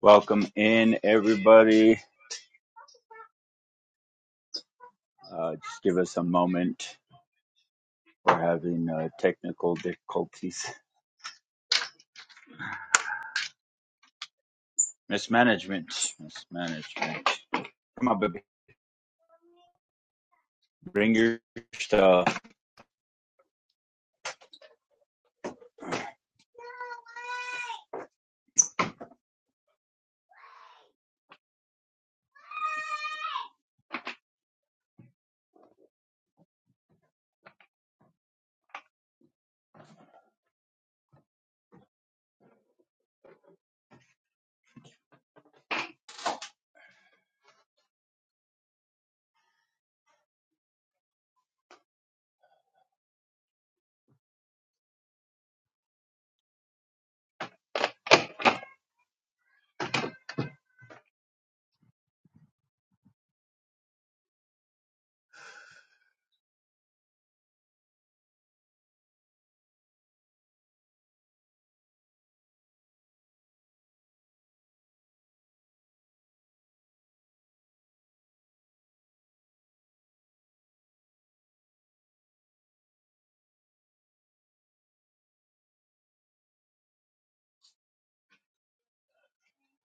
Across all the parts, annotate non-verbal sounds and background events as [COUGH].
Welcome in, everybody. Uh, just give us a moment. We're having uh, technical difficulties. Mismanagement. Mismanagement. Come on, baby. Bring your stuff.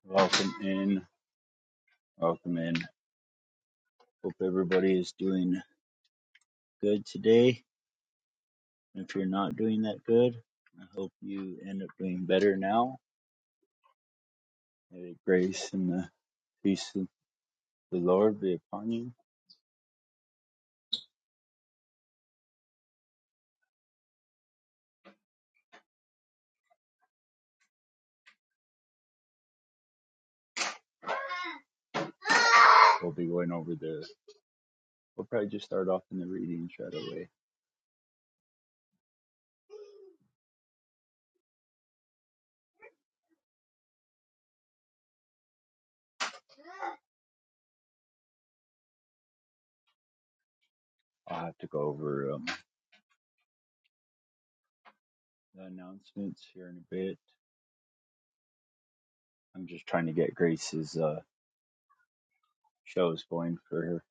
Welcome in. Welcome in. Hope everybody is doing good today. If you're not doing that good, I hope you end up doing better now. May the grace and the peace of the Lord be upon you. We'll be going over the. We'll probably just start off in the readings right away I'll have to go over um, the announcements here in a bit. I'm just trying to get Grace's uh, shows going for her.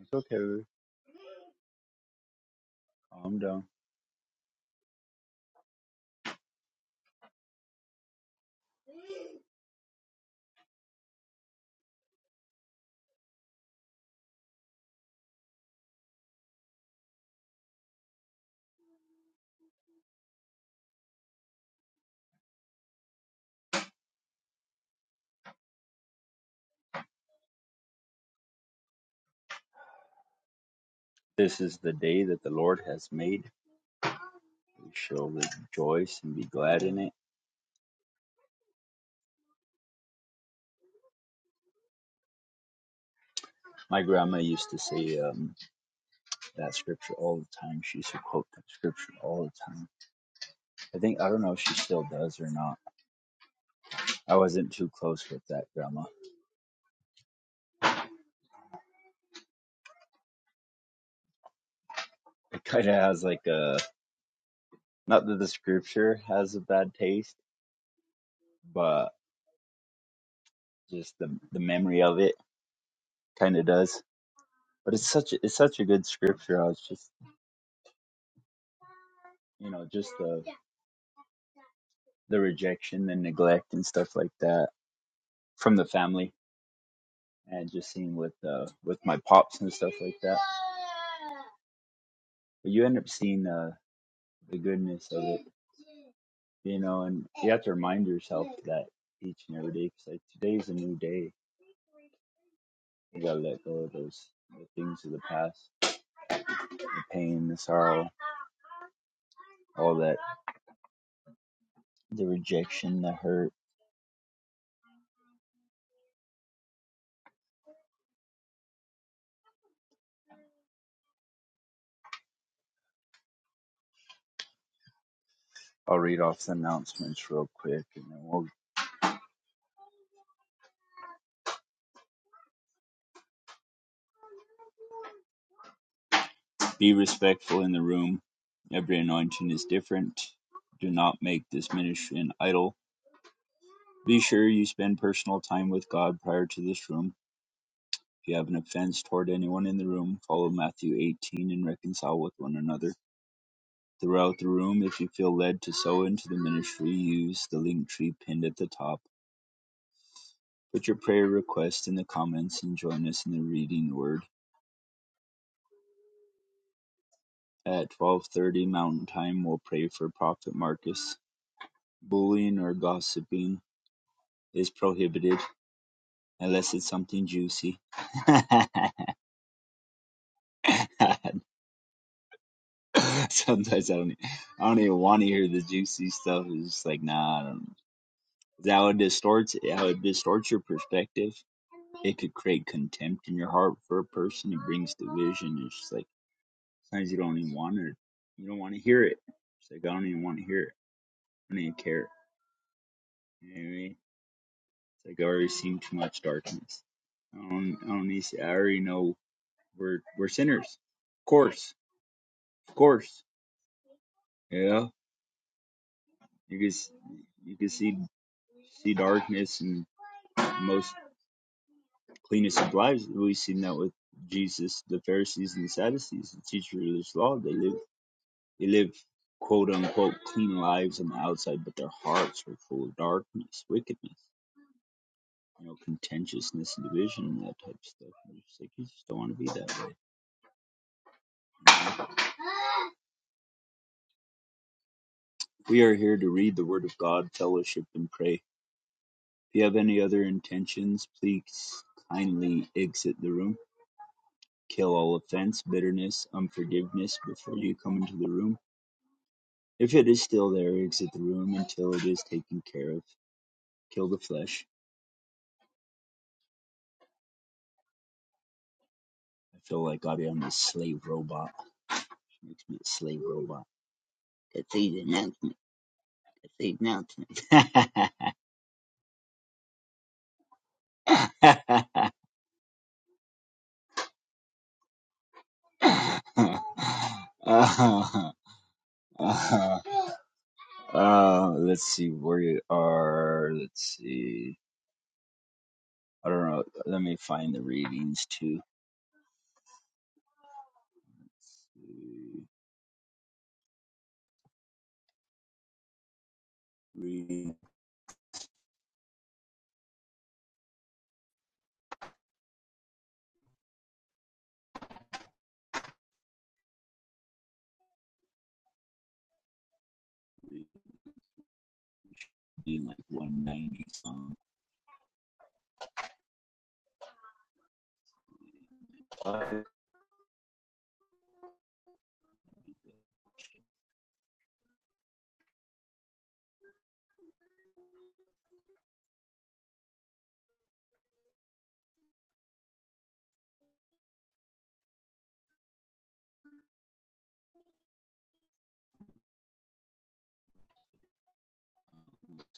It's okay. Calm down. This is the day that the Lord has made. We shall rejoice and be glad in it. My grandma used to say um, that scripture all the time. She used to quote that scripture all the time. I think, I don't know if she still does or not. I wasn't too close with that grandma. It kind of has like a, not that the scripture has a bad taste, but just the the memory of it kind of does. But it's such it's such a good scripture. I was just you know just the the rejection, and neglect, and stuff like that from the family, and just seeing with uh, with my pops and stuff like that. But you end up seeing uh, the goodness of it, you know, and you have to remind yourself that each and every day, because like today's a new day. You gotta let go of those the things of the past, the pain, the sorrow, all that, the rejection, the hurt I'll read off the announcements real quick and then we'll be respectful in the room. Every anointing is different. Do not make this ministry an idol. Be sure you spend personal time with God prior to this room. If you have an offense toward anyone in the room, follow Matthew 18 and reconcile with one another. Throughout the room, if you feel led to sow into the ministry, use the link tree pinned at the top. Put your prayer request in the comments and join us in the reading word. At 12:30 Mountain Time we will pray for Prophet Marcus. Bullying or gossiping is prohibited unless it's something juicy. [LAUGHS] Sometimes I don't, e, I don't even want to hear the juicy stuff. It's just like, nah, I don't. that would distort How it distorts your perspective? It could create contempt in your heart for a person. It brings division. It's just like sometimes you don't even want it. You don't want to hear it. It's like I don't even want to hear it. I don't even care. You know what I mean? It's like I already seen too much darkness. I don't, I don't need to, I already know we're we're sinners. Of course, of course. Yeah, you can you can see see darkness in most cleanest of lives. We've seen that with Jesus, the Pharisees and the Sadducees, the teachers of this law. They live they live quote unquote clean lives on the outside, but their hearts were full of darkness, wickedness, you know, contentiousness, and division, and that type of stuff. And it's like you just don't want to be that way. You know? We are here to read the Word of God, fellowship, and pray. If you have any other intentions, please kindly exit the room. Kill all offense, bitterness, unforgiveness before you come into the room. If it is still there, exit the room until it is taken care of. Kill the flesh. I feel like I am a slave robot. It Makes me a slave robot. That's the announcement. That's the announcement. [LAUGHS] uh-huh. Uh-huh. Uh, let's see where you are. Let's see. I don't know. Let me find the readings too. Let's see. Reading, reading like 190 some. Let's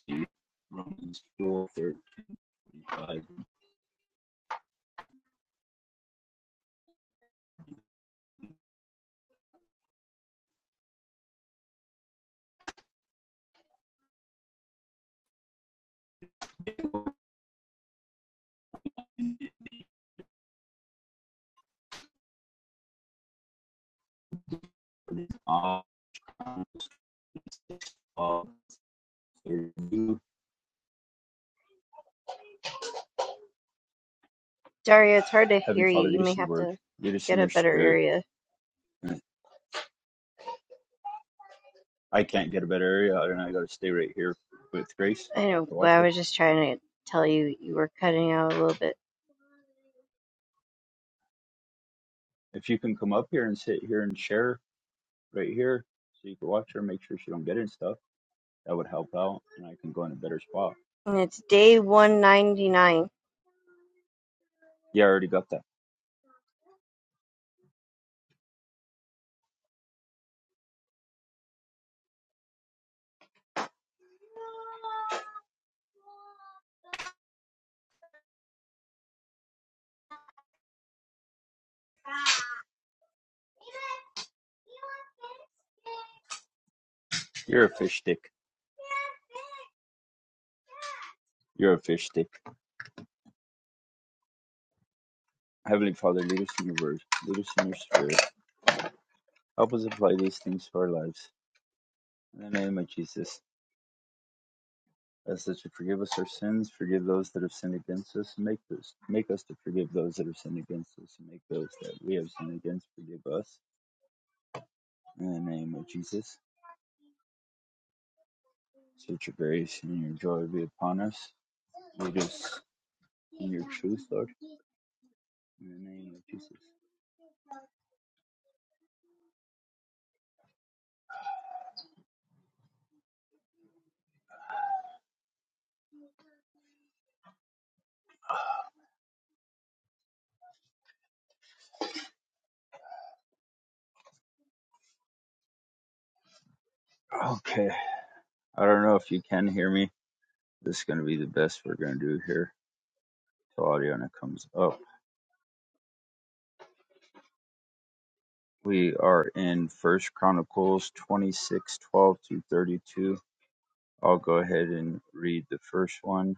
see. Romans 4 thirty-five. On all through Daria, it's hard to Heavenly hear you. Father, You lead may us in the have word, to lead us get in a your better spirit. area. I can't get a better area. and I got to stay right here with Grace. I I have know, to but watch I her. was just trying to tell you you were cutting out a little bit. If you can come up here and sit here and share right here so you can watch her, make sure she don't get in stuff. That would help out, and I can go in a better spot. And it's day 199. Yeah, I already got that. You're a fish stick. You're a fish stick. Heavenly Father, lead us in your word. Lead us in your spirit. Help us apply these things to our lives. In the name of Jesus, ask that to forgive us our sins, forgive those that have sinned against us, and make this make us to forgive those that have sinned against us, and make those that we have sinned against forgive us. In the name of Jesus, let your grace and your joy be upon us. Lead us. In your truth, Lord, in the name of Jesus. Okay, I don't know if you can hear me. This is going to be the best we're going to do here till Audiana comes up. We are in First Chronicles twenty-six, twelve 12 through 32. I'll go ahead and read the first one.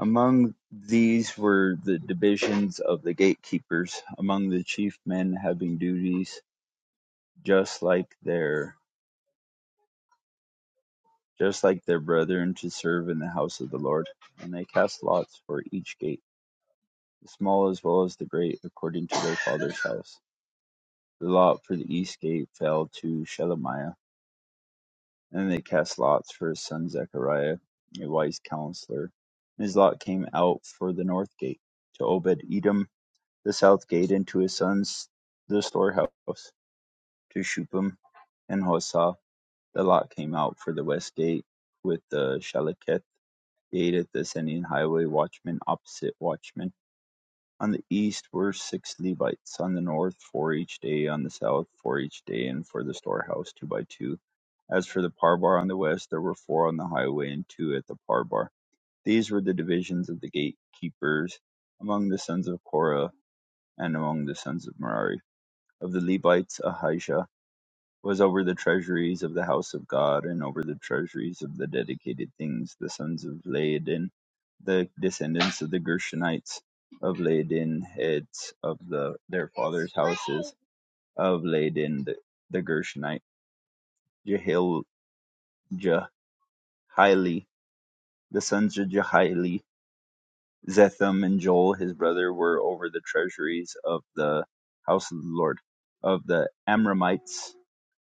Among these were the divisions of the gatekeepers, among the chief men having duties just like their. just like their brethren, to serve in the house of the Lord. And they cast lots for each gate, the small as well as the great, according to their father's house. The lot for the east gate fell to Shelemiah, and they cast lots for his son Zechariah, a wise counselor. And his lot came out for the north gate, to Obed Edom, the south gate, and to his sons the storehouse, to Shupim and Hosah. The lot came out for the west gate with the Shalaketh The eight Thessalian highway watchmen opposite watchmen. On the east were six Levites, on the north four each day, on the south four each day, and for the storehouse two by two. As for the parbar on the west, there were four on the highway and two at the parbar. These were the divisions of the gatekeepers among the sons of Korah and among the sons of Merari. Of the Levites, Ahijah was over the treasuries of the house of God, and over the treasuries of the dedicated things, the sons of Laodin, the descendants of the Gershonites of Laodin, heads of the their fathers' houses of Laodin, the, the Gershonite, Jehiel, Jehieli, the sons of Jehieli, Zetham and Joel, his brother, were over the treasuries of the house of the Lord, of the Amramites,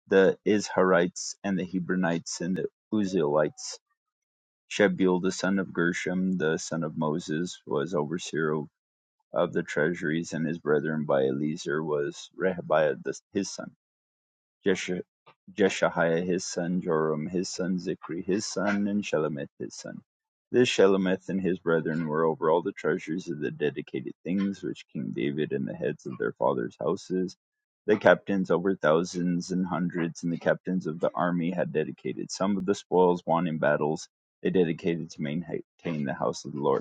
the Izharites and the Hebronites and the Uzzielites. Shebuel, the son of Gershom, the son of Moses, was overseer of the treasuries, and his brethren by Eliezer was Rehabiah the, his son. Jesh- Jeshahiah his son, Joram his son, Zikri his son, and Shelomith his son. This Shelomith and his brethren were over all the treasures of the dedicated things which King David and the heads of their fathers' houses, the captains over thousands and hundreds, and the captains of the army had dedicated. Some of the spoils won in battles they dedicated to maintain the house of the Lord.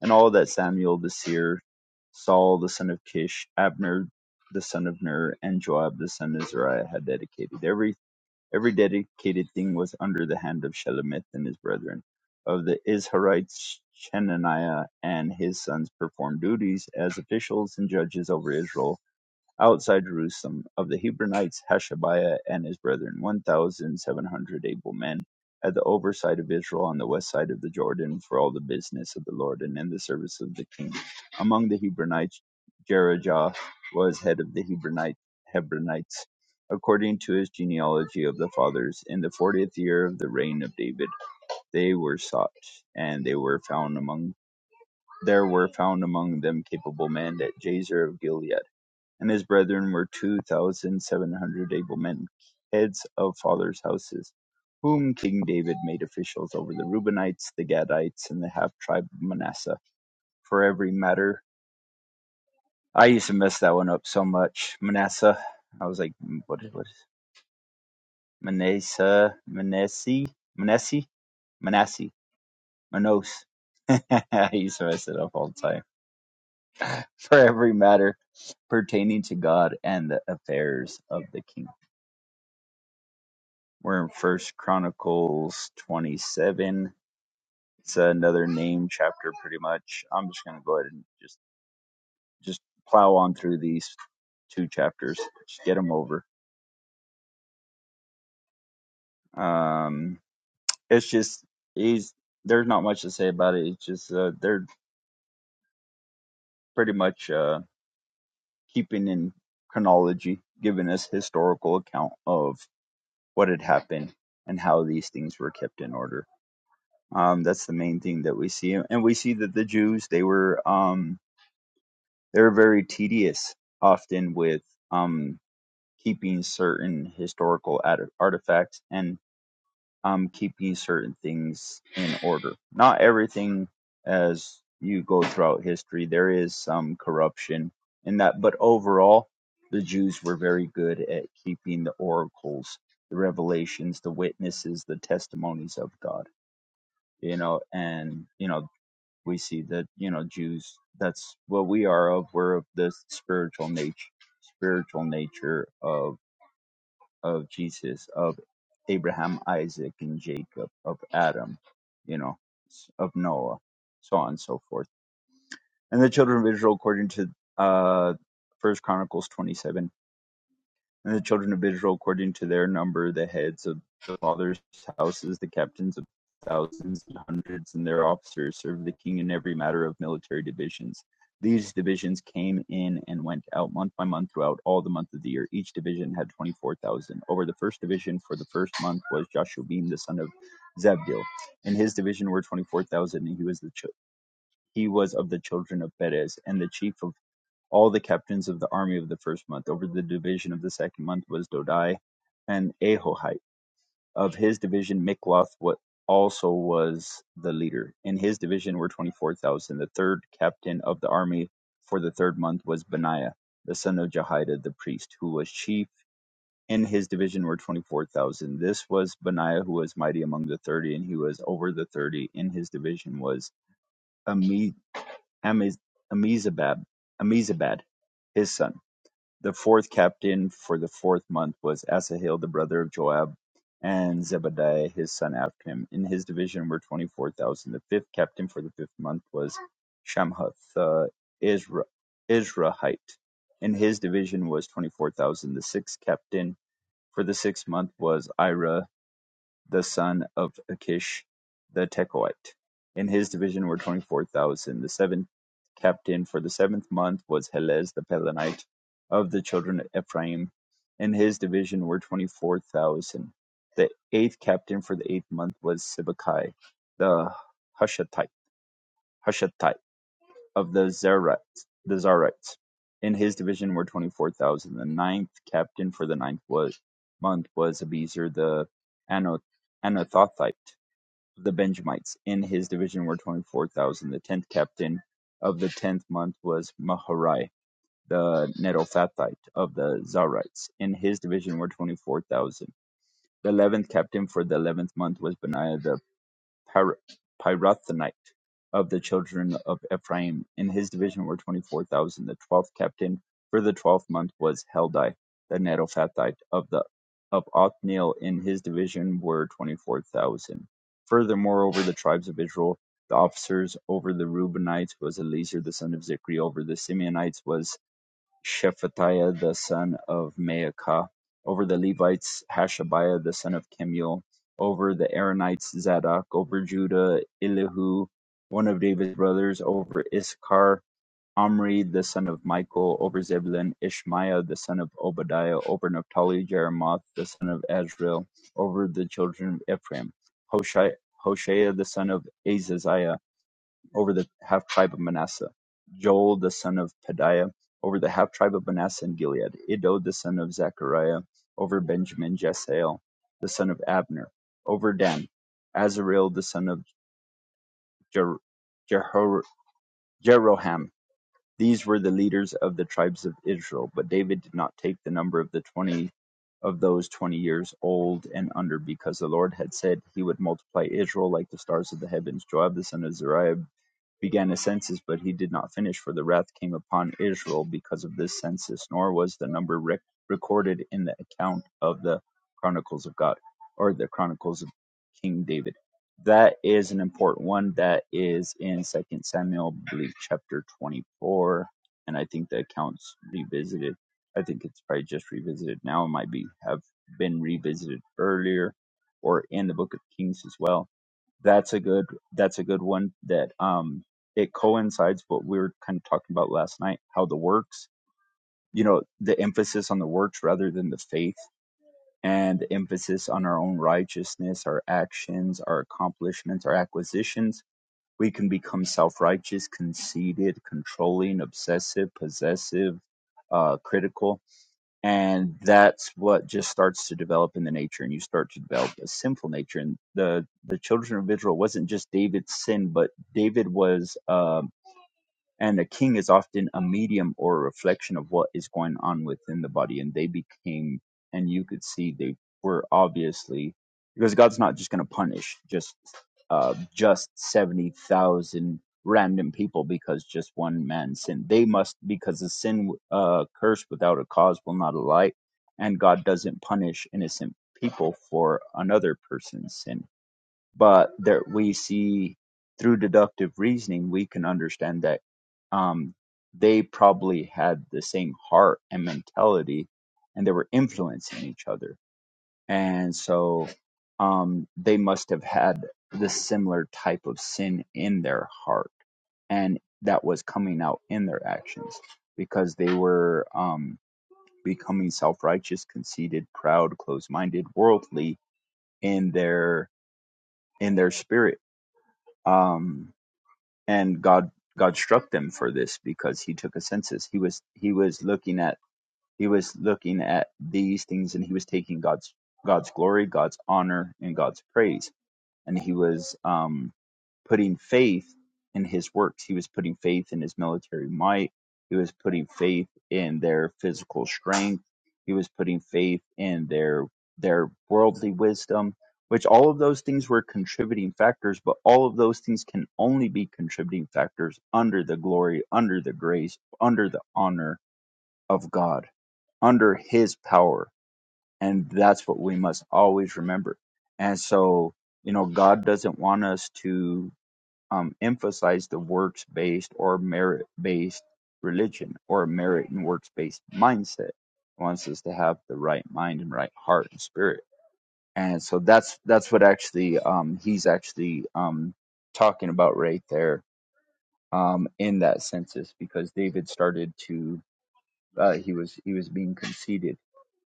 And all that Samuel the seer, Saul the son of Kish, Abner the son of Ner, and Joab the son of Zariah had dedicated. Every every dedicated thing was under the hand of Shelomith and his brethren. Of the Israelites, Chenaniah and his sons performed duties as officials and judges over Israel outside Jerusalem, of the Hebronites Hashabiah and his brethren, one thousand seven hundred able men, at the oversight of Israel on the west side of the Jordan, for all the business of the Lord and in the service of the king. Among the Hebronites, Jerijah was head of the Hebronite, Hebronites, according to his genealogy of the fathers. In the fortieth year of the reign of David, they were sought, and they were found among there were found among them capable men at Jazer of Gilead and his brethren were two thousand seven hundred able men, heads of fathers' houses, whom King David made officials over the Reubenites, the Gadites, and the half tribe of Manasseh for every matter. I used to mess that one up so much. Manasseh. I was like, "Mm, what is what is Manasseh, Manasseh, Manasseh, Manasseh, Manos. [LAUGHS] I used to mess it up all the time. For every matter pertaining to God and the affairs of the kingdom We're in First Chronicles 27. It's another name chapter, pretty much. I'm just gonna go ahead and just just plow on through these two chapters, just get them over. Um, it's just he's there's not much to say about it. It's just uh, they're pretty much uh, keeping in chronology, giving us historical account of what had happened and how these things were kept in order. Um, that's the main thing that we see, and we see that the Jews they were um They're very tedious, often with um, keeping certain historical at- artifacts and um, keeping certain things in order. Not everything as you go throughout history, there is some corruption in that, but overall, the Jews were very good at keeping the oracles, the revelations, the witnesses, the testimonies of God you know, and you know we see that you know Jews that's what we are of we're of the spiritual nature spiritual nature of of Jesus of Abraham Isaac and Jacob of Adam you know of Noah so on and so forth and the children of Israel according to uh first chronicles 27 and the children of Israel, according to their number, the heads of the fathers' houses, the captains of thousands and hundreds, and their officers served the king in every matter of military divisions. These divisions came in and went out month by month throughout all the month of the year. Each division had 24,000. Over the first division for the first month was Jashubim, the son of Zabdiel. In his division were 24,000, and he was, the ch- he was of the children of Perez. And the chief of all the captains of the army of the first month. Over the division of the second month was Dodai and Ahohite. Of his division, Mikloth what also was the leader. In his division were 24,000. The third captain of the army for the third month was Benaiah, the son of Jehoiada the priest, who was chief. In his division were 24,000. This was Benaiah, who was mighty among the 30, and he was over the 30. In his division was Ami- Amiz- Amizabab, Amizabad, his son. The fourth captain for the fourth month was Asahel the brother of Joab, and Zebadiah his son after him. In his division were twenty-four thousand. The fifth captain for the fifth month was Shamhuth the Isra- Israhite. In his division was twenty-four thousand. The sixth captain for the sixth month was Ira the son of Achish the Tekoite. In his division were twenty-four thousand. The seventh captain for the seventh month was Helez the Pelonite of the children of Ephraim. In his division were twenty-four thousand. The eighth captain for the eighth month was Sibbecai the Hushathite, Hushathite of the Zerites, the Zarites. In his division were twenty-four thousand. The ninth captain for the ninth was, month was Abiezer the Anoth, Anathothite the Benjamites in his division were 24,000. The tenth captain of the tenth month was Maharai, the Netophathite of the Zarites. In his division were 24,000. The eleventh captain for the eleventh month was Benaiah. the Pir- Pirathonite of the children of Ephraim. In his division were twenty-four thousand. The twelfth captain for the twelfth month was Heldai, the Netophathite of the of Othniel. In his division were twenty-four thousand. Furthermore, over the tribes of Israel, the officers over the Reubenites was Eliezer the son of Zikri. Over the Simeonites was Shephatiah the son of Maacah, over the Levites Hashabiah the son of Kemuel, over the Aaronites Zadok, over Judah Elihu, one of David's brothers, over Issachar Omri the son of Michael, over Zebulun Ishmaiah the son of Obadiah, over Naphtali Jeremoth the son of Azriel over the children of Ephraim, Hoshai, Hoshea the son of Azaziah, over the half tribe of Manasseh, Joel the son of Padiah over the half tribe of Manasseh and Gilead, Ido the son of Zechariah over Benjamin, Jesael the son of Abner over Dan, Azarel the son of Jer- Jehor- Jeroham. These were the leaders of the tribes of Israel, but David did not take the number of the twenty of those twenty years old and under, because the Lord had said he would multiply Israel like the stars of the heavens. Joab the son of Zariah began a census, but he did not finish, for the wrath came upon Israel because of this census, nor was the number rec- recorded in the account of the Chronicles of God or the Chronicles of King David. That is an important one. That is in Second Samuel, I believe, chapter twenty-four, and I think the account's revisited. I think it's probably just revisited now. It might be have been revisited earlier, or in the Book of Kings as well that's a good that's a good one that um it coincides what we were kind of talking about last night, how the works, you know, the emphasis on the works rather than the faith and the emphasis on our own righteousness, our actions, our accomplishments, our acquisitions. We can become self-righteous, conceited, controlling, obsessive, possessive, uh, critical and that's what just starts to develop in the nature and you start to develop a sinful nature and the the children of israel wasn't just david's sin but david was um and a king is often a medium or a reflection of what is going on within the body and they became and you could see they were obviously because god's not just going to punish just uh just 70,000 random people because just one man sinned they must because the sin uh curse without a cause will not alight and god doesn't punish innocent people for another person's sin but there we see through deductive reasoning we can understand that um, they probably had the same heart and mentality and they were influencing each other and so um, they must have had the similar type of sin in their heart and that was coming out in their actions because they were um, becoming self-righteous conceited proud closed-minded worldly in their in their spirit um, and God God struck them for this because He took a census. He was He was looking at He was looking at these things, and He was taking God's God's glory, God's honor, and God's praise and he was um, putting faith in his works. He was putting faith in his military might. He was putting faith in their physical strength. He was putting faith in their their worldly wisdom, which all of those things were contributing factors, but all of those things can only be contributing factors under the glory, under the grace, under the honor of God, under his power and that's what we must always remember. And so, you know, God doesn't want us to um, emphasize the works based or merit based religion or merit and works based mindset. He wants us to have the right mind and right heart and spirit. And so that's that's what actually um, he's actually um, talking about right there um, in that census because David started to uh, he was he was being conceited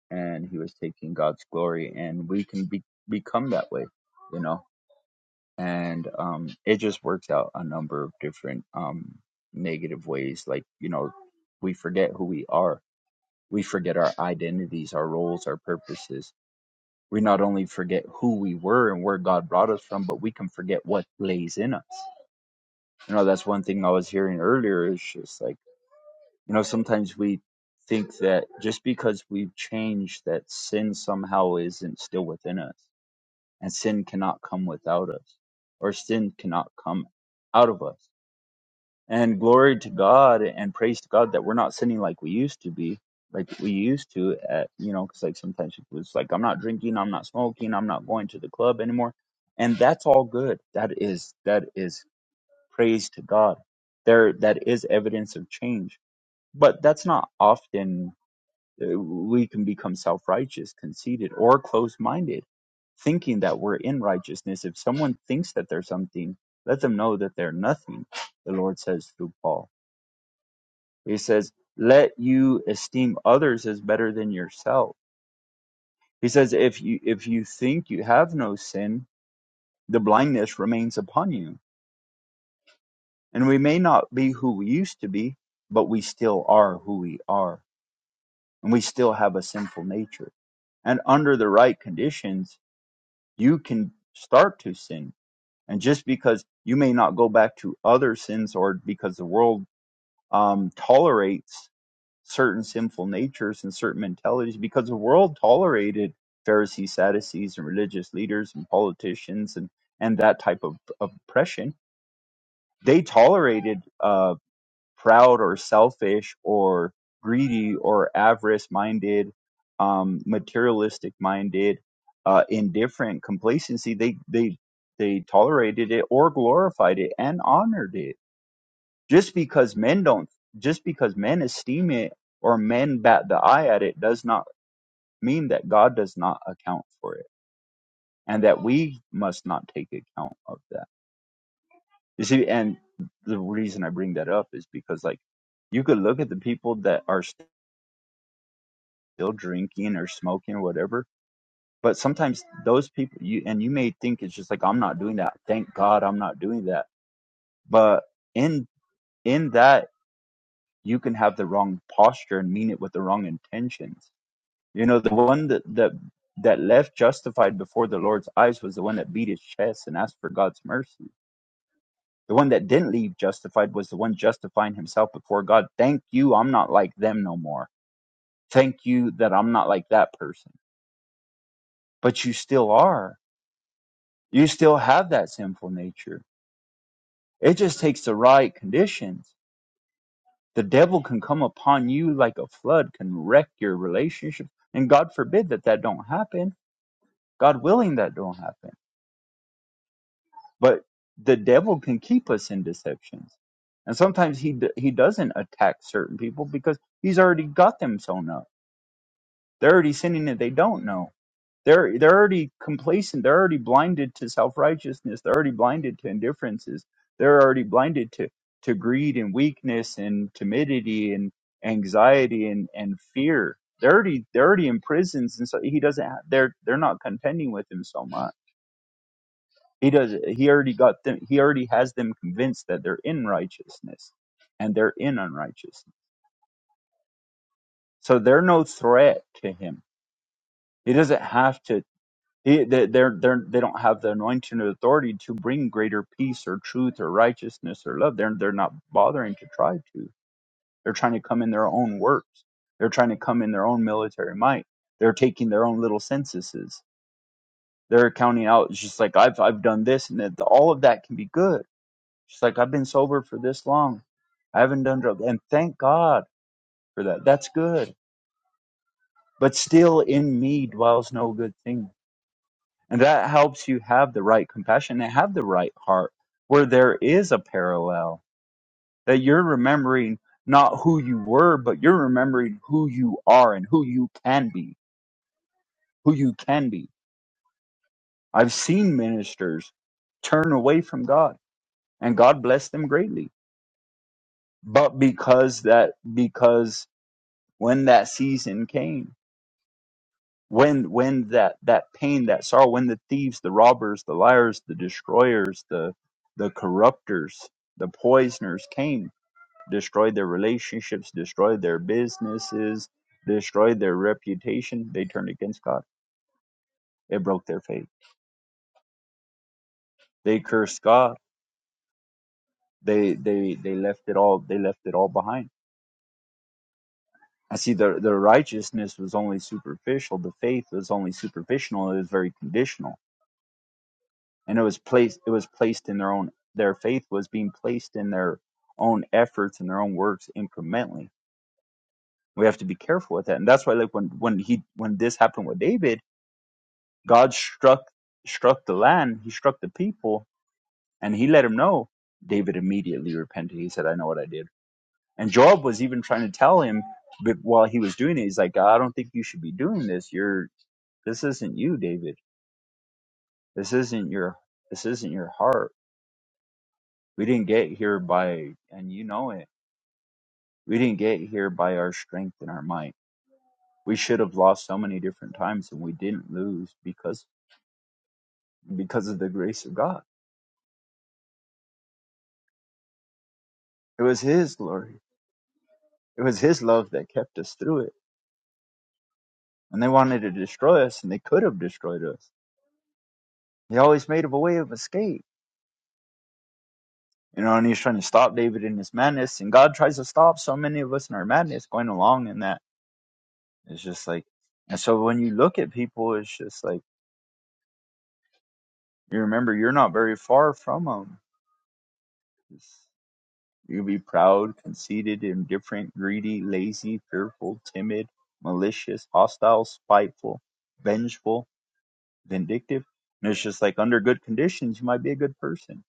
and he was taking God's glory, and we can be, become that way, you know. And um, it just works out a number of different um, negative ways. Like you know, we forget who we are. We forget our identities, our roles, our purposes. We not only forget who we were and where God brought us from, but we can forget what lays in us. You know, that's one thing I was hearing earlier. Is just like you know, sometimes we think that just because we've changed that sin somehow isn't still within us and sin cannot come without us, or sin cannot come out of us. And glory to God and praise to God that we're not sinning like we used to be, like we used to, at, you know, because like sometimes it was like, I'm not drinking, I'm not smoking, I'm not going to the club anymore. And that's all good. That is, that is praise to God. There, that is evidence of change, but that's not often uh, We can become self righteous, conceited, or close minded, thinking that we're in righteousness. If someone thinks that they're something, let them know that they're nothing, the Lord says through Paul. He says, Let you esteem others as better than yourself. He says, If you if you think you have no sin, the blindness remains upon you. And we may not be who we used to be, but we still are who we are, and we still have a sinful nature and under the right conditions you can start to sin. And just because you may not go back to other sins or because the world um, tolerates certain sinful natures and certain mentalities, because the world tolerated Pharisees, Sadducees, and religious leaders and politicians and, and that type of oppression, they tolerated uh, proud or selfish or greedy or avarice minded, um, materialistic minded, uh, indifferent, complacency. They they they tolerated it or glorified it and honored it just because men don't just because men esteem it or men bat the eye at it does not mean that God does not account for it and that we must not take account of that. You see, and the reason I bring that up is because like you could look at the people that are still drinking or smoking or whatever. But sometimes those people, you and you may think it's just like I'm not doing that. Thank God I'm not doing that. But in in that you can have the wrong posture and mean it with the wrong intentions. You know, the one that that that left justified before the Lord's eyes was the one that beat his chest and asked for God's mercy. The one that didn't leave justified was the one justifying himself before God. Thank you, I'm not like them no more. Thank you that I'm not like that person. But you still are. You still have that sinful nature. It just takes the right conditions. The devil can come upon you like a flood, can wreck your relationship. And God forbid that that don't happen. God willing that don't happen. But the devil can keep us in deceptions. And sometimes he d- he doesn't attack certain people because he's already got them sewn up. They're already sinning and they don't know They're they're already complacent. They're already blinded to self righteousness. They're already blinded to indifferences. They're already blinded to to greed and weakness and timidity and anxiety and and fear. They're already they're already in prisons, and so he doesn't. Have, they're they're not contending with him so much. He does. He already got them. He already has them convinced that they're in righteousness, and they're in unrighteousness. So they're no threat to him. He doesn't have to He- they they're, they're, they don't have the anointing or authority to bring greater peace or truth or righteousness or love. They're, they're not bothering to try to. They're trying to come in their own works. They're trying to come in their own military might. They're taking their own little censuses. They're counting out, it's just like, I've, I've done this, and that, all of that can be good. Just like, I've been sober for this long. I haven't done drugs. And thank God for that. That's good. But still in me dwells no good thing And that helps you have the right compassion and have the right heart where there is a parallel that you're remembering not who you were, but you're remembering who you are and who you can be, who you can be. I've seen ministers turn away from God and God blessed them greatly. But because that, because when that season came, when when that that pain that sorrow when the thieves the robbers the liars the destroyers the the corrupters the poisoners came destroyed their relationships destroyed their businesses destroyed their reputation they turned against god it broke their faith they cursed god they they they left it all they left it all behind i see their their righteousness was only superficial the faith was only superficial it was very conditional and it was placed it was placed in their own their faith was being placed in their own efforts and their own works incrementally we have to be careful with that and that's why like when when he when this happened with david god struck struck the land he struck the people and he let him know david immediately repented he said i know what i did and job was even trying to tell him but while he was doing it he's like i don't think you should be doing this you're this isn't you david this isn't your this isn't your heart we didn't get here by and you know it We didn't get here by our strength and our might. We should have lost so many different times and we didn't lose because because of the grace of God. It was his glory. It was his love that kept us through it. And they wanted to destroy us and they could have destroyed us. They always made a way of escape. You know, and he's trying to stop David in his madness, and God tries to stop so many of us in our madness going along in that. It's just like, and so when you look at people, it's just like, you remember you're not very far from them. It's You can be proud, conceited, indifferent, greedy, lazy, fearful, timid, malicious, hostile, spiteful, vengeful, vindictive. And it's just like under good conditions, you might be a good person,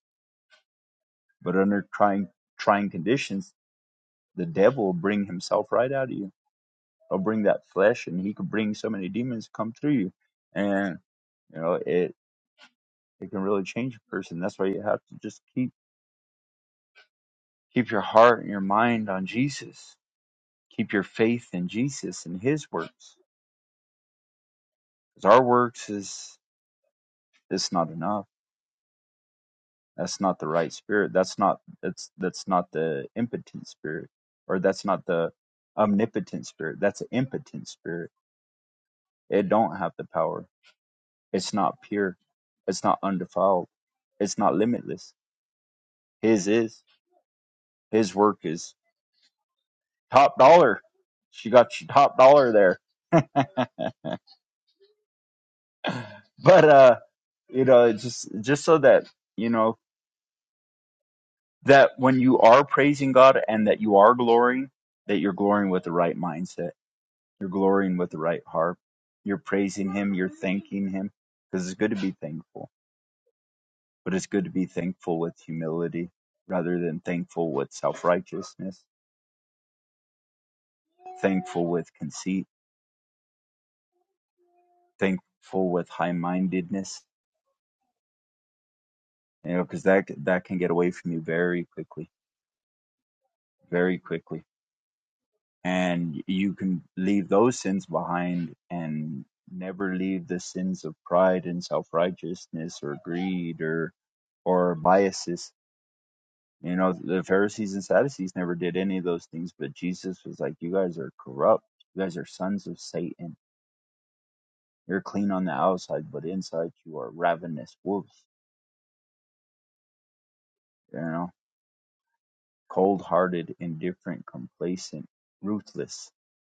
but under trying trying conditions, the devil will bring himself right out of you. He'll bring that flesh, and he could bring so many demons to come through you, and you know it it can really change a person. That's why you have to just keep keep your heart and your mind on Jesus. Keep your faith in Jesus and His works because our works is is not enough that's not the right spirit that's not that's that's not the impotent spirit or that's not the omnipotent spirit that's an impotent spirit it don't have the power it's not pure it's not undefiled it's not limitless his is his work is top dollar she got you top dollar there [LAUGHS] but uh you know just just so that you know that when you are praising God and that you are glorying, that you're glorying with the right mindset. You're glorying with the right heart. You're praising Him. You're thanking Him because it's good to be thankful, but it's good to be thankful with humility rather than thankful with self righteousness, thankful with conceit, thankful with high mindedness. You know, because that that can get away from you very quickly, very quickly. and you can leave those sins behind and never leave the sins of pride and self-righteousness or greed or or biases you know the pharisees and sadducees never did any of those things but jesus was like you guys are corrupt you guys are sons of satan you're clean on the outside but inside you are ravenous wolves you know cold-hearted indifferent complacent ruthless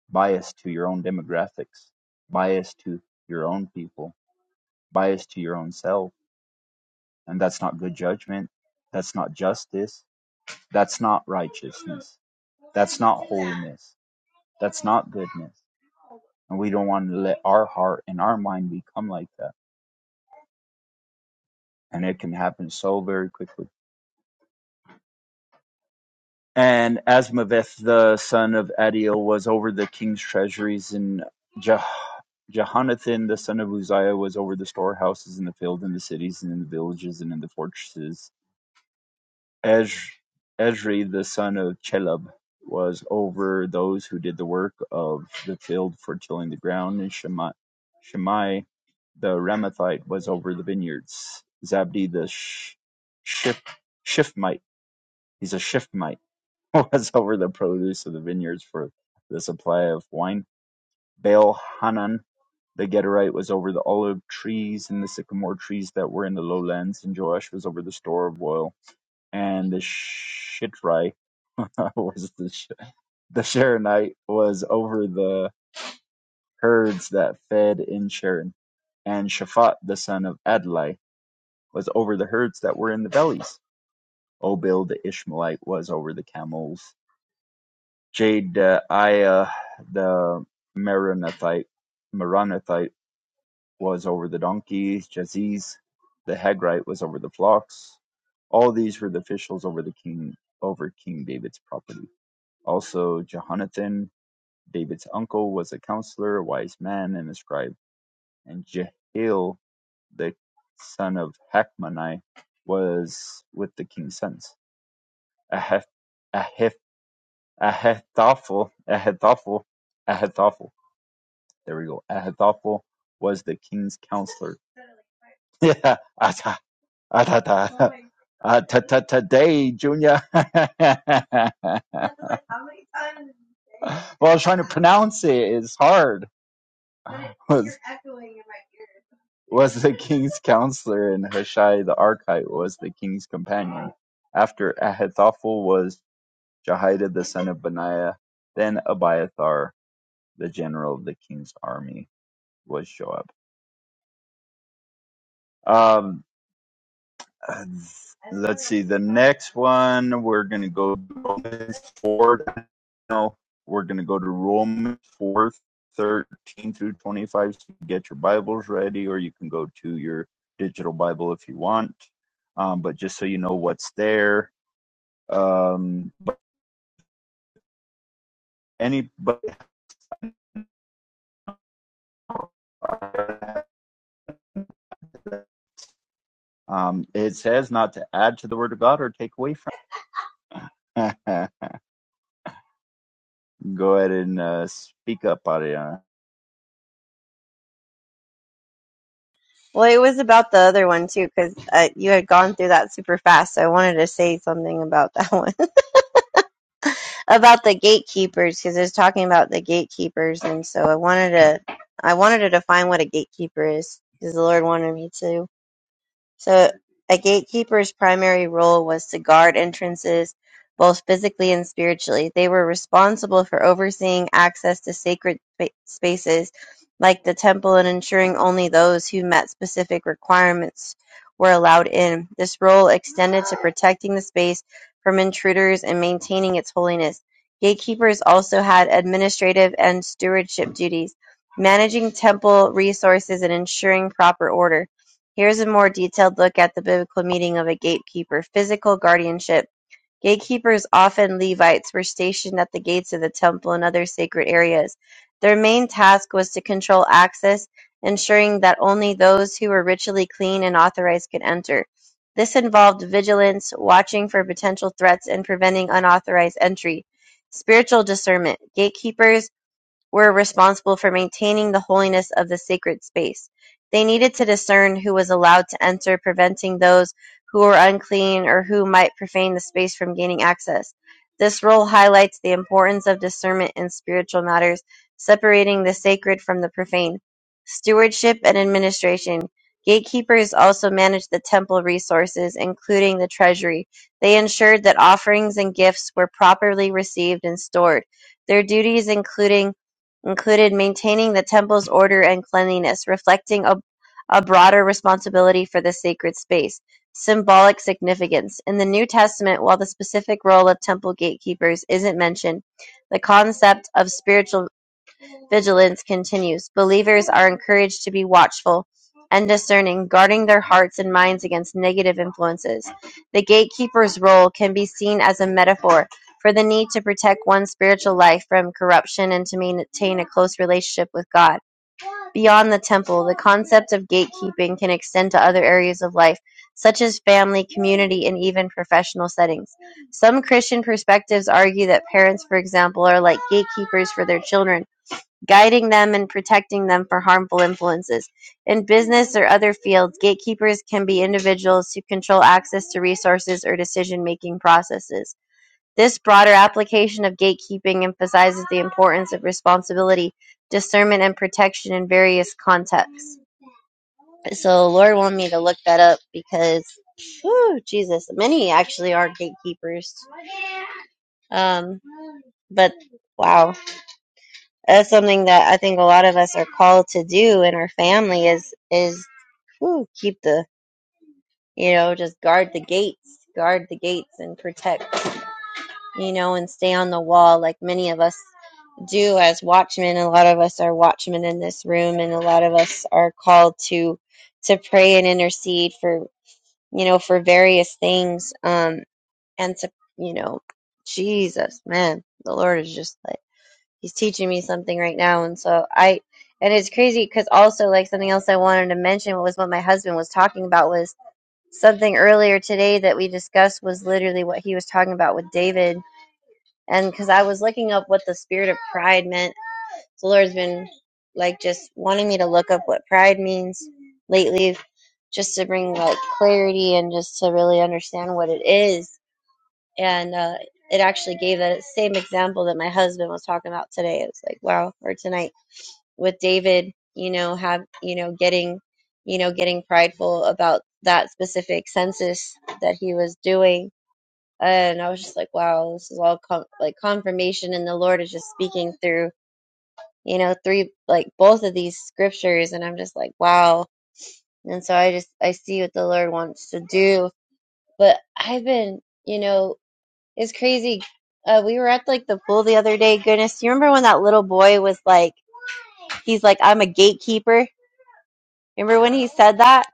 biased to your own demographics biased to your own people bias to your own self. And that's not good judgment. That's not justice. That's not righteousness. That's not holiness. That's not goodness. And we don't want to let our heart and our mind become like that. And it can happen so very quickly. And Asmaveth, the son of Adiel, was over the king's treasuries, and Jah- Jehonathan, the son of Uzziah, was over the storehouses in the field, in the cities, and in the villages, and in the fortresses Ez- Ezri, the son of Chelub, was over those who did the work of the field for tilling the ground, and Shema- Shemai, the Ramathite, was over the vineyards. Zabdi, the sh- shift shiftmite, he's a shifmite [LAUGHS] was over the produce of the vineyards for the supply of wine. Baal Hanan, the Gederite, was over the olive trees and the sycamore trees that were in the lowlands, and Joash was over the store of oil. And the Shitrai [LAUGHS] was the Sh- the Sharonite was over the herds that fed in Sharon, and Shaphat the son of Adlai was over the herds that were in the valleys. Obil the Ishmaelite was over the camels. Jediah the Meronothite, Meronothite was over the donkeys. Jaziz the Hagrite was over the flocks. All these were the officials over the king over King David's property. Also Jehonathan David's uncle was a counselor, a wise man, and a scribe, and Jehiel, the son of Hachmoni, was with the king's sons. Ahith- Ahith- Ahithophel, Ahithophel, Ahithophel. There we go. Ahithophel was the king's counselor. [LAUGHS] Yeah, ata, atata, atata, today, Junior. [LAUGHS] well, I was trying to pronounce it. It's hard. [LAUGHS] Was- was the [LAUGHS] king's counselor, and Hushai the Archite was the king's companion. After Ahithophel was Jehoiada the son of Benaiah. Then Abiathar, the general of the king's army, was Joab. Um, Uh, Let's see. The next one, we're going to go to Romans 4. No, we're going to go to Romans 4 13 through 25. So you get your Bibles ready, or you can go to your digital Bible if you want. Um, but just so you know what's there. Um, anybody, um, it says not to add to the Word of God or take away from it. [LAUGHS] go ahead and uh, speak up, Ariana. Well, it was about the other one too, because uh, you had gone through that super fast. So I wanted to say something about that one, [LAUGHS] about the gatekeepers, because it was talking about the gatekeepers, and so I wanted to, I wanted to define what a gatekeeper is, because the Lord wanted me to. So a gatekeeper's primary role was to guard entrances both physically and spiritually. They were responsible for overseeing access to sacred spa- spaces like the temple and ensuring only those who met specific requirements were allowed in. This role extended to protecting the space from intruders and maintaining its holiness. Gatekeepers also had administrative and stewardship duties, managing temple resources and ensuring proper order. Here is a more detailed look at the biblical meaning of a gatekeeper. Physical guardianship. Gatekeepers, often Levites, were stationed at the gates of the temple and other sacred areas. Their main task was to control access, ensuring that only those who were ritually clean and authorized could enter. This involved vigilance, watching for potential threats, and preventing unauthorized entry. Spiritual discernment. Gatekeepers were responsible for maintaining the holiness of the sacred space. They needed to discern who was allowed to enter, preventing those who were unclean or who might profane the space from gaining access. This role highlights the importance of discernment in spiritual matters, separating the sacred from the profane. Stewardship and administration. Gatekeepers also managed the temple resources, including the treasury. They ensured that offerings and gifts were properly received and stored. Their duties including included maintaining the temple's order and cleanliness, reflecting a, a broader responsibility for the sacred space. Symbolic significance. In the New Testament, while the specific role of temple gatekeepers isn't mentioned, the concept of spiritual Vigilance continues; believers are encouraged to be watchful and discerning, guarding their hearts and minds against negative influences. The gatekeeper's role can be seen as a metaphor for the need to protect one's spiritual life from corruption and to maintain a close relationship with God. Beyond the temple, the concept of gatekeeping can extend to other areas of life, such as family, community, and even professional settings. Some Christian perspectives argue that parents, for example, are like gatekeepers for their children guiding them and protecting them from harmful influences. In business or other fields, gatekeepers can be individuals who control access to resources or decision making processes. This broader application of gatekeeping emphasizes the importance of responsibility, discernment, and protection in various contexts. So, Lord wanted me to look that up because, whew, Jesus, many actually are gatekeepers. Um, but wow, that's something that I think a lot of us are called to do in our family is is whew, keep the you know just guard the gates, guard the gates and protect you know and stay on the wall like many of us do as watchmen. A lot of us are watchmen in this room, and a lot of us are called to to pray and intercede for you know for various things um and to you know Jesus man the Lord is just like he's teaching me something right now and so i and it's crazy because also like something else i wanted to mention was what my husband was talking about was something earlier today that we discussed was literally what he was talking about with david and because i was looking up what the spirit of pride meant the lord's been like just wanting me to look up what pride means lately just to bring like clarity and just to really understand what it is and uh, it actually gave that same example that my husband was talking about today it was like wow or tonight with David, you know, have, you know, getting, you know, getting prideful about that specific census that he was doing. And I was just like, wow, this is all com- like confirmation. And the Lord is just speaking through, you know, three, like both of these scriptures. And I'm just like, wow. And so I just, I see what the Lord wants to do. But I've been, you know, it's crazy. Uh, we were at like the pool the other day. Goodness, you remember when that little boy was like, he's like, I'm a gatekeeper? Remember when he said that?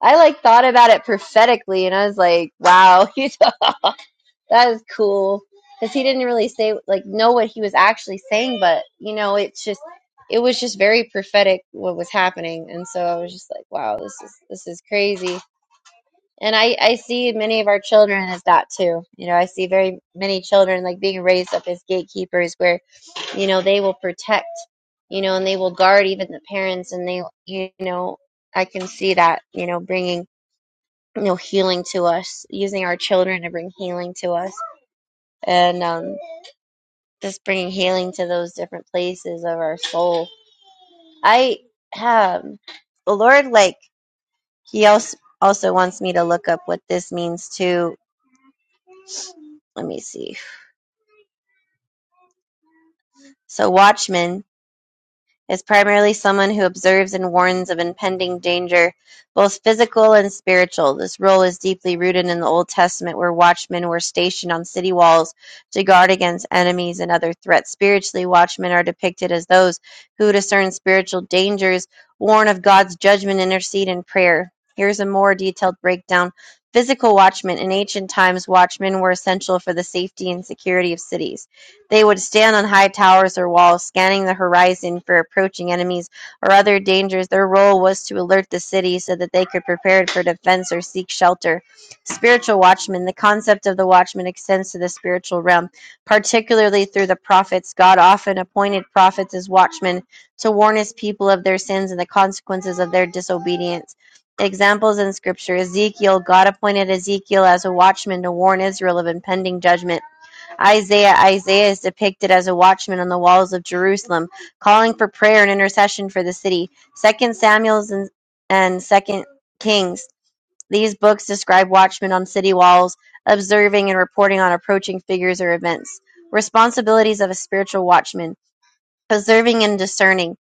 I like thought about it prophetically and I was like, wow, [LAUGHS] you know, that is cool. Because he didn't really say, like, know what he was actually saying, but, you know, it's just, it was just very prophetic what was happening. And so I was just like, wow, this is, this is crazy. And I, I see many of our children as that too. You know, I see very many children like being raised up as gatekeepers where, you know, they will protect, you know, and they will guard even the parents. And they, you know, I can see that, you know, bringing, you know, healing to us, using our children to bring healing to us and um, just bringing healing to those different places of our soul. I have the Lord, like, He also, also wants me to look up what this means too. Let me see. So watchman is primarily someone who observes and warns of impending danger, both physical and spiritual. This role is deeply rooted in the Old Testament, where watchmen were stationed on city walls to guard against enemies and other threats. Spiritually, watchmen are depicted as those who discern spiritual dangers, warn of God's judgment, intercede in prayer. Here's a more detailed breakdown. Physical watchmen. In ancient times, watchmen were essential for the safety and security of cities. They would stand on high towers or walls, scanning the horizon for approaching enemies or other dangers. Their role was to alert the city so that they could prepare for defense or seek shelter. Spiritual watchmen. The concept of the watchman extends to the spiritual realm, particularly through the prophets. God often appointed prophets as watchmen to warn his people of their sins and the consequences of their disobedience. Examples in Scripture Ezekiel, God appointed Ezekiel as a watchman to warn Israel of impending judgment. Isaiah Isaiah is depicted as a watchman on the walls of Jerusalem, calling for prayer and intercession for the city. Second Samuel and, and Second Kings. These books describe watchmen on city walls, observing and reporting on approaching figures or events. Responsibilities of a spiritual watchman. Observing and discerning.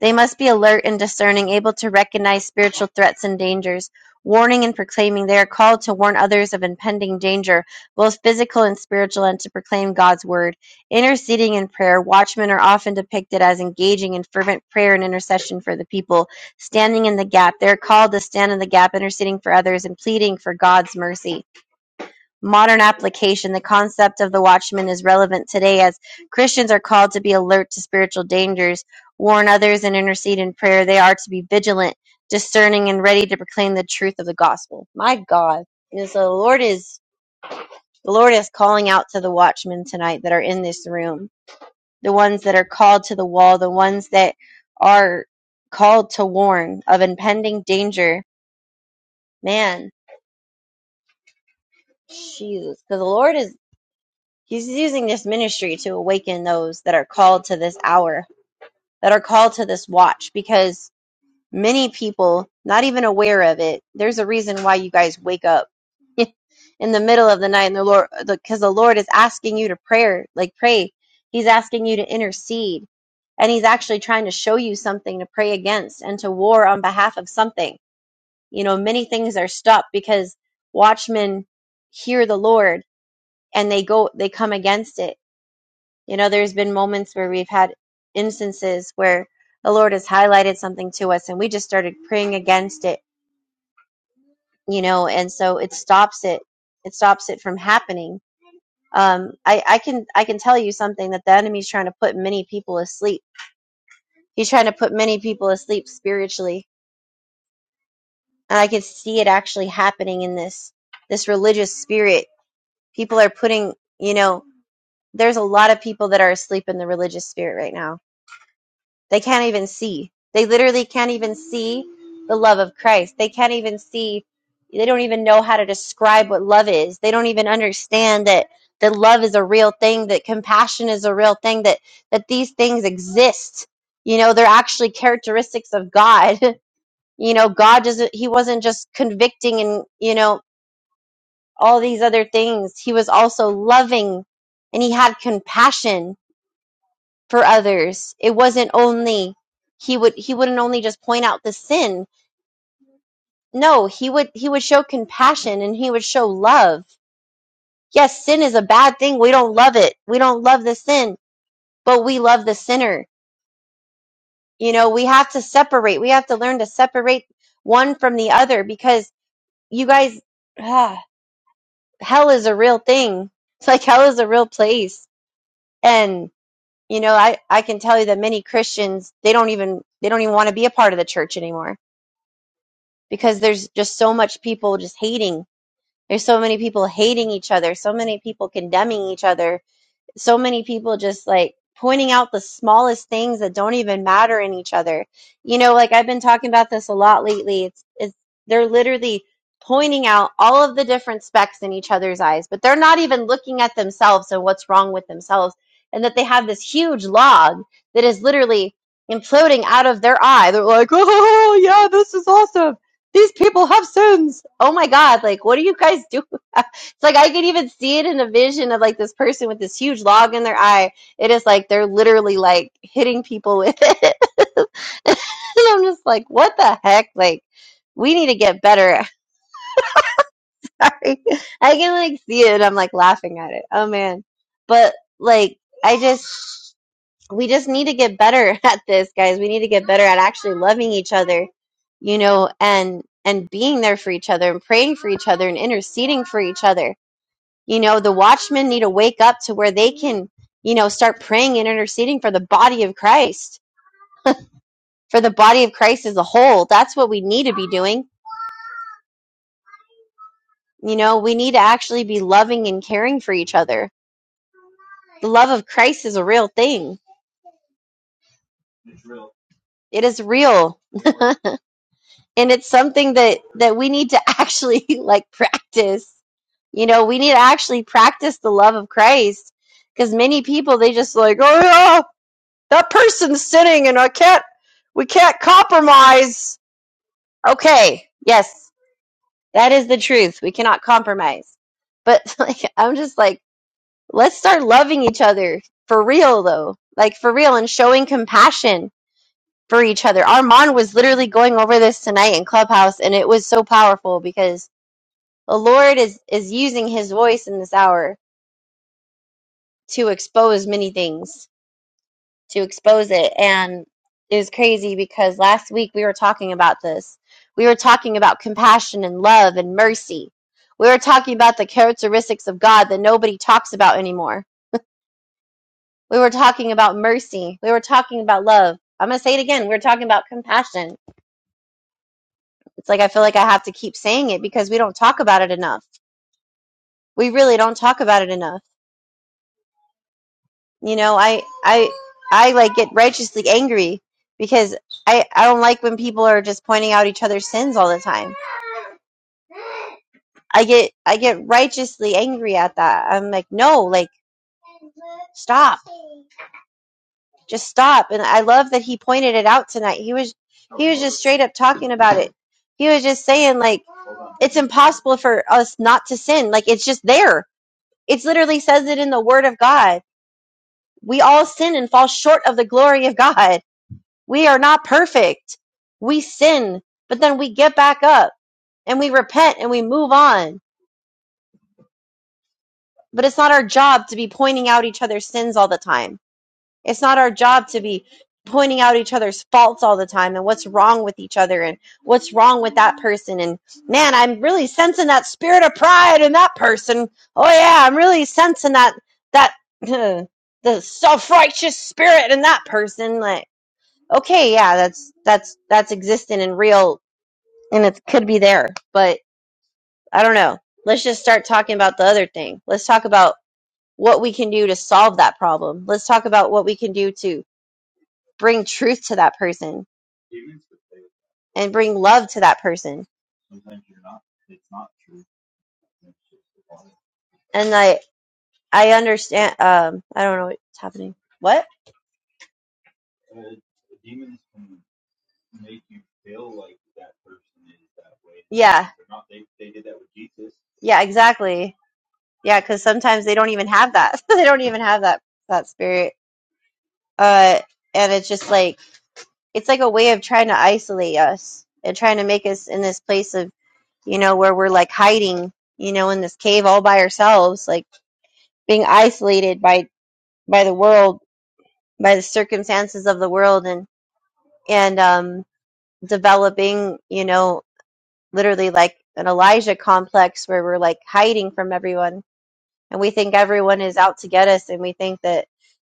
They must be alert and discerning, able to recognize spiritual threats and dangers, warning and proclaiming. They are called to warn others of impending danger, both physical and spiritual, and to proclaim God's word. Interceding in prayer, watchmen are often depicted as engaging in fervent prayer and intercession for the people, standing in the gap. They are called to stand in the gap, interceding for others and pleading for God's mercy modern application, the concept of the watchman is relevant today as Christians are called to be alert to spiritual dangers, warn others, and intercede in prayer. They are to be vigilant, discerning, and ready to proclaim the truth of the gospel. My God. And so the Lord is the Lord is calling out to the watchmen tonight that are in this room, the ones that are called to the wall, the ones that are called to warn of impending danger. Man, Jesus. Because the Lord is He's using this ministry to awaken those that are called to this hour, that are called to this watch, because many people, not even aware of it, there's a reason why you guys wake up [LAUGHS] in the middle of the night and the Lord, because the Lord is asking you to prayer, like pray. He's asking you to intercede. And he's actually trying to show you something to pray against and to war on behalf of something. You know, many things are stopped because watchmen hear the Lord and they go, they come against it you know, there's been moments where we've had instances where the Lord has highlighted something to us and we just started praying against it, you know, and so it stops it. It stops it from happening. Um, I, I can I can tell you something that the enemy's trying to put many people asleep. He's trying to put many people asleep spiritually. And I can see it actually happening in this this religious spirit. People are putting, you know, there's a lot of people that are asleep in the religious spirit right now They can't even see. They literally can't even see the love of Christ. They can't even see, they don't even know how to describe what love is. They don't even understand that that love is a real thing, that compassion is a real thing, that that these things exist. You know, they're actually characteristics of God. [LAUGHS] You know, God doesn't he wasn't just convicting and, you know, all these other things. He was also loving and he had compassion for others. It wasn't only he would he wouldn't only just point out the sin. No, he would he would show compassion and he would show love. Yes, sin is a bad thing. We don't love it. We don't love the sin, but we love the sinner. You know, we have to separate. We have to learn to separate one from the other because you guys ah, hell is a real thing. [LAUGHS] It's like hell is a real place. And you know, I I can tell you that many Christians, they don't even they don't even want to be a part of the church anymore because there's just so much people just hating. There's so many people hating each other, so many people condemning each other so many people just like pointing out the smallest things that don't even matter in each other. You know, like I've been talking about this a lot lately. It's, it's they're literally pointing out all of the different specks in each other's eyes, but they're not even looking at themselves and what's wrong with themselves, and that they have this huge log that is literally imploding out of their eye. They're like, "Oh [LAUGHS] yeah, this is awesome." These people have sins. Oh my God. Like, what are you guys [LAUGHS] doing? It's like I could even see it in a vision of like this person with this huge log in their eye. It is like they're literally like hitting people with it. [LAUGHS] and I'm just like, what the heck? Like, we need to get better. [LAUGHS] at- I can like see it and I'm like laughing at it. Oh man. But like, I just, we just need to get better [LAUGHS] at this, guys. We need to get better at actually loving each other, you know, and, and being there for each other and praying for each other and interceding for each other you know, the watchmen need to wake up to where they can, you know, start praying and interceding for the body of Christ, for the body of Christ as a whole. That's what we need to be doing. You know, we need to actually be loving and caring for each other. The love of Christ is a real thing. It is real. And it's something that that we need to actually [LAUGHS] like practice. You know, we need to actually practice the love of Christ because many people they just like, "Oh yeah, that person's sinning and I can't we can't compromise. Okay, yes, that is the truth. We cannot compromise. But [LAUGHS] like I'm just like, let's start loving each other for real though. Like for real and showing compassion for each other. Armand was literally going over this tonight in Clubhouse and it was so powerful because the Lord is is using his voice in this hour to expose many things. to expose it. And it was crazy because last week we were talking about this. We were talking about compassion and love and mercy. We were talking about the characteristics of God that nobody talks about anymore. We were talking about mercy. We were talking about love. I'm going to say it again. We We're talking about compassion. It's like I feel like I have to keep saying it because we don't talk about it enough. We really don't talk about it enough. You know, I I I like get righteously angry because I I don't like when people are just pointing out each other's sins all the time. I get I get righteously angry at that. I'm like, "No, like stop. Just stop." And I love that he pointed it out tonight. He was he was just straight up talking about it. He was just saying like it's impossible for us not to sin. Like it's just there. It literally says it in the word of God. We all sin and fall short of the glory of God We are not perfect. We sin, but then we get back up and we repent and we move on. But it's not our job to be pointing out each other's sins all the time. It's not our job to be pointing out each other's faults all the time and what's wrong with each other and what's wrong with that person. And man, I'm really sensing that spirit of pride in that person. Oh yeah, I'm really sensing that, that, [CLEARS THROAT] the self-righteous spirit in that person. Like, okay, yeah, that's, that's, that's existent and real and it could be there, but I don't know. Let's just start talking about the other thing. Let's talk about what we can do to solve that problem. Let's talk about what we can do to bring truth to that person and bring love to that person. And I I understand um I don't know what's happening. What? Make you feel like that that person is that way. Yeah. Yeah, exactly. Yeah, cuz sometimes they don't even have that. [LAUGHS] they don't even have that that spirit. Uh and it's just like it's like a way of trying to isolate us and trying to make us in this place of you know where we're like hiding you know in this cave all by ourselves like being isolated by by the world by the circumstances of the world and and um developing you know literally like an elijah complex where we're like hiding from everyone and we think everyone is out to get us and we think that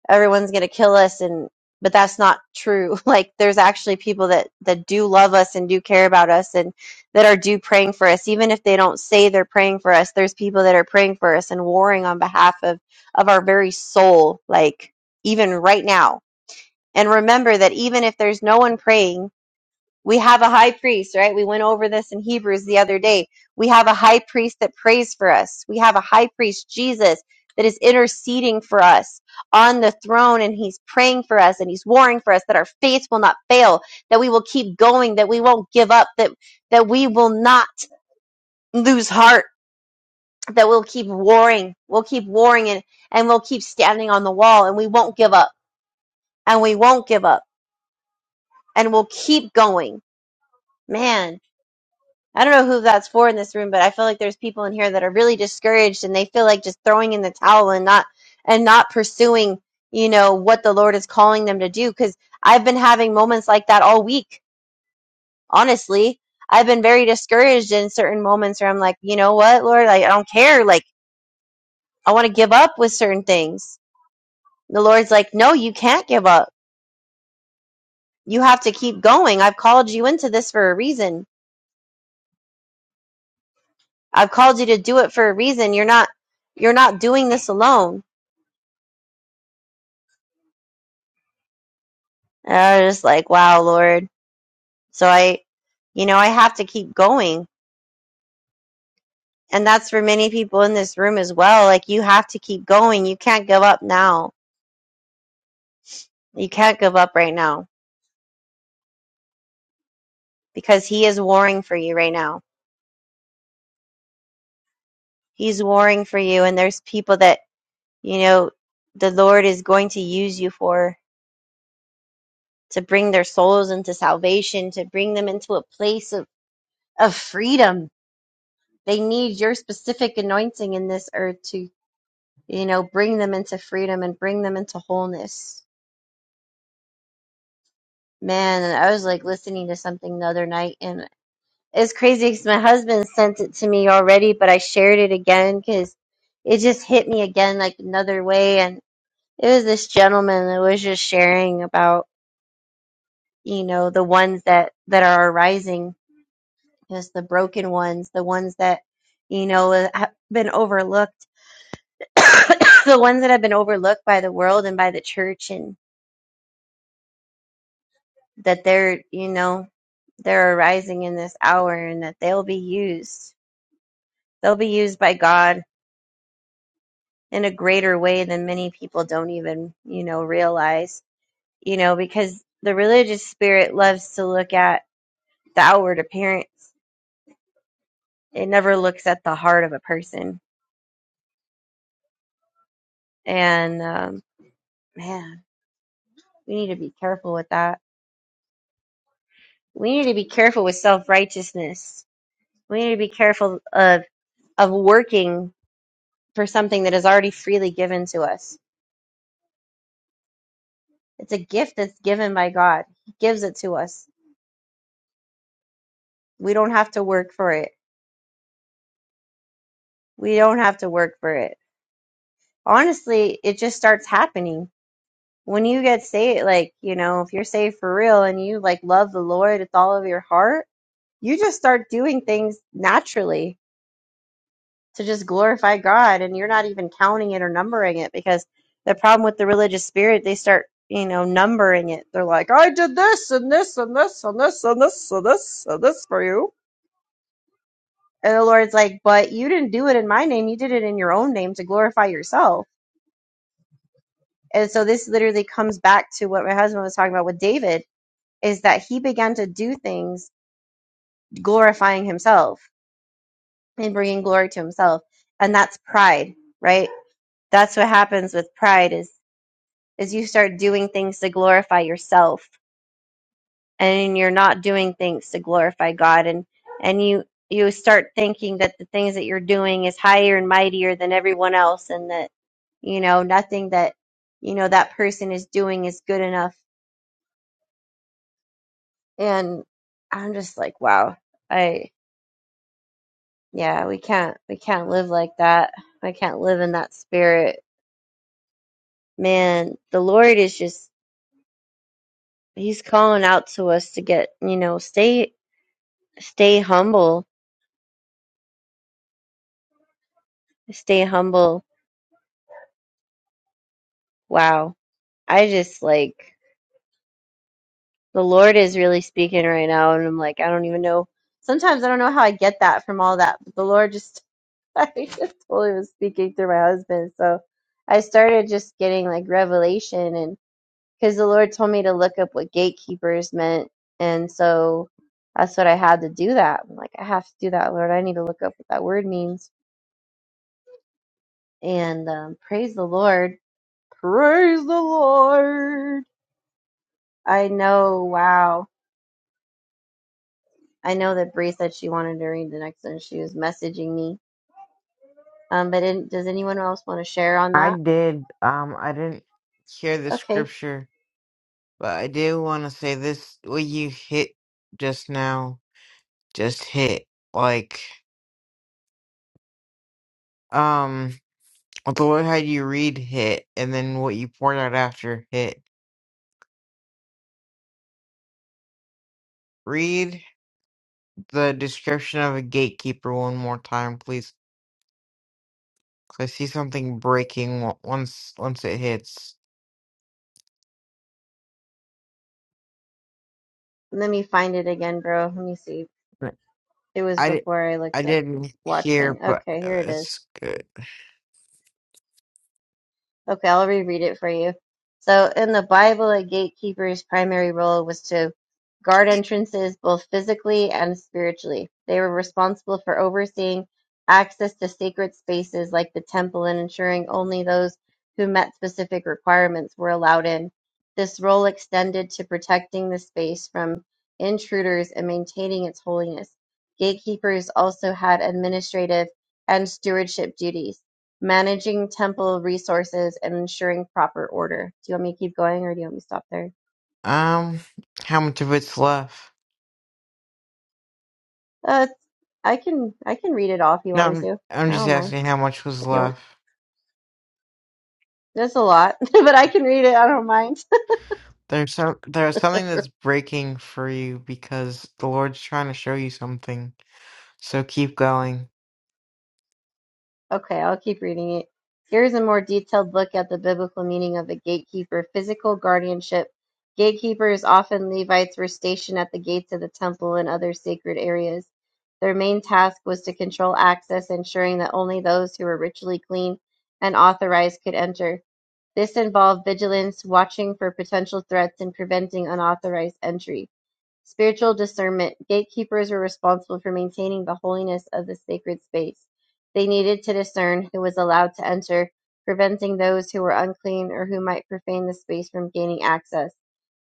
everyone's going to kill us and but that's not true [LAUGHS] like there's actually people that that do love us and do care about us and that are do praying for us even if they don't say they're praying for us there's people that are praying for us and warring on behalf of of our very soul like even right now and remember that even if there's no one praying we have a high priest, right? We went over this in Hebrews the other day. We have a high priest that prays for us. We have a high priest, Jesus, that is interceding for us on the throne and he's praying for us and he's warring for us that our faith will not fail, that we will keep going, that we won't give up, that, that we will not lose heart, that we'll keep warring. We'll keep warring and, and we'll keep standing on the wall and we won't give up and we won't give up and we'll keep going. Man I don't know who that's for in this room, but I feel like there's people in here that are really discouraged and they feel like just throwing in the towel and not and not pursuing, you know, what the Lord is calling them to do cuz I've been having moments like that all week. Honestly, I've been very discouraged in certain moments where I'm like, "You know what, Lord? I, I don't care. Like I want to give up with certain things." The Lord's like, "No, you can't give up. You have to keep going. I've called you into this for a reason. I've called you to do it for a reason. You're not you're not doing this alone." And I was just like, wow, Lord. So I, you know, I have to keep going. And that's for many people in this room as well. Like, you have to keep going. You can't give up now. You can't give up right now because He is warring for you right now. He's warring for you. And there's people that, you know, the Lord is going to use you for to bring their souls into salvation, to bring them into a place of, of freedom. They need your specific anointing in this earth you know, bring them into freedom and bring them into wholeness. Man, I was like listening to something the other night, and it's crazy because my husband sent it to me already, but I shared it again because it just hit me again like another way. And it was this gentleman that was just sharing about, you know, the ones that that are arising, just the broken ones, the ones that, you know, uh, have been overlooked, [COUGHS] the ones that have been overlooked by the world and by the church, and that they're, you know, they're arising in this hour and that they'll be used. They'll be used by God in a greater way than many people don't even, you know, realize, you know, because the religious spirit loves to look at the outward appearance. It never looks at the heart of a person. And, um, man, we need to be careful with that. We need to be careful with self righteousness. We need to be careful of, of working for something that is already freely given to us It's a gift that's given by God. He gives it to us. We don't have to work for it. We don't have to work for it. Honestly, it just starts happening. When you get saved, like, you know, if you're saved for real and you like love the Lord with all of your heart, you just start doing things naturally to just glorify God and you're not even counting it or numbering it because the problem with the religious spirit, they start, you know, numbering it. They're like, I did this and this and this and this and this and this and this for you And the Lord's like, but you didn't do it in my name. You did it in your own name to glorify yourself. And so this literally comes back to what my husband was talking about with David is that he began to do things glorifying himself and bringing glory to himself. And that's pride, right? That's what happens with pride is, is you start doing things to glorify yourself and you're not doing things to glorify God and and you you start thinking that the things that you're doing is higher and mightier than everyone else and that you know nothing that you know that person is doing is good enough and I'm just like wow I yeah we can't we can't live like that I can't live in that spirit man the Lord is just he's calling out to us to get you know stay stay humble stay humble wow I just like the Lord is really speaking right now, and I'm like, I don't even know. Sometimes I don't know how I get that from all that, but the Lord just, [LAUGHS] I just totally was speaking through my husband. So I started just getting like revelation, and because the Lord told me to look up what gatekeepers meant, and so that's what I had to do. That I'm like, I have to do that, Lord. I need to look up what that word means, and um, praise the Lord, praise the Lord. I know, wow I know that Bree said she wanted to read the next one. She was messaging me. Um, but it, does anyone else want to share on I that? did. Um, I didn't hear the Okay, scripture, but I do want to say this: what you hit just now, just hit like um, what the Lord had you read hit, and then what you poured out after hit. Read the description of a gatekeeper one more time, please. 'cause I see something breaking o- once once it hits. let me find it again, bro. Let me see. But It was I di- before I I looked up didn't hear, Watchmen. but Okay, uh, here it is. it's good. Okay, I'll reread it for you. So, in the Bible, a gatekeeper's primary role was to guard entrances both physically and spiritually. They were responsible for overseeing access to sacred spaces like the temple and ensuring only those who met specific requirements were allowed in. This role extended to protecting the space from intruders and maintaining its holiness. Gatekeepers also had administrative and stewardship duties managing temple resources and ensuring proper order. Do you want me to keep going or do you want me to stop there? Um, how much of it's left? Uh, I can I can read it all if you No, want me I'm to. I'm I just don't mind asking how much was if you want. left. That's a lot, [LAUGHS] but I can read it. I don't mind. There's some there's something that's breaking for you because the Lord's trying to show you something. So keep going. Okay, I'll keep reading it. Here is a more detailed look at the biblical meaning of a gatekeeper, physical guardianship. Gatekeepers, often Levites, were stationed at the gates of the temple and other sacred areas. Their main task was to control access, ensuring that only those who were ritually clean and authorized could enter. This involved vigilance, watching for potential threats, and preventing unauthorized entry. Spiritual discernment. Gatekeepers were responsible for maintaining the holiness of the sacred space. They needed to discern who was allowed to enter, preventing those who were unclean or who might profane the space from gaining access.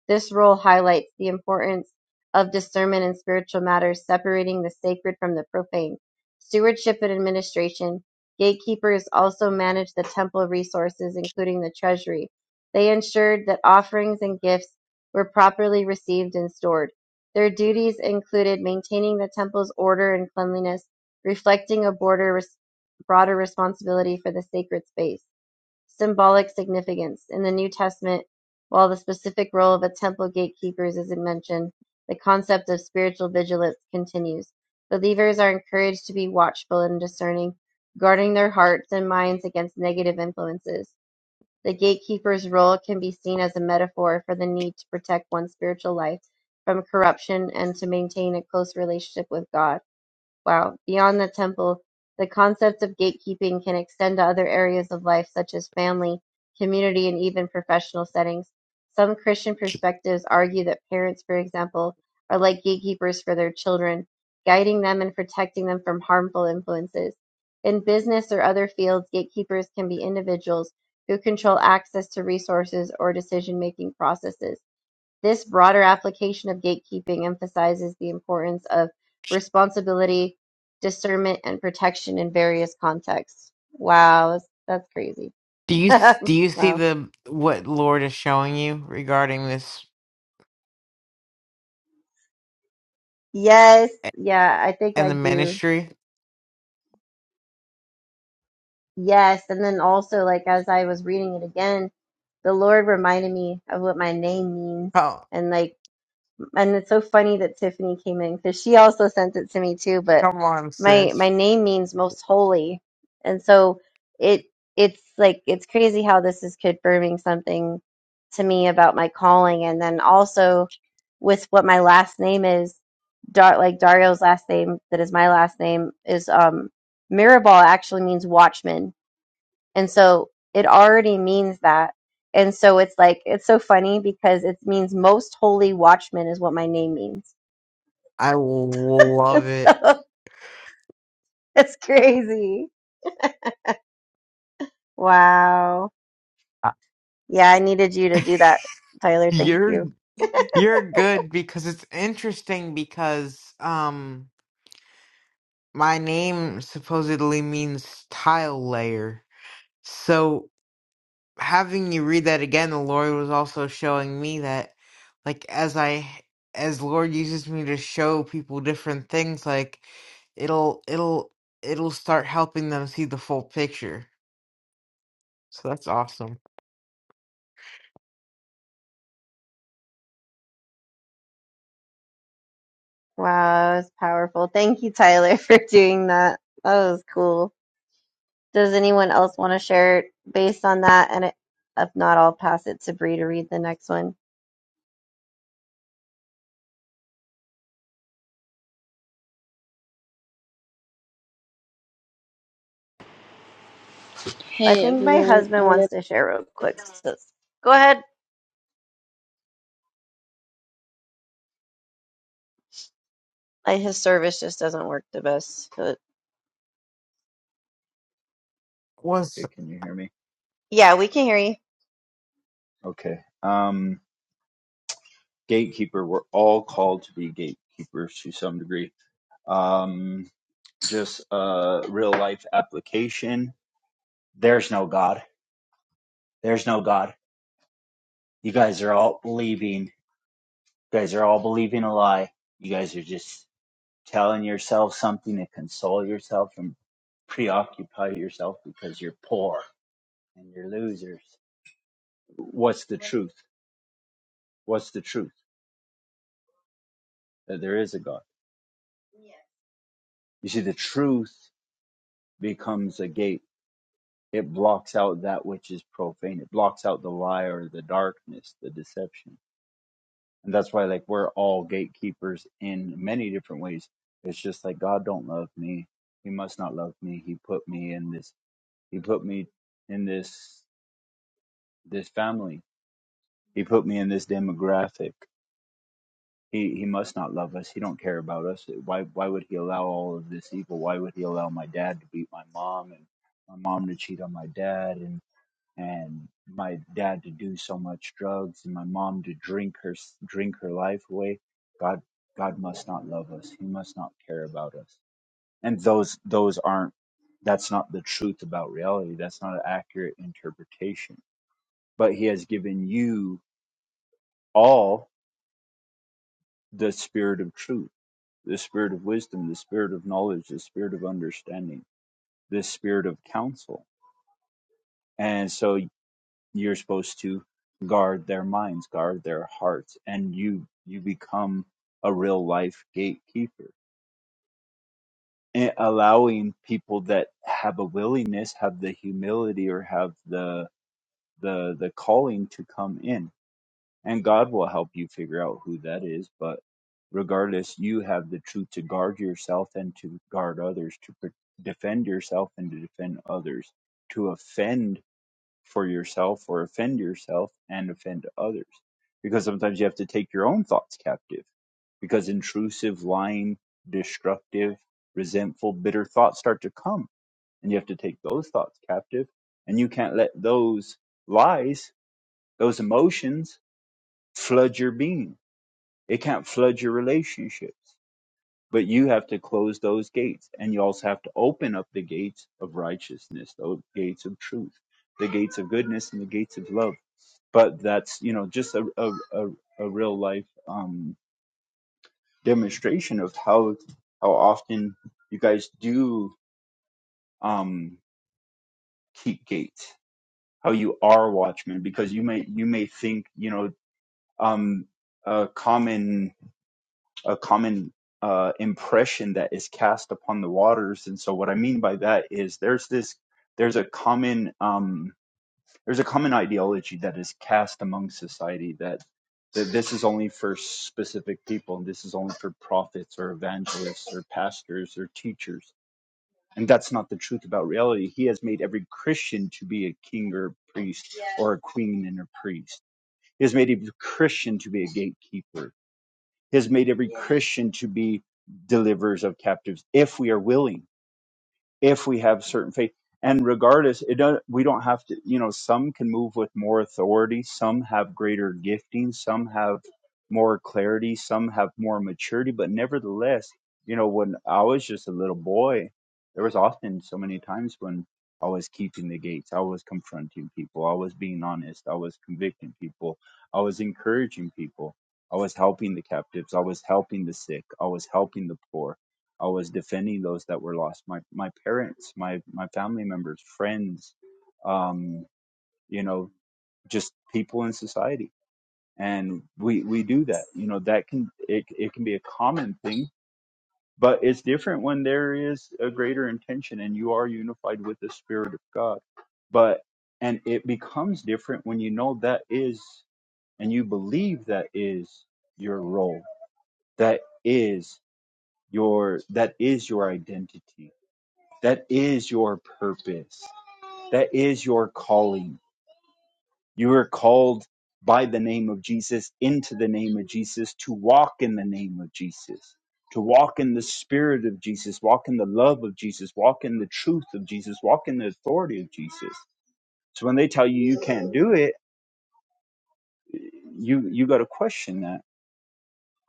This role highlights the importance of discernment in spiritual matters, separating the sacred from the profane. Stewardship and administration. Gatekeepers also manage the temple resources, including the treasury. They ensured that offerings and gifts were properly received and stored. Their duties included maintaining the temple's order and cleanliness, reflecting a border res- broader responsibility for the sacred space symbolic significance. In the New Testament, while the specific role of a temple gatekeepers isn't mentioned, the concept of spiritual vigilance continues. Believers are encouraged to be watchful and discerning, guarding their hearts and minds against negative influences. The gatekeeper's role can be seen as a metaphor for the need to protect one's spiritual life from corruption and to maintain a close relationship with God. Wow. Beyond the temple, the concept of gatekeeping can extend to other areas of life, such as family, community, and even professional settings. Some Christian perspectives argue that parents, for example, are like gatekeepers for their children, guiding them and protecting them from harmful influences. In business or other fields, gatekeepers can be individuals who control access to resources or decision making processes. This broader application of gatekeeping emphasizes the importance of responsibility, discernment, and protection in various contexts. Wow, that's, that's crazy. Do you s- do you [LAUGHS] see wow. the what Lord is showing you regarding this Yes, a- yeah, I think and I the do. ministry? Yes, and then also like as I was reading it again, the Lord reminded me of what my name means. Oh, And like and it's so funny that Tiffany came in because she also sent it to me too. But come on, my my sis. name means most holy, and so it it's like it's crazy how this is confirming something to me about my calling, and then also with what my last name is, Dar- like Dario's last name that is my last name is um Mirabal actually means watchman and so it already means that. And so it's like, it's so funny because it means most holy watchman is what my name means. I will [LAUGHS] love it. so it's crazy. Wow. Uh, Yeah, I needed you to do that, Tyler. Thank You're you. you're good because it's interesting because um my name supposedly means tile layer. So having you read that again, the Lord was also showing me that, like, as I, as Lord uses me to show people different things, like, it'll, it'll, it'll start helping them see the full picture. So that's awesome. Wow, that was powerful. Thank you, Tyler, [LAUGHS] for doing that. That was cool. Does anyone else want to share based on that? And it, if not, I'll pass it to Bree to read the next one. I Hey think my everyone, husband on wants it. to share real quick. So go ahead, I, his service just doesn't work the best. But Was Okay, can you hear me? yeah, we can hear you. Okay. Um, gatekeeper. We're all called to be gatekeepers to some degree. Um, just uh, real life application. There's no God. There's no God. You guys are all believing. You guys are all believing a lie. You guys are just telling yourself something to console yourself and preoccupy yourself because you're poor and you're losers. What's the truth? What's the truth? That there is a God. You see, the truth becomes a gate It blocks out that which is profane. It blocks out the lie or the darkness, the deception. And that's why like we're all gatekeepers in many different ways. It's just like God don't love me. He must not love me. He put me in this he put me in this this family. He put me in this demographic. He he must not love us. He don't care about us. Why why would he allow all of this evil? Why would he allow my dad to beat my mom and my mom to cheat on my dad and and my dad to do so much drugs and my mom to drink her drink her life away god god must not love us he must not care about us and those those aren't that's not the truth about reality that's not an accurate interpretation but he has given you all the spirit of truth the spirit of wisdom the spirit of knowledge the spirit of understanding the spirit of counsel and so you're supposed to guard their minds guard their hearts and you you become a real life gatekeeper and allowing people that have a willingness have the humility or have the the the calling to come in and god will help you figure out who that is but regardless you have the truth to guard yourself and to guard others to pr- defend yourself and to defend others to offend for yourself or offend yourself and offend others. Because sometimes you have to take your own thoughts captive. Because intrusive, lying, destructive, resentful, bitter thoughts start to come. And you have to take those thoughts captive. And you can't let those lies, those emotions flood your being. It can't flood your relationships. But you have to close those gates, and you also have to open up the gates of righteousness, the gates of truth, the gates of goodness, and the gates of love. But that's you know just a a, a, a real life um, demonstration of how how often you guys do um, keep gates, how you are watchmen, because you may you may think you know um, a common a common uh, impression that is cast upon the waters. And so, what I mean by that is there's this there's a common um, there's a common ideology that is cast among society that that this is only for specific people and this is only for prophets or evangelists or pastors or teachers. And that's not the truth about reality. He has made every Christian to be a king or a priest or a queen and a priest. He has made every Christian to be a gatekeeper has made every Christian to be deliverers of captives if we are willing if we have certain faith. And regardless, it does, we don't have to, you know, some can move with more authority, some have greater gifting, some have more clarity, some have more maturity. But nevertheless, you know, when I was just a little boy, there was often so many times when I was keeping the gates, I was confronting people, I was being honest, I was convicting people, I was encouraging people, I was helping the captives, I was helping the sick, I was helping the poor. I was defending those that were lost. My my parents, my my family members, friends, um, you know, just people in society, and we we do that. You know, that can it it can be a common thing, but it's different when there is a greater intention and you are unified with the Spirit of God. But and it becomes different when you know that is and you believe that is your role. That is your that is your identity That is your purpose. That is your calling. You are called by the name of Jesus into the name of Jesus to walk in the name of Jesus, to walk in the spirit of Jesus, walk in the love of Jesus, walk in the truth of Jesus, walk in the authority of Jesus. So when they tell you you can't do it, you you got to question that.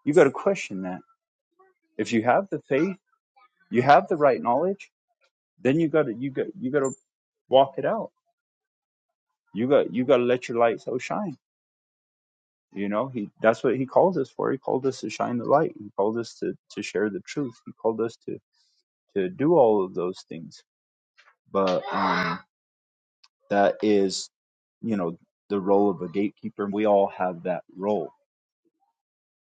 You got to question that. If you have the faith, you have the right knowledge, then you got to you got you got to walk it out. You got you got to let your light so shine You know, he that's what he called us for. He called us to shine the light. He called us to, to share the truth. He called us to, to do all of those things. But um, that is, you know, the role of a gatekeeper. We all have that role.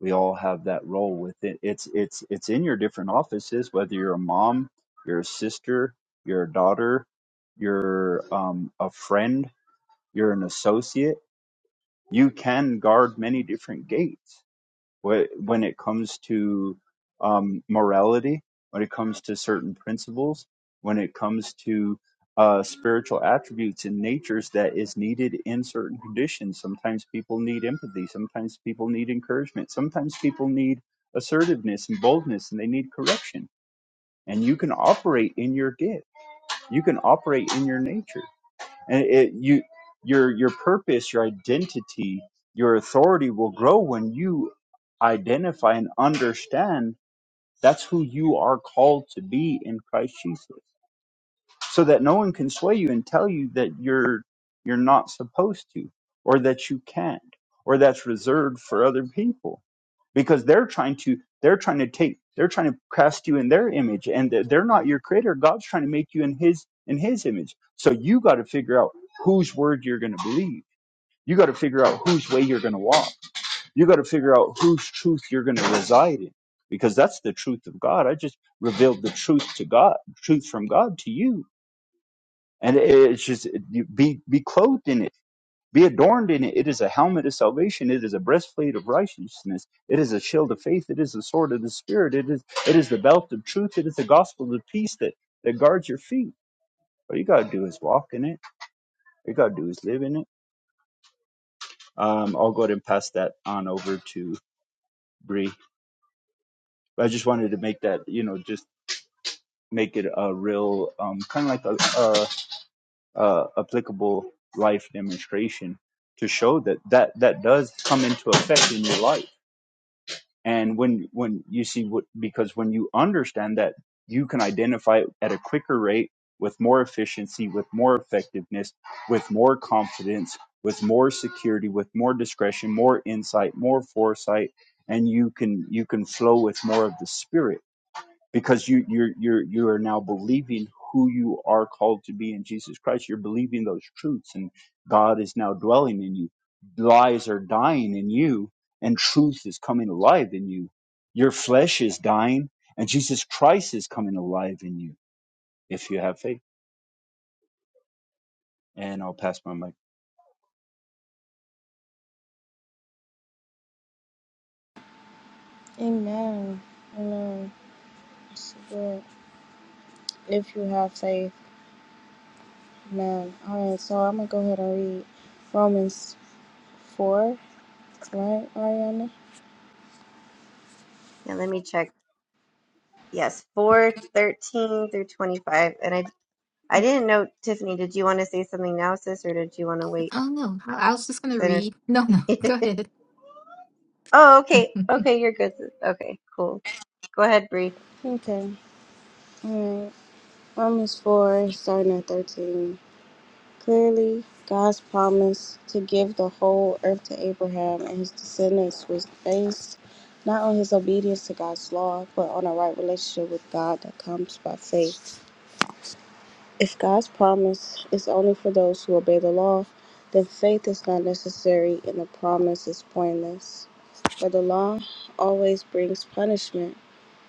We all have that role within it's it's it's in your different offices, whether you're a mom, you're a sister, you're a daughter, you're um, a friend, you're an associate. You can guard many different gates When it comes to um, morality, when it comes to certain principles, when it comes to uh, spiritual attributes and natures that is needed in certain conditions. Sometimes people need empathy. Sometimes people need encouragement. Sometimes people need assertiveness and boldness and they need correction. And you can operate in your gift. You can operate in your nature and it you your your purpose your identity your authority will grow when you identify and understand that's who you are called to be in christ jesus so that no one can sway you and tell you that you're you're not supposed to or that you can't or that's reserved for other people because they're trying to they're trying to take they're trying to cast you in their image and they're they're not your creator god's trying to make you in his in his image so you got to figure out whose word you're going to believe you got to figure out whose way you're going to walk you got to figure out whose truth you're going to reside in because that's the truth of god i just revealed the truth to god truth from god to you and it- it's just you- be be clothed in it be adorned in it. It is a helmet of salvation. It is a breastplate of righteousness. It is a shield of faith. It is the sword of the spirit. It is it is the belt of truth. It is the gospel of peace that, that guards your feet. All you gotta do is walk in it. All you gotta do is live in it. Um, I'll go ahead and pass that on over to Bree. But I just wanted to make that, you know, just make it a real um, kind of like a, a, a applicable life demonstration to show that that that does come into effect in your life and when when you see what because when you understand that you can identify it at a quicker rate with more efficiency with more effectiveness with more confidence with more security with more discretion more insight more foresight and you can you can flow with more of the spirit because you you're you're you are now believing who you are called to be in Jesus Christ. You're believing those truths, and God is now dwelling in you. Lies are dying in you, and truth is coming alive in you. Your flesh is dying, and Jesus Christ is coming alive in you if you have faith. And I'll pass my mic. Amen. Amen. It's good if you have faith. Amen. All right, so I'm gonna go ahead and read Romans four, right, Ariana? Yeah, let me check. Yes, four thirteen through twenty five. And I I didn't know Tiffany. Did you want to say something now, sis, or did you want to wait? Oh no, I I was just gonna 'Cause read. No, no, I [LAUGHS] know- go [LAUGHS] ahead. oh, okay, [LAUGHS] okay, you're good. sis. Okay, cool. Go ahead, Bree. Okay. All right. Romans four, starting at thirteen. Clearly, God's promise to give the whole earth to Abraham and his descendants was based not on his obedience to God's law, but on a right relationship with God that comes by faith. If God's promise is only for those who obey the law, then faith is not necessary and the promise is pointless. For the law always brings punishment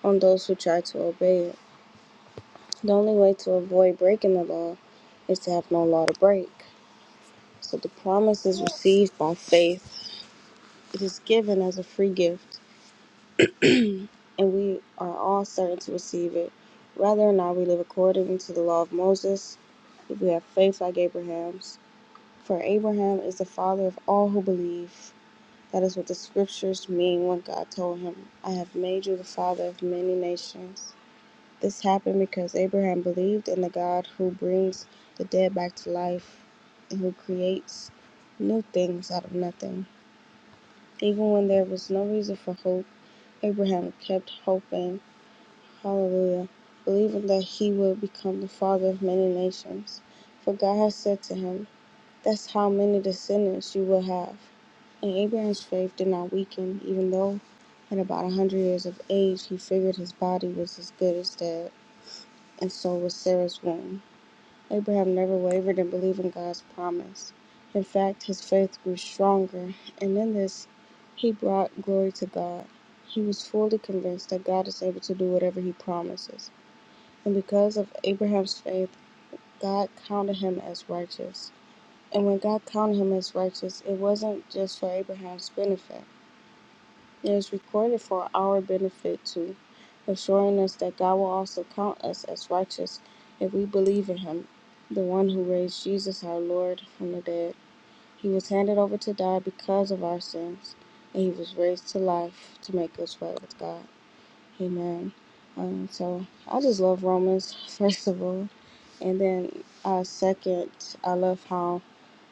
on those who try to obey it. The only way to avoid breaking the law is to have no law to break. So the promise is received by faith. It is given as a free gift, and we are all certain to receive it. Whether or not we live according to the law of Moses, if we have faith like Abraham's, For Abraham is the father of all who believe. That is what the scriptures mean when God told him, I have made you the father of many nations. This happened because Abraham believed in the God who brings the dead back to life and who creates new things out of nothing. Even when there was no reason for hope, Abraham kept hoping, hallelujah, believing that he would become the father of many nations. For God has said to him, That's how many descendants you will have. And Abraham's faith did not weaken, even though at about a hundred years of age he figured his body was as good as dead, and so was Sarah's womb. Abraham never wavered in believing God's promise. In fact, his faith grew stronger, and in this he brought glory to God. He was fully convinced that God is able to do whatever he promises. And because of Abraham's faith, God counted him as righteous. And when God counted him as righteous, it wasn't just for Abraham's benefit. It is recorded for our benefit too, assuring us that God will also count us as righteous if we believe in Him, the one who raised Jesus our Lord from the dead. He was handed over to die because of our sins, and He was raised to life to make us right with God. Amen. Um, so I just love Romans, [LAUGHS] first of all. And then uh, second, I love how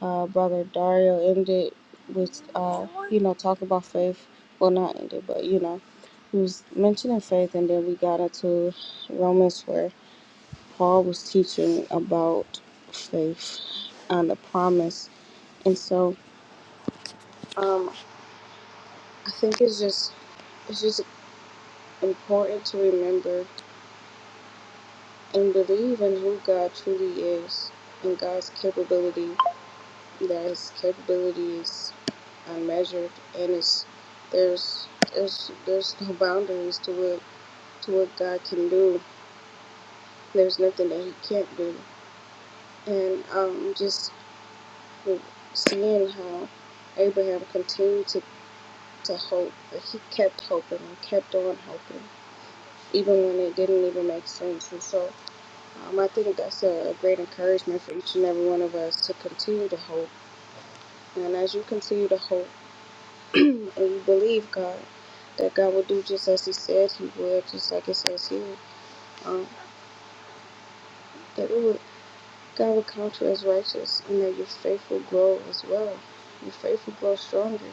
uh, Brother Dario ended with, uh, you know, talk about faith. Well, not ended, but, you know, he was mentioning faith. And then we got into Romans where Paul was teaching about faith and the promise. And so um, I think it's just, it's just important to remember and believe in who God truly is and God's capability that its capabilities are measured and it's there's there's there's no boundaries to what to what God can do. There's nothing that He can't do. And um, just seeing how Abraham continued to, to hope, that he kept hoping and kept on hoping, even when it didn't even make sense. And so um, I think that's a, a great encouragement for each and every one of us to continue to hope. And as you continue to hope [CLEARS THROAT] and you believe God, that God will do just as He said He would, just like it says here. Um, that we would, God would count you as righteous, and that your faith will grow as well. Your faith will grow stronger.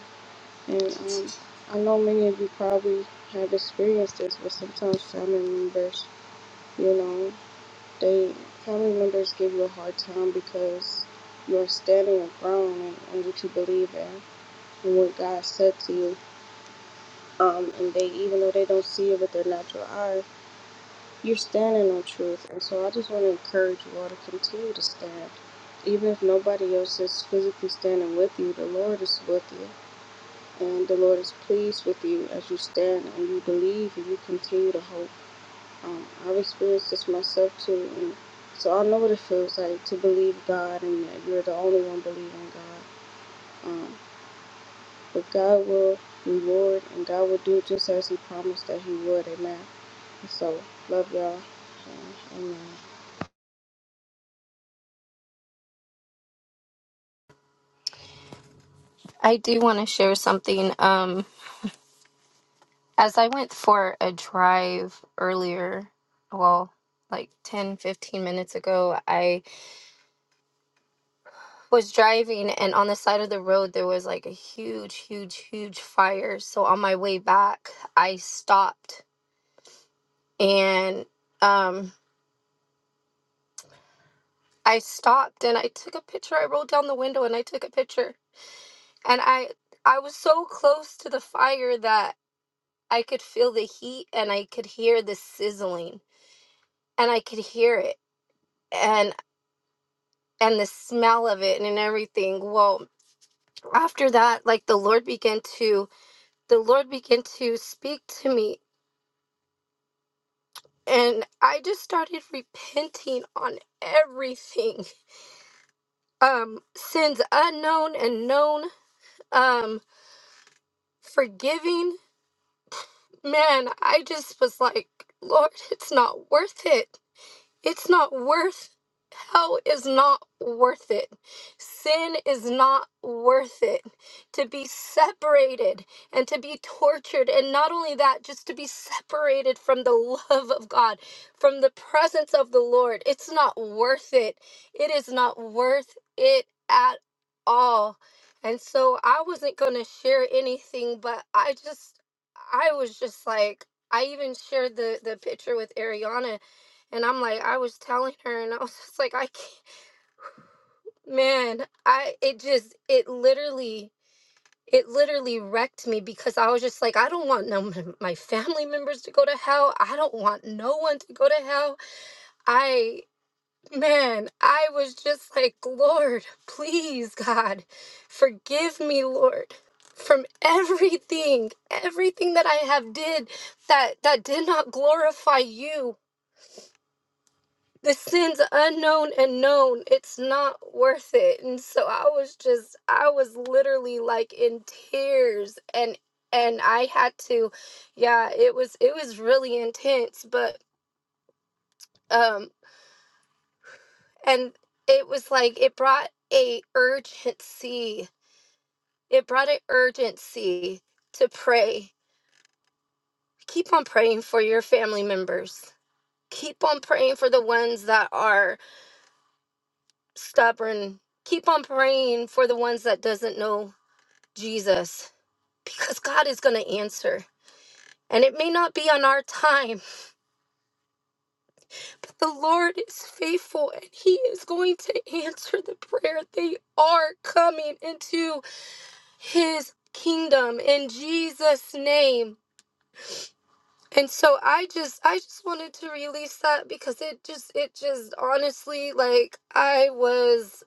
And um, I know many of you probably have experienced this, but sometimes family members, you know, they family members give you a hard time because you're standing your ground and, and what you believe in and what God said to you. Um, and they, even though they don't see it with their natural eye, You're standing on truth, and so I just want to encourage you all to continue to stand, even if nobody else is physically standing with you. The Lord is with you, and the Lord is pleased with you as you stand and you believe and you continue to hope. Um, I've experienced this myself too, and so I know what it feels like to believe God and that you're the only one believing God. Um, but God will reward, and God will do just as He promised that He would. Amen. So love y'all. Um, Amen. I do want to share something. Um, as I went for a drive earlier, well, like 10 15 minutes ago, I was driving and on the side of the road there was like a huge, huge, huge fire. So on my way back, I stopped and um, I stopped and I took a picture. I rolled down the window and I took a picture. And I I was so close to the fire that I could feel the heat and I could hear the sizzling and I could hear it and and the smell of it and everything. Well, after that, like the Lord began to the Lord began to speak to me and I just started repenting on everything. [LAUGHS] Um sins unknown and known, um forgiving. Man, I just was like, Lord, it's not worth it. It's not worth hell is not worth it. Sin is not worth it. To be separated and to be tortured and not only that, just to be separated from the love of God, from the presence of the Lord. It's not worth it. It is not worth it at all. And so I wasn't going to share anything, but I just I was just like I even shared the the picture with Ariana and I'm like, I was telling her, and I was [LAUGHS] just like, I can't, [LAUGHS] man, I, it just, it literally, it literally wrecked me because I was just like, I don't want no, my family members to go to hell. I don't want no one to go to hell. I, man, I was just like, Lord, please, God, forgive me, Lord from everything everything that i have did that that did not glorify you the sins unknown and known it's not worth it and so i was just i was literally like in tears and and i had to yeah it was it was really intense but um and it was like it brought a urgency it brought an urgency to pray keep on praying for your family members keep on praying for the ones that are stubborn keep on praying for the ones that doesn't know Jesus because God is going to answer. And it may not be on our time, but the Lord is faithful and He is going to answer the prayer. They are coming into His kingdom in Jesus' name. And so I just I just wanted to release that because it just it just honestly like I was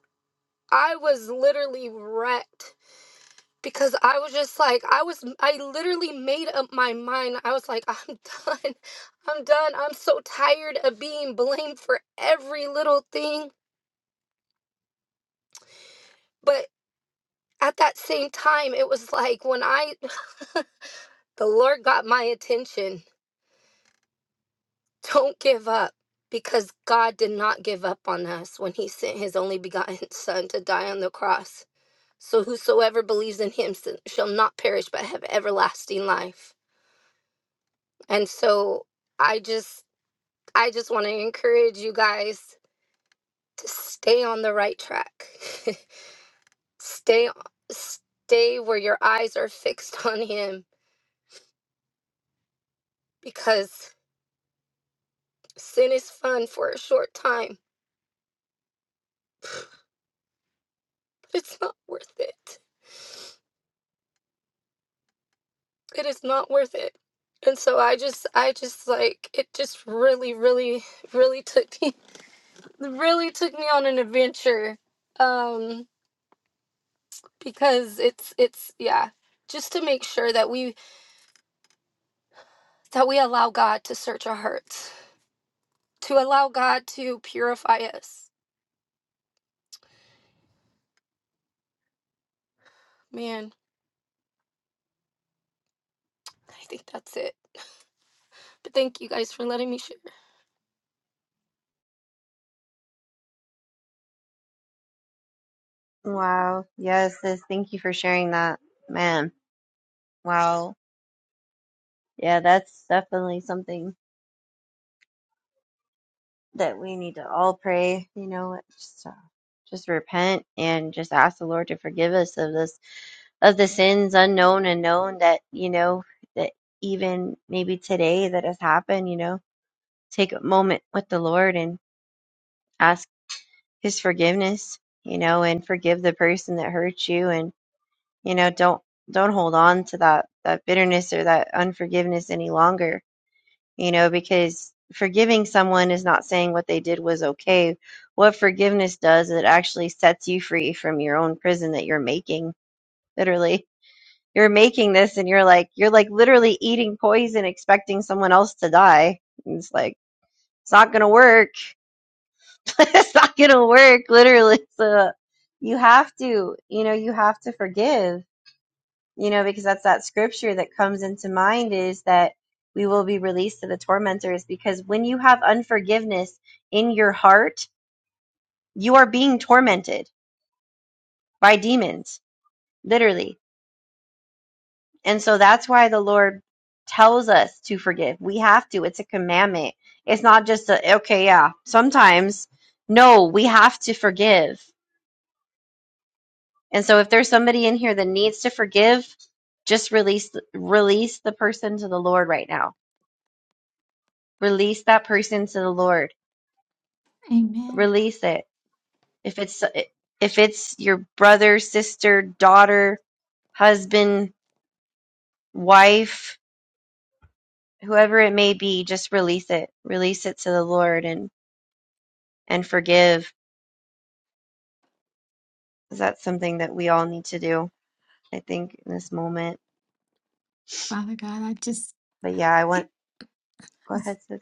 I was literally wrecked because I was just like, I was, I literally made up my mind. I was like, I'm [LAUGHS] done. I'm done. I'm so tired of being blamed for every little thing. But at that same time, it was like when I, [LAUGHS] the Lord got my attention. Don't give up because God did not give up on us when he sent his only begotten son to die on the cross. So whosoever believes in him s- shall not perish but have everlasting life. And so I just I just want to encourage you guys to stay on the right track. [LAUGHS] stay stay where your eyes are fixed on him because sin is fun for a short time, but it's not worth it. It is not worth it. And so I just I just like it just really really really took me [LAUGHS] really took me on an adventure um because it's it's yeah just to make sure that we that we allow God to search our hearts to allow God to purify us. Man, I think that's it. But thank you guys for letting me share. Wow. Yes, sis. Thank you for sharing that, man. Wow. Yeah, that's definitely something that we need to all pray, you know, just, uh, just repent and just ask the Lord to forgive us of this, of the sins unknown and known that, you know, that even maybe today that has happened, you know, take a moment with the Lord and ask his forgiveness, you know, and forgive the person that hurt you. And, you know, don't, don't hold on to that, that bitterness or that unforgiveness any longer you know, because forgiving someone is not saying what they did was okay. What forgiveness does, it actually sets you free from your own prison that you're making, literally. You're making this and you're like, you're like literally eating poison expecting someone else to die. And it's like, it's not going to work. [LAUGHS] it's not going to work, literally. So you have to, you know, you have to forgive you know, because that's that scripture that comes into mind is that we will be released to the tormentors because when you have unforgiveness in your heart, you are being tormented by demons, literally. And so that's why the Lord tells us to forgive. We have to. It's a commandment. It's not just a, okay, yeah, sometimes. No, we have to forgive. And so if there's somebody in here that needs to forgive, just release release the person to the Lord right now Release that person to the Lord. Amen. Release it. If it's if it's your brother, sister, daughter, husband, wife, whoever it may be, just release it. Release it to the Lord and and forgive. 'Cause That's something that we all need to do, I think, in this moment. Father God, I just But yeah, I want go that's ahead, sis.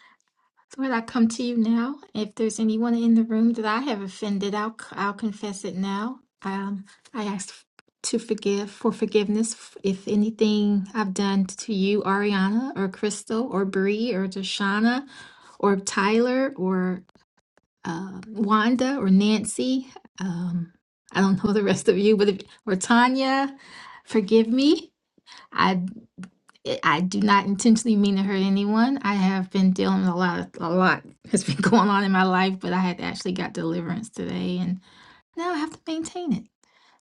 Lord, I come to you now. If there's anyone in the room that I have offended, I'll I'll confess it now. Um, I ask to forgive for forgiveness f- if anything I've done to you, Ariana, or Crystal, or Bree, or Deshauna, or Tyler, or uh, Wanda or Nancy. Um, I don't know the rest of you, but if, or Tanya, forgive me. I I do not intentionally mean to hurt anyone. I have been dealing with a lot. A lot has been [LAUGHS] going on in my life, but I had actually got deliverance today, and now I have to maintain it.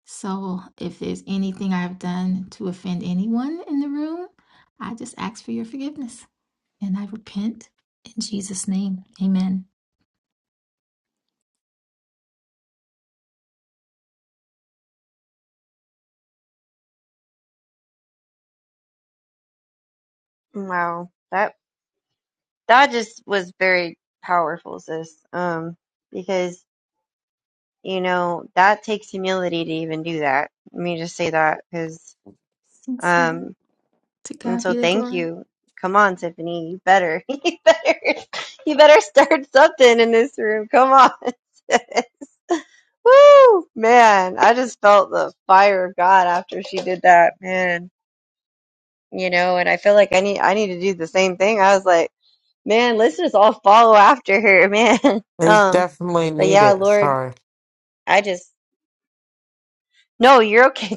So, if there's anything I've done to offend anyone in the room, I just ask for your forgiveness, and I repent in Jesus' name. Amen. Wow. That that just was very powerful, sis. Um, because you know that takes humility to even do that. Let me just say that because. Sincerely, Um, to and God so be the thank glory. you. Come on, Tiffany, you better, [LAUGHS] you better, you better start something in this room. Come on. [LAUGHS] sis. Woo, man, I just felt the fire of God after she did that, man. You know, and I feel like I need, I need to do the same thing. I was like, man, let's just all follow after her, [LAUGHS] man. is Um, definitely but yeah, needed. Lord, Sorry, I just, no, you're okay,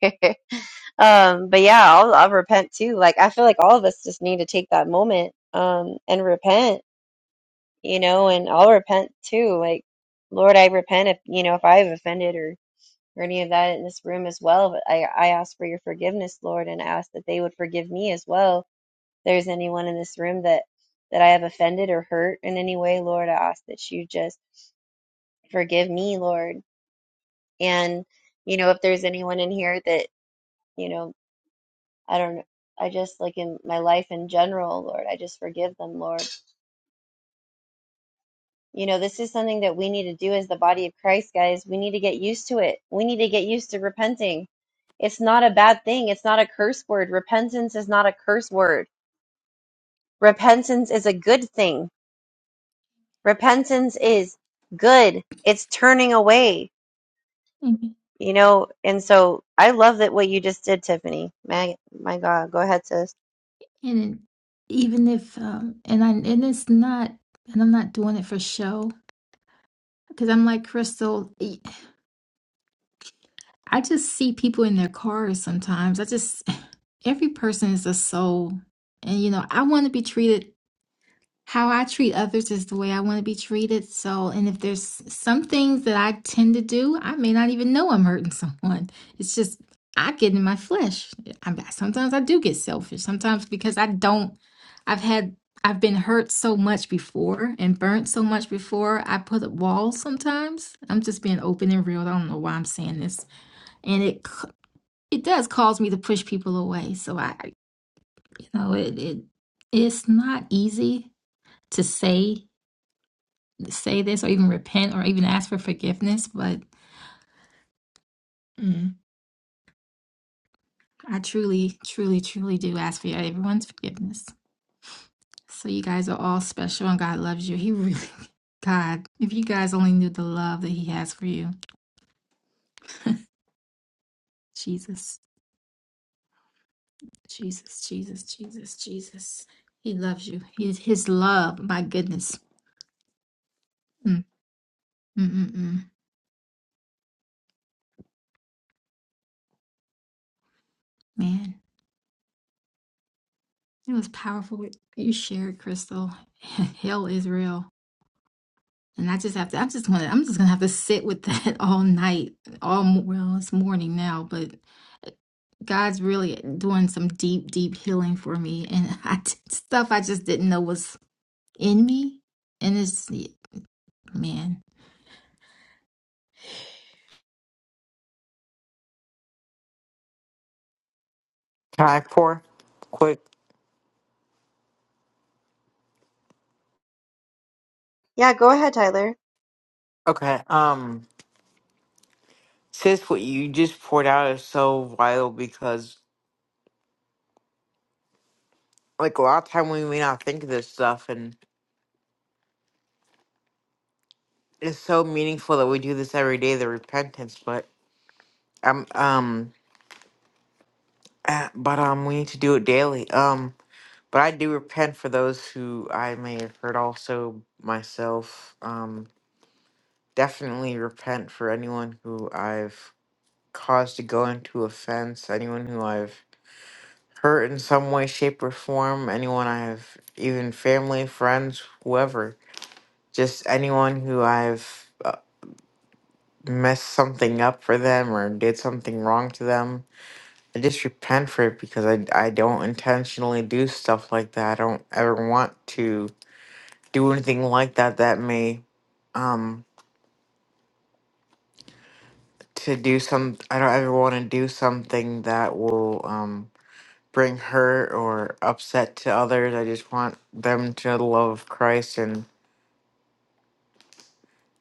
[LAUGHS] Tyler. Um, but yeah, I'll, I'll repent too. Like I feel like all of us just need to take that moment um and repent, you know, and I'll repent too. Like, Lord, I repent if you know if I've offended or or any of that in this room as well. But I I ask for your forgiveness, Lord, and ask that they would forgive me as well. If there's anyone in this room that that I have offended or hurt in any way, Lord, I ask that you just forgive me, Lord. And you know, if there's anyone in here that you know. I don't I just like in my life in general, Lord, I just forgive them, Lord. You know, this is something that we need to do as the body of Christ, guys. We need to get used to it. We need to get used to repenting. It's not a bad thing. It's not a curse word. Repentance is not a curse word. Repentance is a good thing. Repentance is good. It's turning away, Mhm. you know. And so I love that what you just did, Tiffany. My, my God. Go ahead, sis. And it, even if, um, and I, and it's not, and I'm not doing it for show because I'm like Crystal. e- I just see people in their cars sometimes. I just, [SIGHS] every person is a soul, and you know, I want to be treated. how I treat others is the way I want to be treated. So, and if there's some things that I tend to do, I may not even know I'm hurting [LAUGHS] someone. It's just I get in my flesh. I, sometimes I do get selfish. Sometimes because I don't, I've had, I've been hurt so much before and burnt so much before. I put up walls sometimes. I'm just being open and real. I don't know why I'm saying this, and it c- it does cause me to push people away. So I, you know, it it it's not easy to say say this or even repent or even ask for forgiveness, but mm, I truly, truly, truly do ask for everyone's forgiveness. So you guys are all special and God loves you. He really, [LAUGHS] God, if you guys only knew the love that He has for you, Jesus, Jesus, Jesus, Jesus, Jesus. He loves you. His, his love, my goodness. Mm, mm, mm, mm. Man, it was powerful. You shared, Crystal. [LAUGHS] Hell is real. And I just have to, I'm just gonna, I'm just gonna have to sit with that [LAUGHS] all night, all, mo- well, it's morning now, but God's really doing some deep, deep healing for me. And [LAUGHS] I, did stuff I just didn't know was in me. And it's, man. can I pour? Quick. Yeah, go ahead, Tyler. Okay. Um, sis, what you just poured out is so vital because, like, a lot of time we may not think of this stuff, and it's so meaningful that we do this every day, the repentance, but. Um, um, ah, but um, we need to do it daily. Um, but I do repent for those who I may have hurt. Also, myself. Um, definitely repent for anyone who I've caused to go into offense. Anyone who I've hurt in some way, shape, or form. Anyone I've even family, friends, whoever. Just anyone who I've uh, messed something up for them or did something wrong to them I just repent for it because I, I don't intentionally do stuff like that. I don't ever want to do anything like that that may um to do some I don't ever want to do something that will um bring hurt or upset to others. I just want them to love Christ and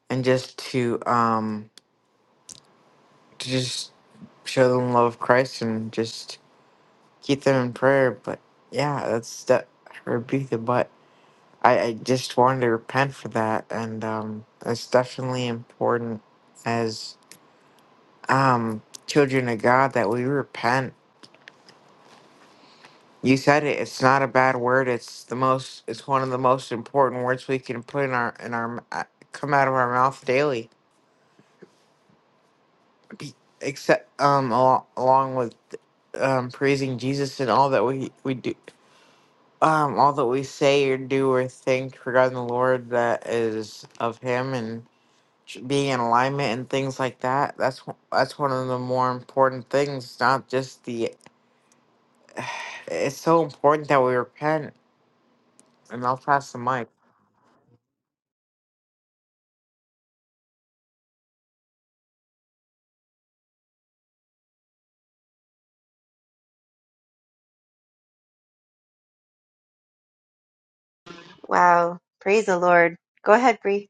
and just to um to just show them love of Christ and just keep them in prayer. But yeah, that's that rebuke the butt. I, I just wanted to repent for that, and um, it's definitely important as um, children of God that we repent. You said it. It's not a bad word. It's the most. It's one of the most important words we can put in our in our m- uh, come out of our mouth daily. Be- Except um, al- along with um, praising Jesus and all that we we do, um, all that we say or do or think regarding the Lord that is of Him and ch- being in alignment and things like that that's wh- that's one of the more important things not just the it's so important that we repent and i'll pass the mic Wow. Praise the Lord. Go ahead, Bree.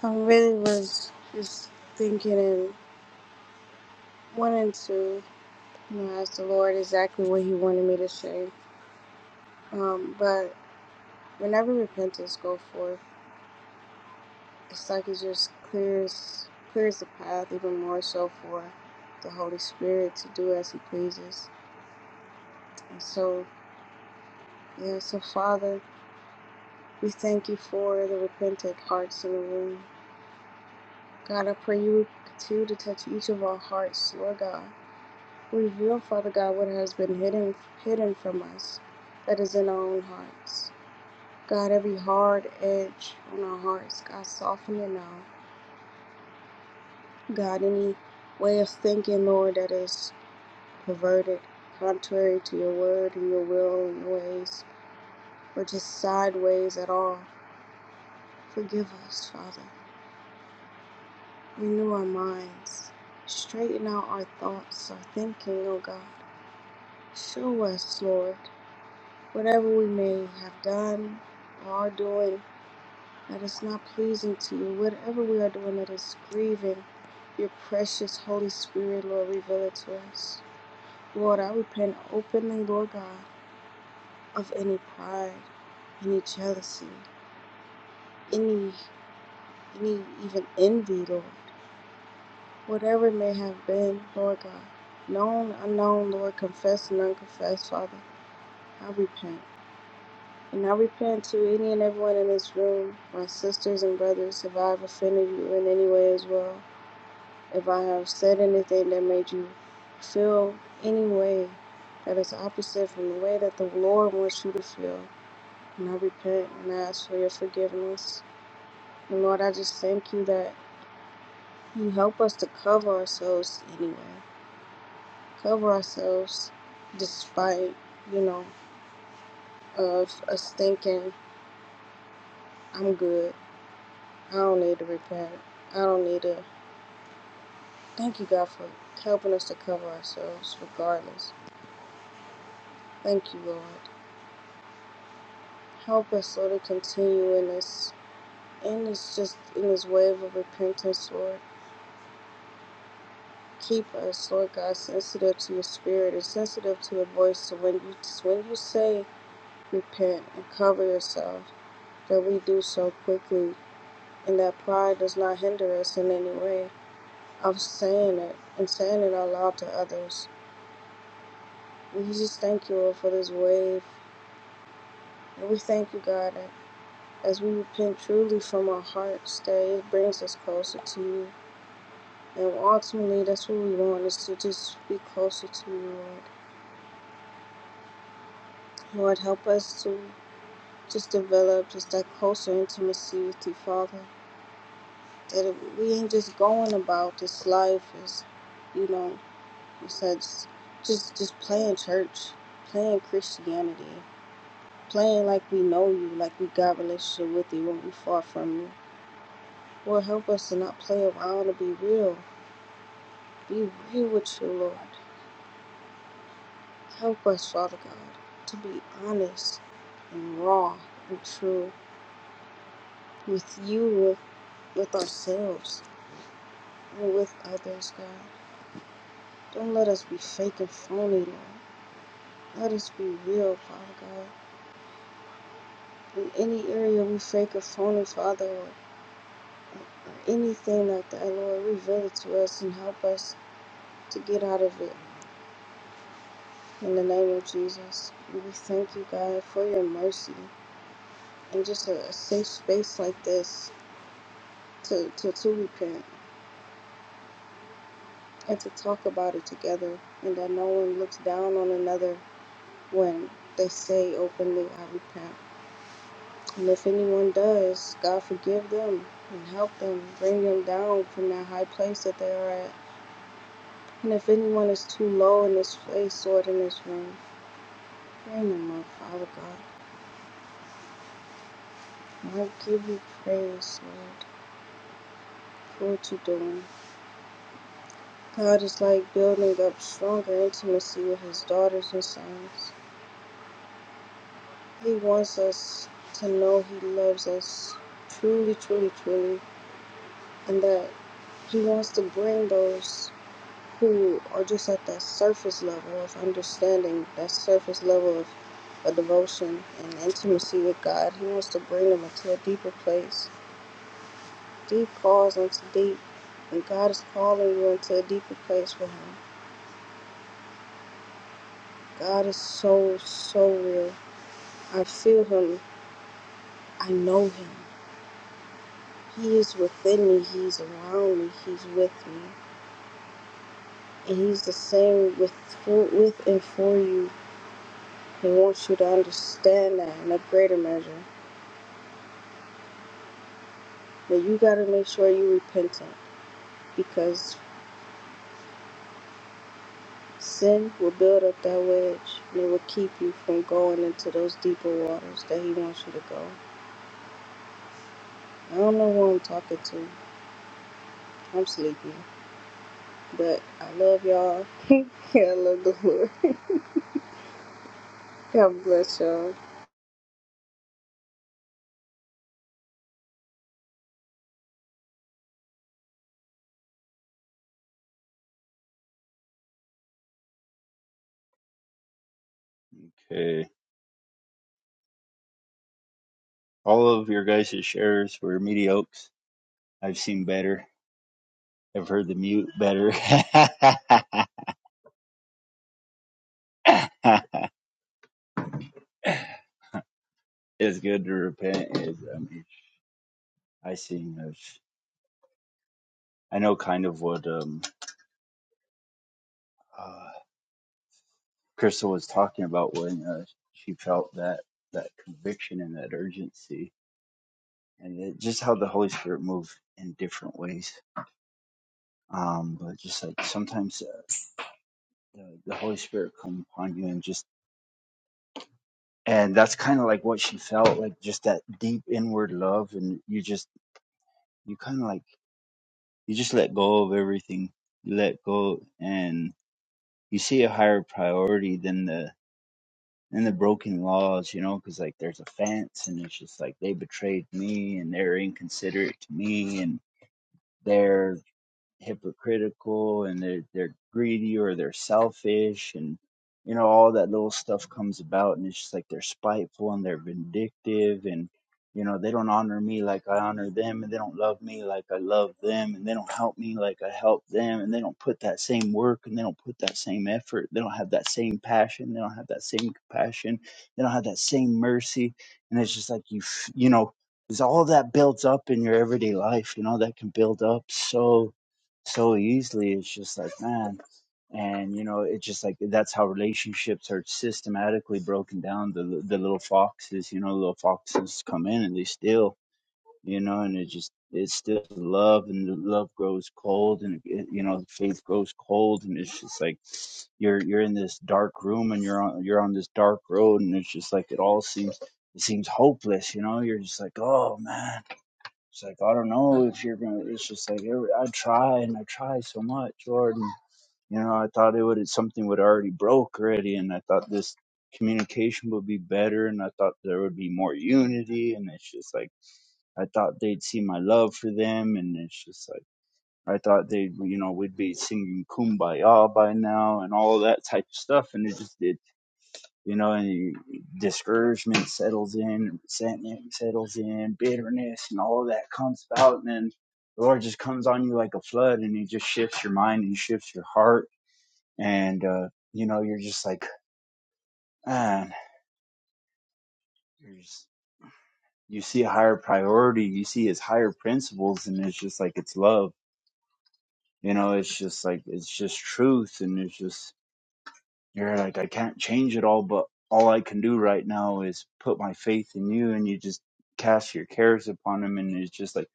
I really was just thinking and wanting to, you know, ask the Lord exactly what He wanted me to say. Um, but whenever repentance go forth, it's like it just clears clears the path even more so for the Holy Spirit to do as He pleases. And so, yeah, so Father, we thank you for the repentant hearts in the room. God, I pray you would continue to touch each of our hearts, Lord God. Reveal, Father God, what has been hidden hidden from us that is in our own hearts. God, every hard edge on our hearts, God, soften it now. God, any way of thinking, Lord, that is perverted, contrary to your word and your will and your ways, or just sideways at all, forgive us, Father. Renew our minds. Straighten out our thoughts, our thinking, oh God. Show us, Lord, whatever we may have done, or are doing that is not pleasing to you. Whatever we are doing that is grieving your precious Holy Spirit, Lord, reveal it to us. Lord, I repent openly, Lord God, of any pride, any jealousy, any any even envy, Lord. Whatever it may have been, Lord God. Known, unknown, Lord, confessed and unconfessed, Father. I repent. And I repent to any and everyone in this room, my sisters and brothers, if I've offended you in any way as well. If I have said anything that made you feel any way that is opposite from the way that the Lord wants you to feel, and I repent and I ask for your forgiveness. And Lord, I just thank you that you help us to cover ourselves anyway, cover ourselves despite, you know, of us thinking, I'm good. I don't need to repent. I don't need to. Thank you, God, for helping us to cover ourselves regardless. Thank you, Lord. Help us, Lord, to continue in this, in this just in this wave of repentance, Lord. Keep us, Lord God, sensitive to your spirit and sensitive to your voice. So when you when you say repent and cover yourself, that we do so quickly, and that pride does not hinder us in any way of saying it and saying it out loud to others. We just thank you, Lord, for this wave, and we thank you, God, that as we repent truly from our hearts, that it brings us closer to you And ultimately, that's what we want is to just be closer to you, Lord. Lord, help us to just develop just that closer intimacy with you, Father. That we ain't just going about this life as, you know, you said, s- just just playing church, playing Christianity, playing like we know you, like we got relationship with you when we far from you. Lord, help us to not play around to be real. Be real with you, Lord. Help us, Father God, to be honest and raw and true with you, with, with ourselves, and with others, God. Don't let us be fake and phony, Lord. Let us be real, Father God. In any area we fake or phony, Father, or, or anything like that, Lord, reveal it to us and help us to get out of it. In the name of Jesus, we thank you, God, for your mercy and just a, a safe space like this to, to, to repent and to talk about it together and that no one looks down on another when they say openly, I repent. And if anyone does, God forgive them and help them, bring them down from that high place that they are at. And if anyone is too low in this place, Lord, in this room, bring them up, Father God. And I give you praise, Lord, for what you're doing. God is like building up stronger intimacy with his daughters and sons. He wants us to know he loves us truly, truly, truly, and that he wants to bring those who are just at that surface level of understanding, that surface level of, a devotion and intimacy with God. He wants to bring them into a deeper place. Deep calls unto deep, and God is calling you into a deeper place with Him. God is so, so real. I feel Him, I know Him. He is within me, He's around me, He's with me. And He's the same with, with and for you. He wants you to understand that in a greater measure. But you got to make sure you're repentant because sin will build up that wedge and it will keep you from going into those deeper waters that He wants you to go. I don't know who I'm talking to. I'm sleepy. But I love y'all. [LAUGHS] I love the Lord. God bless y'all. Okay, all of your guys' shares were mediocres. I've seen better. I've heard the mute better. [LAUGHS] it's good to repent. It's I mean. I see. Uh, I know kind of what um, uh, Crystal was talking about when uh, she felt that that conviction and that urgency, and it, just how the Holy Spirit moved in different ways. Um, but just like sometimes uh, the, the Holy Spirit come upon you and just and that's kind of like what she felt like just that deep inward love and you just you kind of like you just let go of everything you let go and you see a higher priority than the and the broken laws, you know, because like there's a fence, and it's just like they betrayed me, and they're inconsiderate to me, and they're hypocritical and they're they're greedy or they're selfish and you know all that little stuff comes about and it's just like they're spiteful and they're vindictive and you know they don't honor me like I honor them and they don't love me like I love them and they don't help me like I help them and they don't put that same work and they don't put that same effort they don't have that same passion they don't have that same compassion they don't have that same mercy and it's just like you f- you know because all that builds up in your everyday life you know that can build up so so easily. It's just like, man, and you know it's just like that's how relationships are systematically broken down the the little foxes you know little foxes come in and they steal you know and it just it's still love and the love grows cold and it, you know faith grows cold and it's just like you're you're in this dark room and you're on you're on this dark road and it's just like it all seems it seems hopeless you know you're just like oh man it's like I don't know if you're gonna. It's just like every, I try and I try so much, Lord. And, you know, I thought it would something would already broke already, and I thought this communication would be better, and I thought there would be more unity, and it's just like I thought they'd see my love for them, and it's just like I thought they, you know, we'd be singing kumbaya by now and all that type of stuff, and it just it you know, and you, discouragement settles in, resentment settles in, bitterness, and all of that comes out. And then the Lord just comes on you like a flood, and He just shifts your mind and shifts your heart. And, uh, you know, you're just like, man, you're just, you see a higher priority, you see His higher principles, and it's just like, it's love. You know, it's just like, it's just truth, and it's just, You're like, I can't change it all, but all I can do right now is put my faith in you. And you just cast your cares upon him. And it's just like,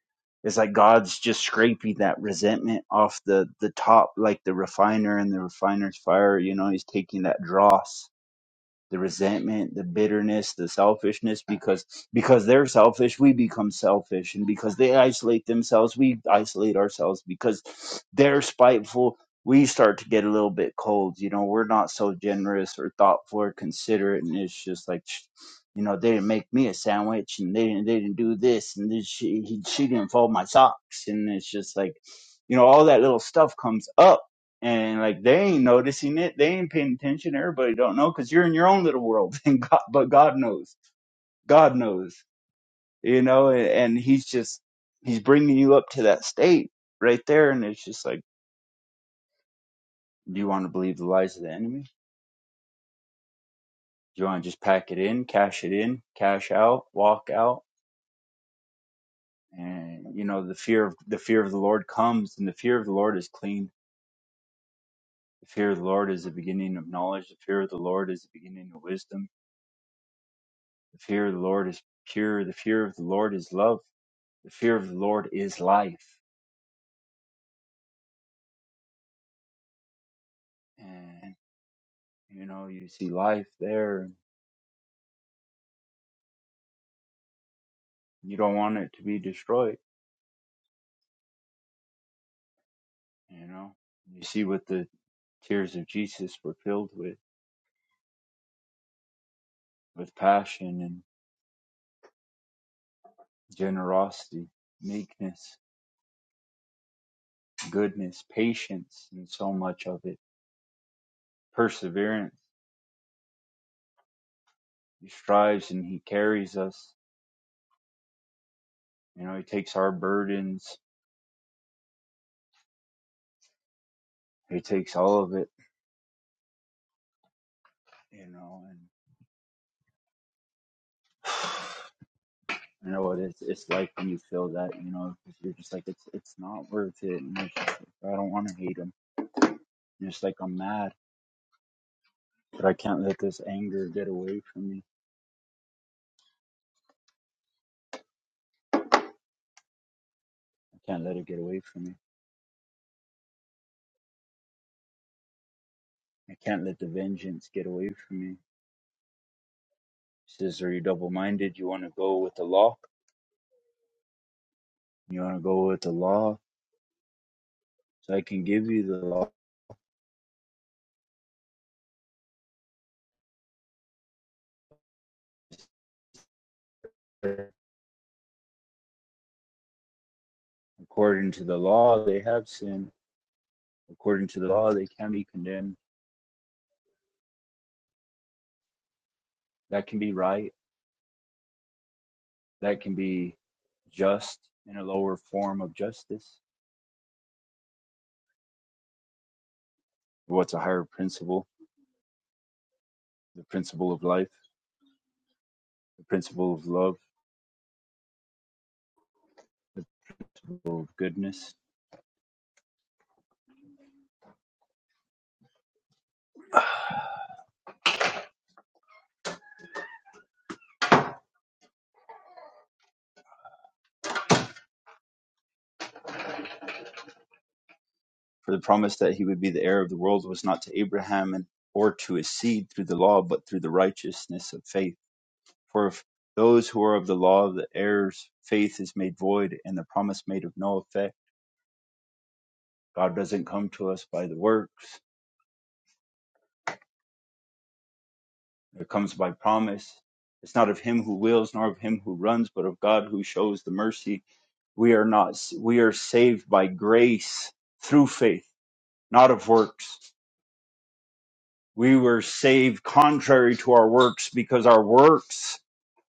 it's like God's just scraping that resentment off the, the top, like the refiner and the refiner's fire. You know, he's taking that dross the resentment, the bitterness, the selfishness because because they're selfish, we become selfish and because they isolate themselves, we isolate ourselves because they're spiteful, we start to get a little bit cold, you know, we're not so generous or thoughtful or considerate and it's just like sh- you know, they didn't make me a sandwich and they didn't they didn't do this and this she he, she didn't fold my socks and it's just like you know all that little stuff comes up and like they ain't noticing it they ain't paying attention everybody don't know because you're in your own little world [LAUGHS] and god but god knows god knows you know and, and he's just he's bringing you up to that state right there and it's just like do you want to believe the lies of the enemy do you want to just pack it in cash it in cash out walk out and you know the fear of the fear of the lord comes and the fear of the lord is clean the fear of the lord is the beginning of knowledge the fear of the lord is the beginning of wisdom The fear of the Lord is pure. The fear of the Lord is love. The fear of the Lord is life. And, you know, you see life there. You don't want it to be destroyed, you know. You see what the tears of Jesus were filled with, with passion and generosity, meekness, goodness, patience, and so much of it. Perseverance. He strives and he carries us. You know, he takes our burdens. He takes all of it, you know, and. [SIGHS] You know what? It's it's like when you feel that, you know, 'cause you're just like it's it's not worth it, and it's just like, I don't want to hate him. And it's like I'm mad, but I can't let this anger get away from me. I can't let it get away from me. I can't let the vengeance get away from me. He says, "Are you double-minded? You want to go with the law? You want to go with the law? So I can give you the law. According to the law, they have sinned. According to the law, they can be condemned. That can be right. That can be just in a lower form of justice." what's a higher principle the principle of life the principle of love the principle of goodness for the promise that he would be the heir of the world was not to abraham and or to his seed through the law but through the righteousness of faith for if those who are of the law the heirs faith is made void and the promise made of no effect god doesn't come to us by the works it comes by promise it's not of him who wills nor of him who runs but of god who shows the mercy We are not, we are saved by grace through faith, not of works. We were saved contrary to our works because our works,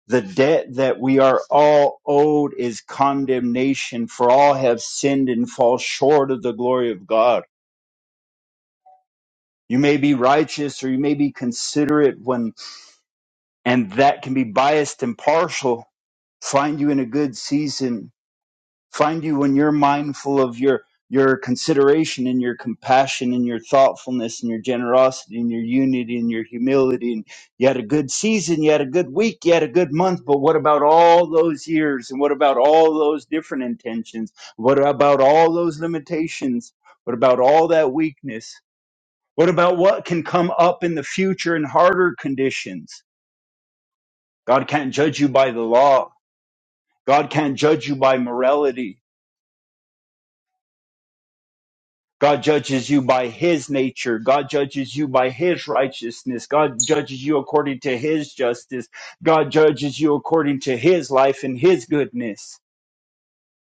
the debt that we are all owed is condemnation for all have sinned and fall short of the glory of God. You may be righteous or you may be considerate when, and that can be biased and partial, find you in a good season find you when you're mindful of your your consideration and your compassion and your thoughtfulness and your generosity and your unity and your humility and you had a good season you had a good week you had a good month but what about all those years and what about all those different intentions what about all those limitations what about all that weakness what about what can come up in the future in harder conditions god can't judge you by the law god can't judge you by morality God judges you by his nature. God judges you by his righteousness. God judges you according to his justice. God judges you according to his life and his goodness.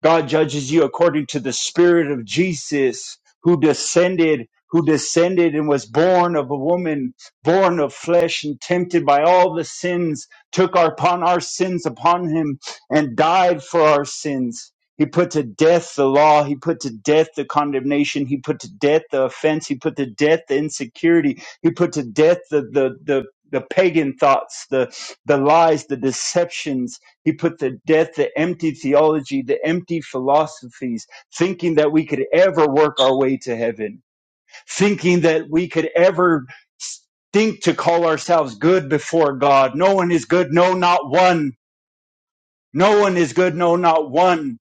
God judges you according to the spirit of Jesus who descended who descended and was born of a woman born of flesh and tempted by all the sins took our- upon our sins upon him and died for our sins he put to death the law he put to death the condemnation he put to death the offense he put to death the insecurity he put to death the the the the pagan thoughts the the lies the deceptions he put to death the empty theology, the empty philosophies, thinking that we could ever work our way to heaven, thinking that we could ever think to call ourselves good before God. No one is good, no, not one. No one is good, no, not one.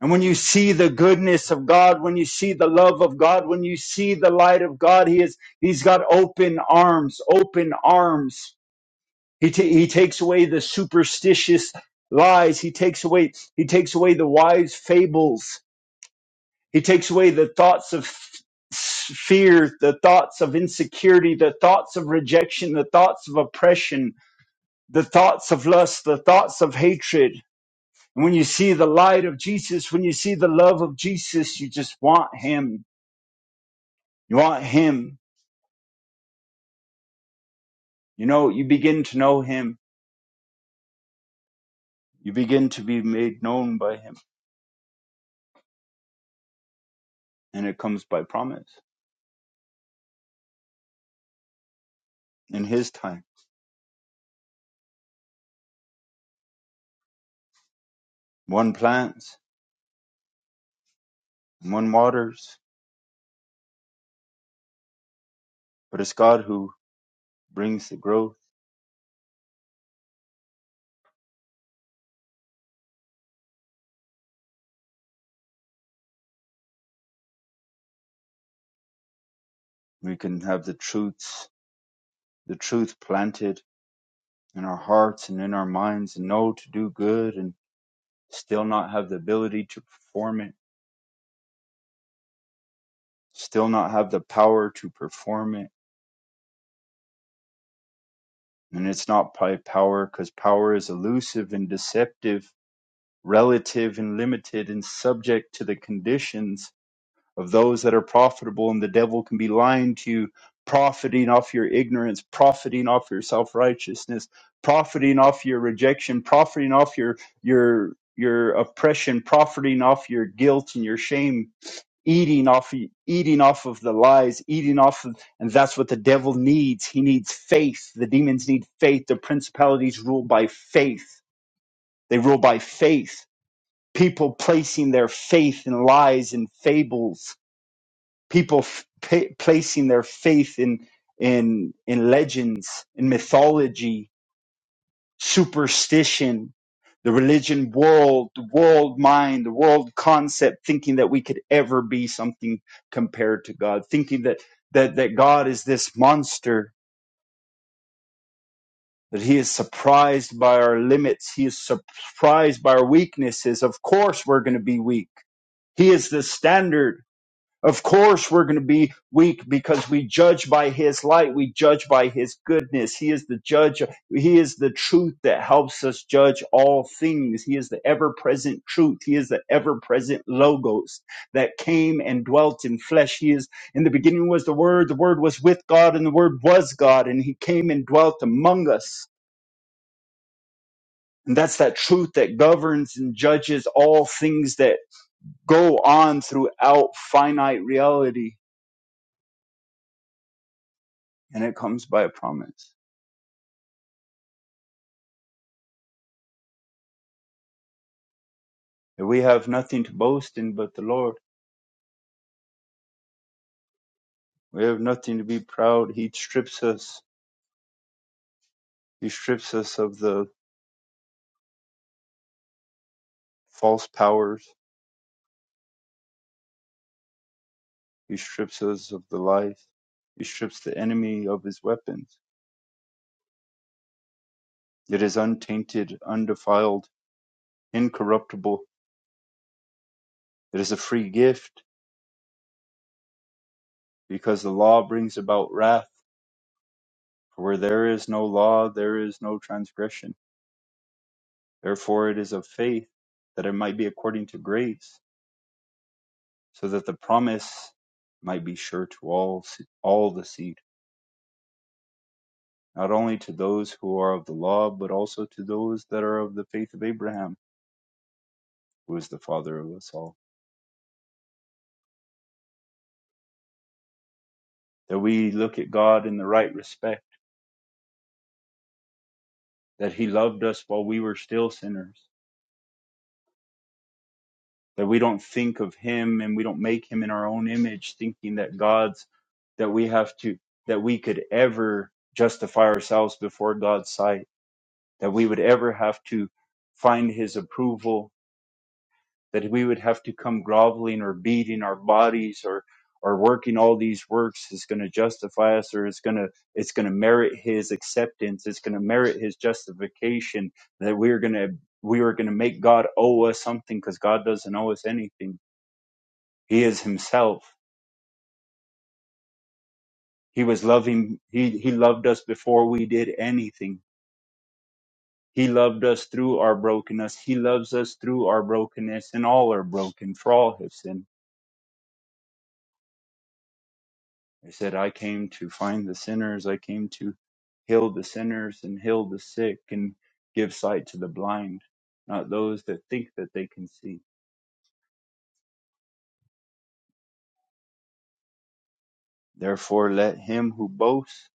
And when you see the goodness of God, when you see the love of God, when you see the light of God, He is He's got open arms, open arms He, ta- he takes away the superstitious lies. He takes away he takes away the wise fables. He takes away the thoughts of f- fear, the thoughts of insecurity, the thoughts of rejection, the thoughts of oppression, the thoughts of lust, the thoughts of hatred. And when you see the light of Jesus, when you see the love of Jesus, you just want him. You want him. You know, you begin to know him. You begin to be made known by him. And it comes by promise in his time one plants and one waters, but it's God who brings the growth. We can have the truths, the truth planted in our hearts and in our minds and know to do good and still not have the ability to perform it, still not have the power to perform it. And it's not by power because power is elusive and deceptive, relative and limited and subject to the conditions of those that are profitable, and the devil can be lying to you, profiting off your ignorance, profiting off your self righteousness, profiting off your rejection, profiting off your your your oppression, profiting off your guilt and your shame, eating off eating off of the lies, eating off of, and that's what the devil needs. He needs faith. The demons need faith. The principalities rule by faith. They rule by faith. People placing their faith in lies and fables people f- pa- placing their faith in in in legends in mythology superstition the religion world the world mind the world concept thinking that we could ever be something compared to god thinking that that that god is this monster that he is surprised by our limits he is surprised by our weaknesses of course we're going to be weak he is the standard Of course, we're going to be weak because we judge by his light. We judge by his goodness. He is the judge. He is the truth that helps us judge all things. He is the ever present truth. He is the ever present logos that came and dwelt in flesh. He is in the beginning was the word. The word was with God and the word was God and he came and dwelt among us. And that's that truth that governs and judges all things that go on throughout finite reality and it comes by a promise. If we have nothing to boast in but the Lord, we have nothing to be proud. He strips us. He strips us of the false powers. He strips us of the life. He strips the enemy of his weapons. It is untainted, undefiled, incorruptible. It is a free gift because the law brings about wrath. For where there is no law, there is no transgression. Therefore, it is of faith that it might be according to grace so that the promise might be sure to all all the seed, not only to those who are of the law, but also to those that are of the faith of Abraham, who is the father of us all. That we look at God in the right respect, that He loved us while we were still sinners, that we don't think of Him and we don't make Him in our own image, thinking that God's that we have to that we could ever justify ourselves before God's sight, that we would ever have to find His approval that we would have to come groveling or beating our bodies or or working all these works is going to justify us or it's going to it's going to merit his acceptance it's going to merit his justification that we're going to we are going to make god owe us something because god doesn't owe us anything he is himself he was loving he he loved us before we did anything he loved us through our brokenness he loves us through our brokenness and all are broken for all have sinned He said, I came to find the sinners. I came to heal the sinners and heal the sick and give sight to the blind, not those that think that they can see. Therefore, let him who boasts,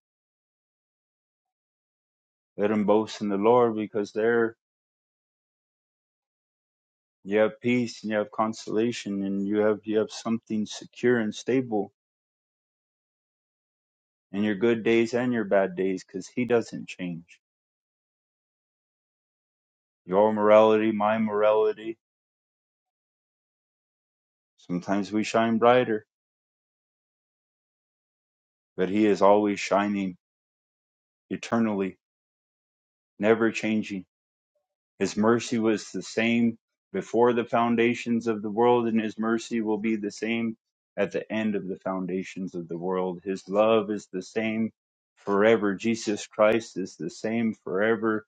let him boast in the Lord, because there you have peace and you have consolation and you have you have something secure and stable in your good days and your bad days, because he doesn't change. Your morality, my morality. Sometimes we shine brighter, but he is always shining eternally never changing. His mercy was the same before the foundations of the world, and His mercy will be the same at the end of the foundations of the world. His love is the same forever. Jesus Christ is the same forever.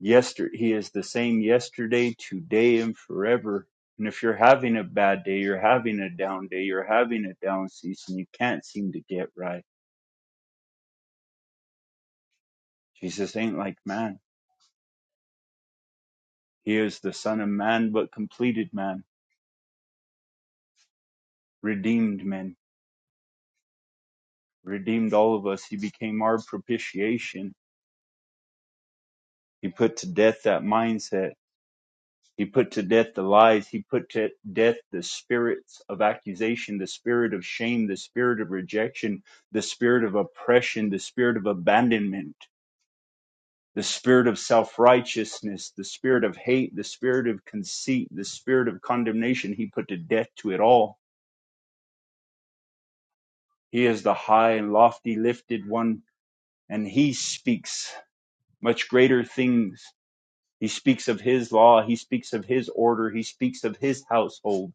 Yester- he is the same yesterday, today, and forever. And if you're having a bad day, you're having a down day, you're having a down season, you can't seem to get right. Jesus ain't like man. He is the Son of Man, but completed man, redeemed man redeemed all of us. He became our propitiation. He put to death that mindset. He put to death the lies. He put to death the spirits of accusation, the spirit of shame, the spirit of rejection, the spirit of oppression, the spirit of abandonment, the spirit of self righteousness, the spirit of hate, the spirit of conceit, the spirit of condemnation. He put to death to it all. He is the high and lofty lifted one, and he speaks much greater things He speaks of his law. He speaks of his order. He speaks of his household.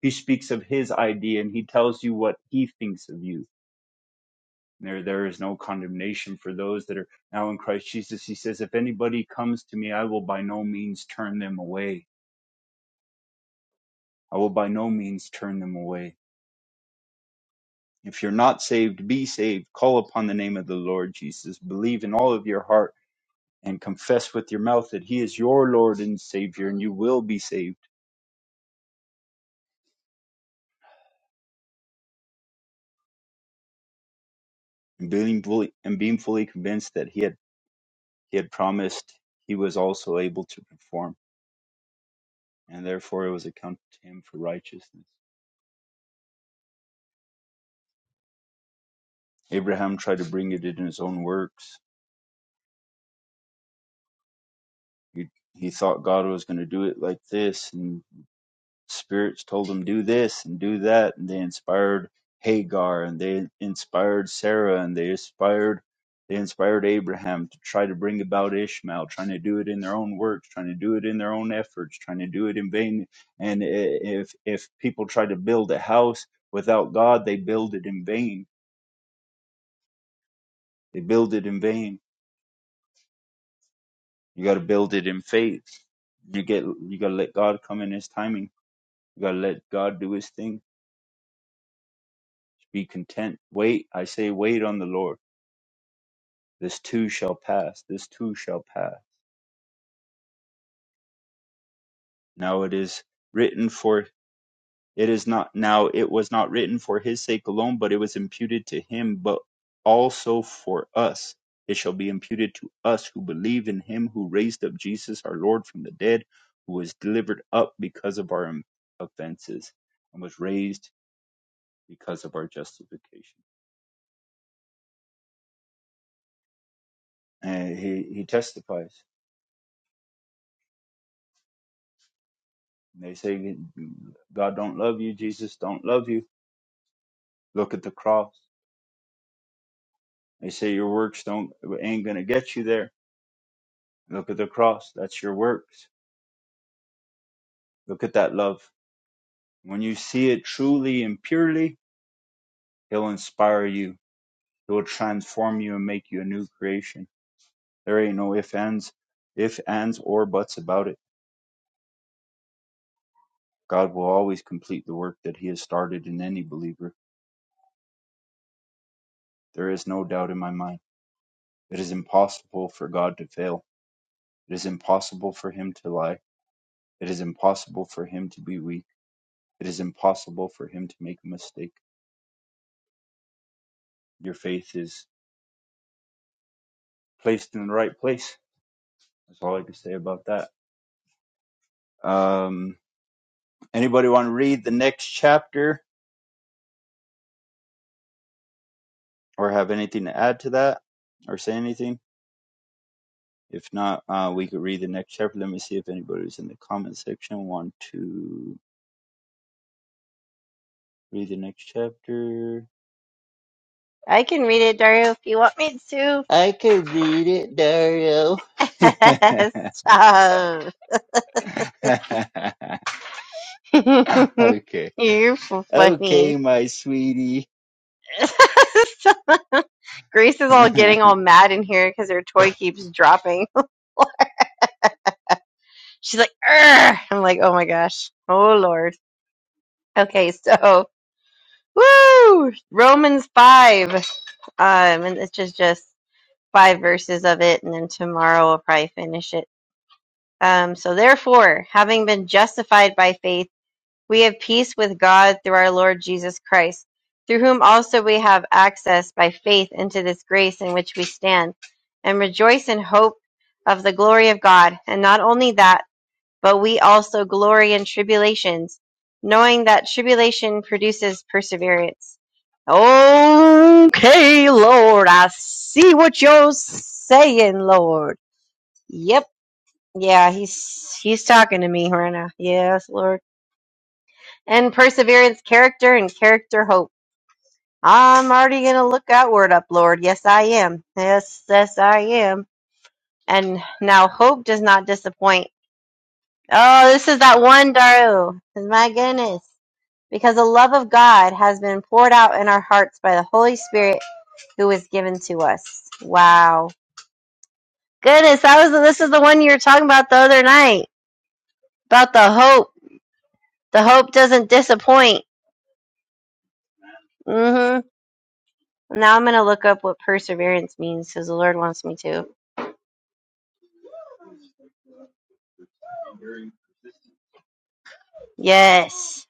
He speaks of his idea and he tells you what he thinks of you. There, there is no condemnation for those that are now in Christ Jesus. He says, if anybody comes to me, I will by no means turn them away. I will by no means turn them away. If you're not saved, be saved. Call upon the name of the Lord Jesus. Believe in all of your heart and confess with your mouth that he is your Lord and Savior and you will be saved and being fully and being fully convinced that he has he had promised he was also able to perform, and therefore it was accounted to him for righteousness. Abraham tried to bring it in his own works. He, he thought God was going to do it like this, and spirits told them do this and do that and they inspired hagar and they inspired sarah and they inspired they inspired abraham to try to bring about ishmael trying to do it in their own works trying to do it in their own efforts trying to do it in vain and i- if if people try to build a house without god they build it in vain they build it in vain you got to build it in faith you get you got to let god come in his timing you got to let god do his thing be content wait i say wait on the lord This too shall pass. This too shall pass. Now it is written for it is not now it was not written for his sake alone, but it was imputed to him, but also for us. It shall be imputed to us who believe in him who raised up Jesus our Lord from the dead, who was delivered up because of our offenses and was raised because of our justification. And he, he testifies. And They say God don't love you, Jesus don't love you. Look at the cross They say your works don't ain't gonna get you there. Look at the cross. That's your works. Look at that love. When you see it truly and purely, it'll inspire you. It will transform you and make you a new creation. There ain't no if ands, if ands or buts about it. God will always complete the work that He has started in any believer. There is no doubt in my mind. It is impossible for God to fail. It is impossible for Him to lie. It is impossible for Him to be weak. It is impossible for Him to make a mistake your faith is placed in the right place. That's all I can say about that. Um, anybody want to read the next chapter or have anything to add to that or say anything? If not, uh, we could read the next chapter. Let me see if anybody's in the comment section want to read the next chapter. I can read it, Dario, if you want me to. I can read it, Dario. [LAUGHS] Stop. [LAUGHS] [LAUGHS] okay. You're f- funny. Okay, my sweetie. [LAUGHS] Grace is all [LAUGHS] getting all mad in here because her toy keeps dropping. [LAUGHS] She's like, Urgh! I'm like, oh my gosh. Oh Lord. Okay, so woo! Romans five. Um, and it's just just five verses of it, and then tomorrow I'll probably finish it. Um, so therefore, having been justified by faith We have peace with God through our Lord Jesus Christ, through whom also we have access by faith into this grace in which we stand, and rejoice in hope of the glory of God. And not only that, but we also glory in tribulations, knowing that tribulation produces perseverance. Okay, Lord, I see what you're saying, Lord. Yep. Yeah, he's he's talking to me right now. Yes, Lord and perseverance, character, and character hope. I'm already going to look outward up, Lord. Yes, I am. Yes, yes, I am. And now hope does not disappoint. Oh, this is that one, Daru. My goodness. Because the love of God has been poured out in our hearts by the Holy Spirit who was given to us. Wow. Goodness, that was this is the one you were talking about the other night. About the hope. The hope doesn't disappoint. Mm-hmm. Now I'm gonna look up what perseverance means because the Lord wants me to. Yes,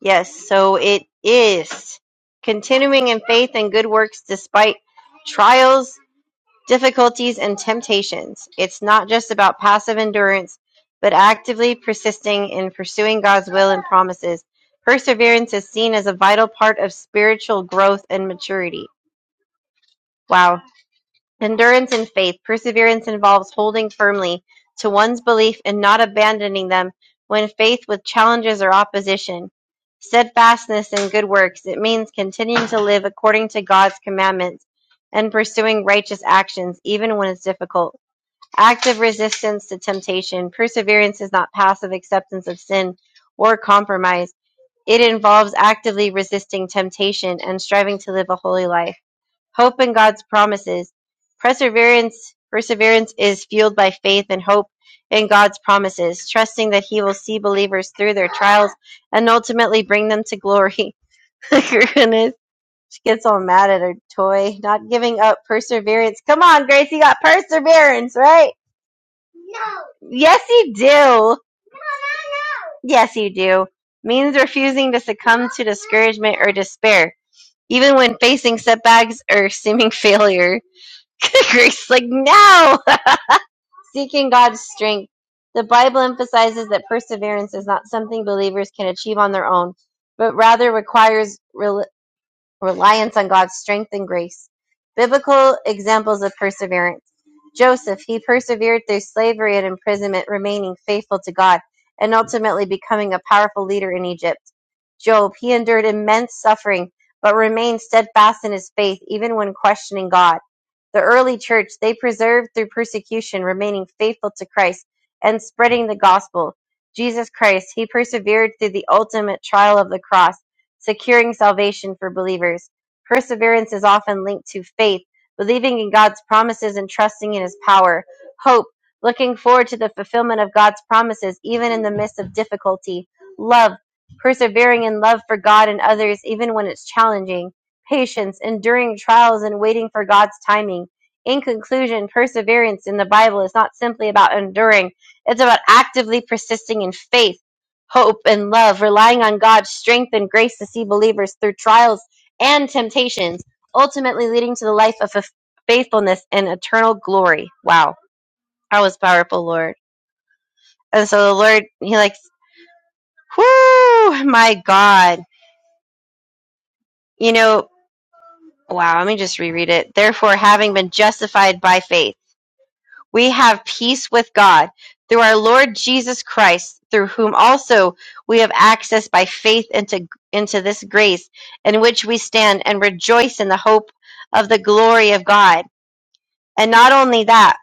yes. So it is continuing in faith and good works despite trials, difficulties, and temptations. It's not just about passive endurance, but actively persisting in pursuing God's will and promises. Perseverance is seen as a vital part of spiritual growth and maturity. Wow. Endurance in faith. Perseverance involves holding firmly to one's belief and not abandoning them when faced with challenges or opposition. Steadfastness in good works. It means continuing to live according to God's commandments and pursuing righteous actions even when it's difficult. Active resistance to temptation. Perseverance is not passive acceptance of sin or compromise. It involves actively resisting temptation and striving to live a holy life. Hope in God's promises. Perseverance perseverance is fueled by faith and hope in God's promises, trusting that he will see believers through their trials and ultimately bring them to glory. [LAUGHS] Goodness. She gets all mad at her toy. Not giving up perseverance. Come on, Grace, you got perseverance, right? No. Yes, you do. No. Yes, you do. Means refusing to succumb to discouragement or despair, even when facing setbacks or seeming [LAUGHS] failure. [LAUGHS] Grace, like, no! [LAUGHS] Seeking God's strength. The Bible emphasizes that perseverance is not something believers can achieve on their own, but rather requires re- reliance on God's strength and grace. Biblical examples of perseverance. Joseph, he persevered through slavery and imprisonment, remaining faithful to God and ultimately becoming a powerful leader in Egypt. Job, he endured immense suffering but remained steadfast in his faith even when questioning God. The early church, they preserved through persecution, remaining faithful to Christ and spreading the gospel. Jesus Christ, he persevered through the ultimate trial of the cross securing salvation for believers. Perseverance is often linked to faith, believing in God's promises and trusting in His power. Hope, looking forward to the fulfillment of God's promises, even in the midst of difficulty. Love, persevering in love for God and others, even when it's challenging. Patience, enduring trials and waiting for God's timing. In conclusion, perseverance in the Bible is not simply about enduring, it's about actively persisting in faith hope and love, relying on God's strength and grace to see believers through trials and temptations, ultimately leading to the life of f- faithfulness and eternal glory. Wow, that was powerful, Lord. And so the Lord, He likes, whoo, my God. You know, wow, let me just reread it. Therefore, having been justified by faith. we have peace with God through our Lord Jesus Christ, through whom also we have access by faith into, into this grace in which we stand and rejoice in the hope of the glory of God. And not only that,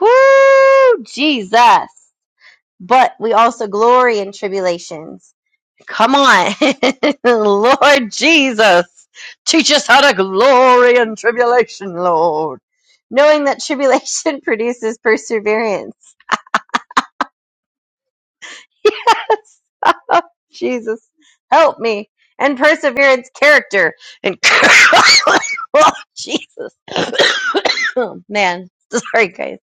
whoo, Jesus, but we also glory in tribulations. Come on, [LAUGHS] Lord Jesus, teach us how to glory in tribulation, Lord knowing that tribulation [LAUGHS] produces perseverance [LAUGHS] Yes. [LAUGHS] Oh, Jesus, help me. And perseverance, character. And [LAUGHS] oh, Jesus. [COUGHS] Oh, Man, [LAUGHS] sorry, guys.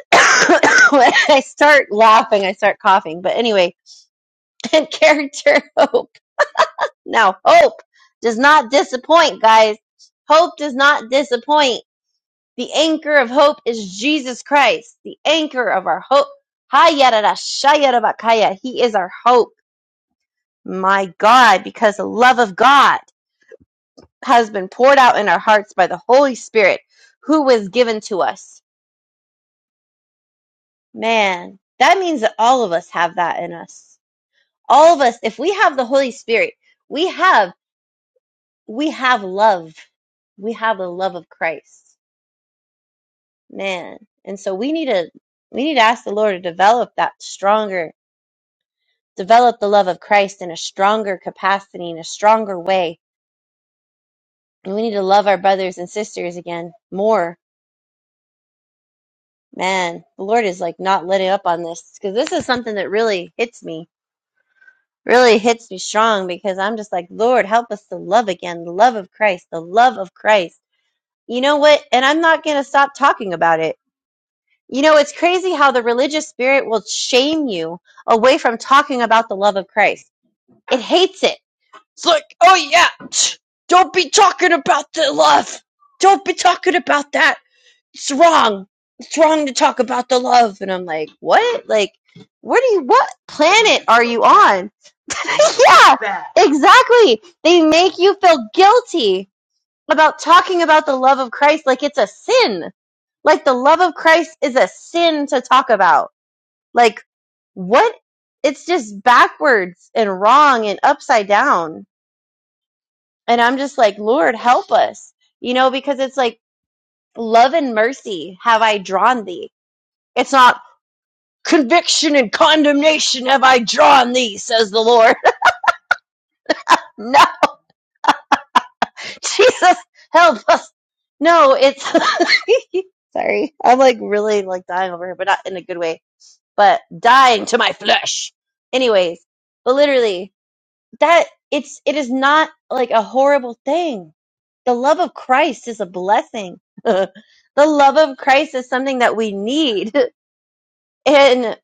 [COUGHS] when I start laughing, I start coughing. But anyway, [LAUGHS] and character, hope. Now, hope does not disappoint, guys. Hope does not disappoint. The anchor of hope is Jesus Christ, the anchor of our hope. Hayarada shayarabakaya. He is our hope. My God, because the love of God has been poured out in our hearts by the Holy Spirit who was given to us. Man, that means that all of us have that in us. All of us, if we have the Holy Spirit, we have we have love. We have the love of Christ. Man. And so we need to we need to ask the Lord to develop that stronger, develop the love of Christ in a stronger capacity, in a stronger way. And we need to love our brothers and sisters again more Man, the Lord is like not letting up on this because this is something that really hits me, really hits me strong because I'm just like, Lord, help us to love again, the love of Christ, the love of Christ. You know what? And I'm not going to stop talking about it. You know, it's crazy how the religious spirit will shame you away from talking about the love of Christ. It hates it. It's like, oh yeah, [TSK] don't be talking about the love. Don't be talking about that. it's wrong. It's wrong to talk about the love. And I'm like, what? Like, what do you, what planet are you on? [LAUGHS] yeah, exactly. They make you feel guilty about talking about the love of Christ like it's a sin. Like the love of Christ is a sin to talk about. Like, what? It's just backwards and wrong and upside down. And I'm just like, Lord, help us, you know, because it's like, love and mercy have I drawn thee. It's not Conviction and condemnation have I drawn thee, says the Lord. [LAUGHS] no, Jesus, help us. No, it's [LAUGHS] sorry. I'm like really like dying over here, but not in a good way. But dying to my flesh. Anyways, but literally, that it's it is not like a horrible thing. The love of Christ is a blessing. [LAUGHS] the love of Christ is something that we need. [LAUGHS] And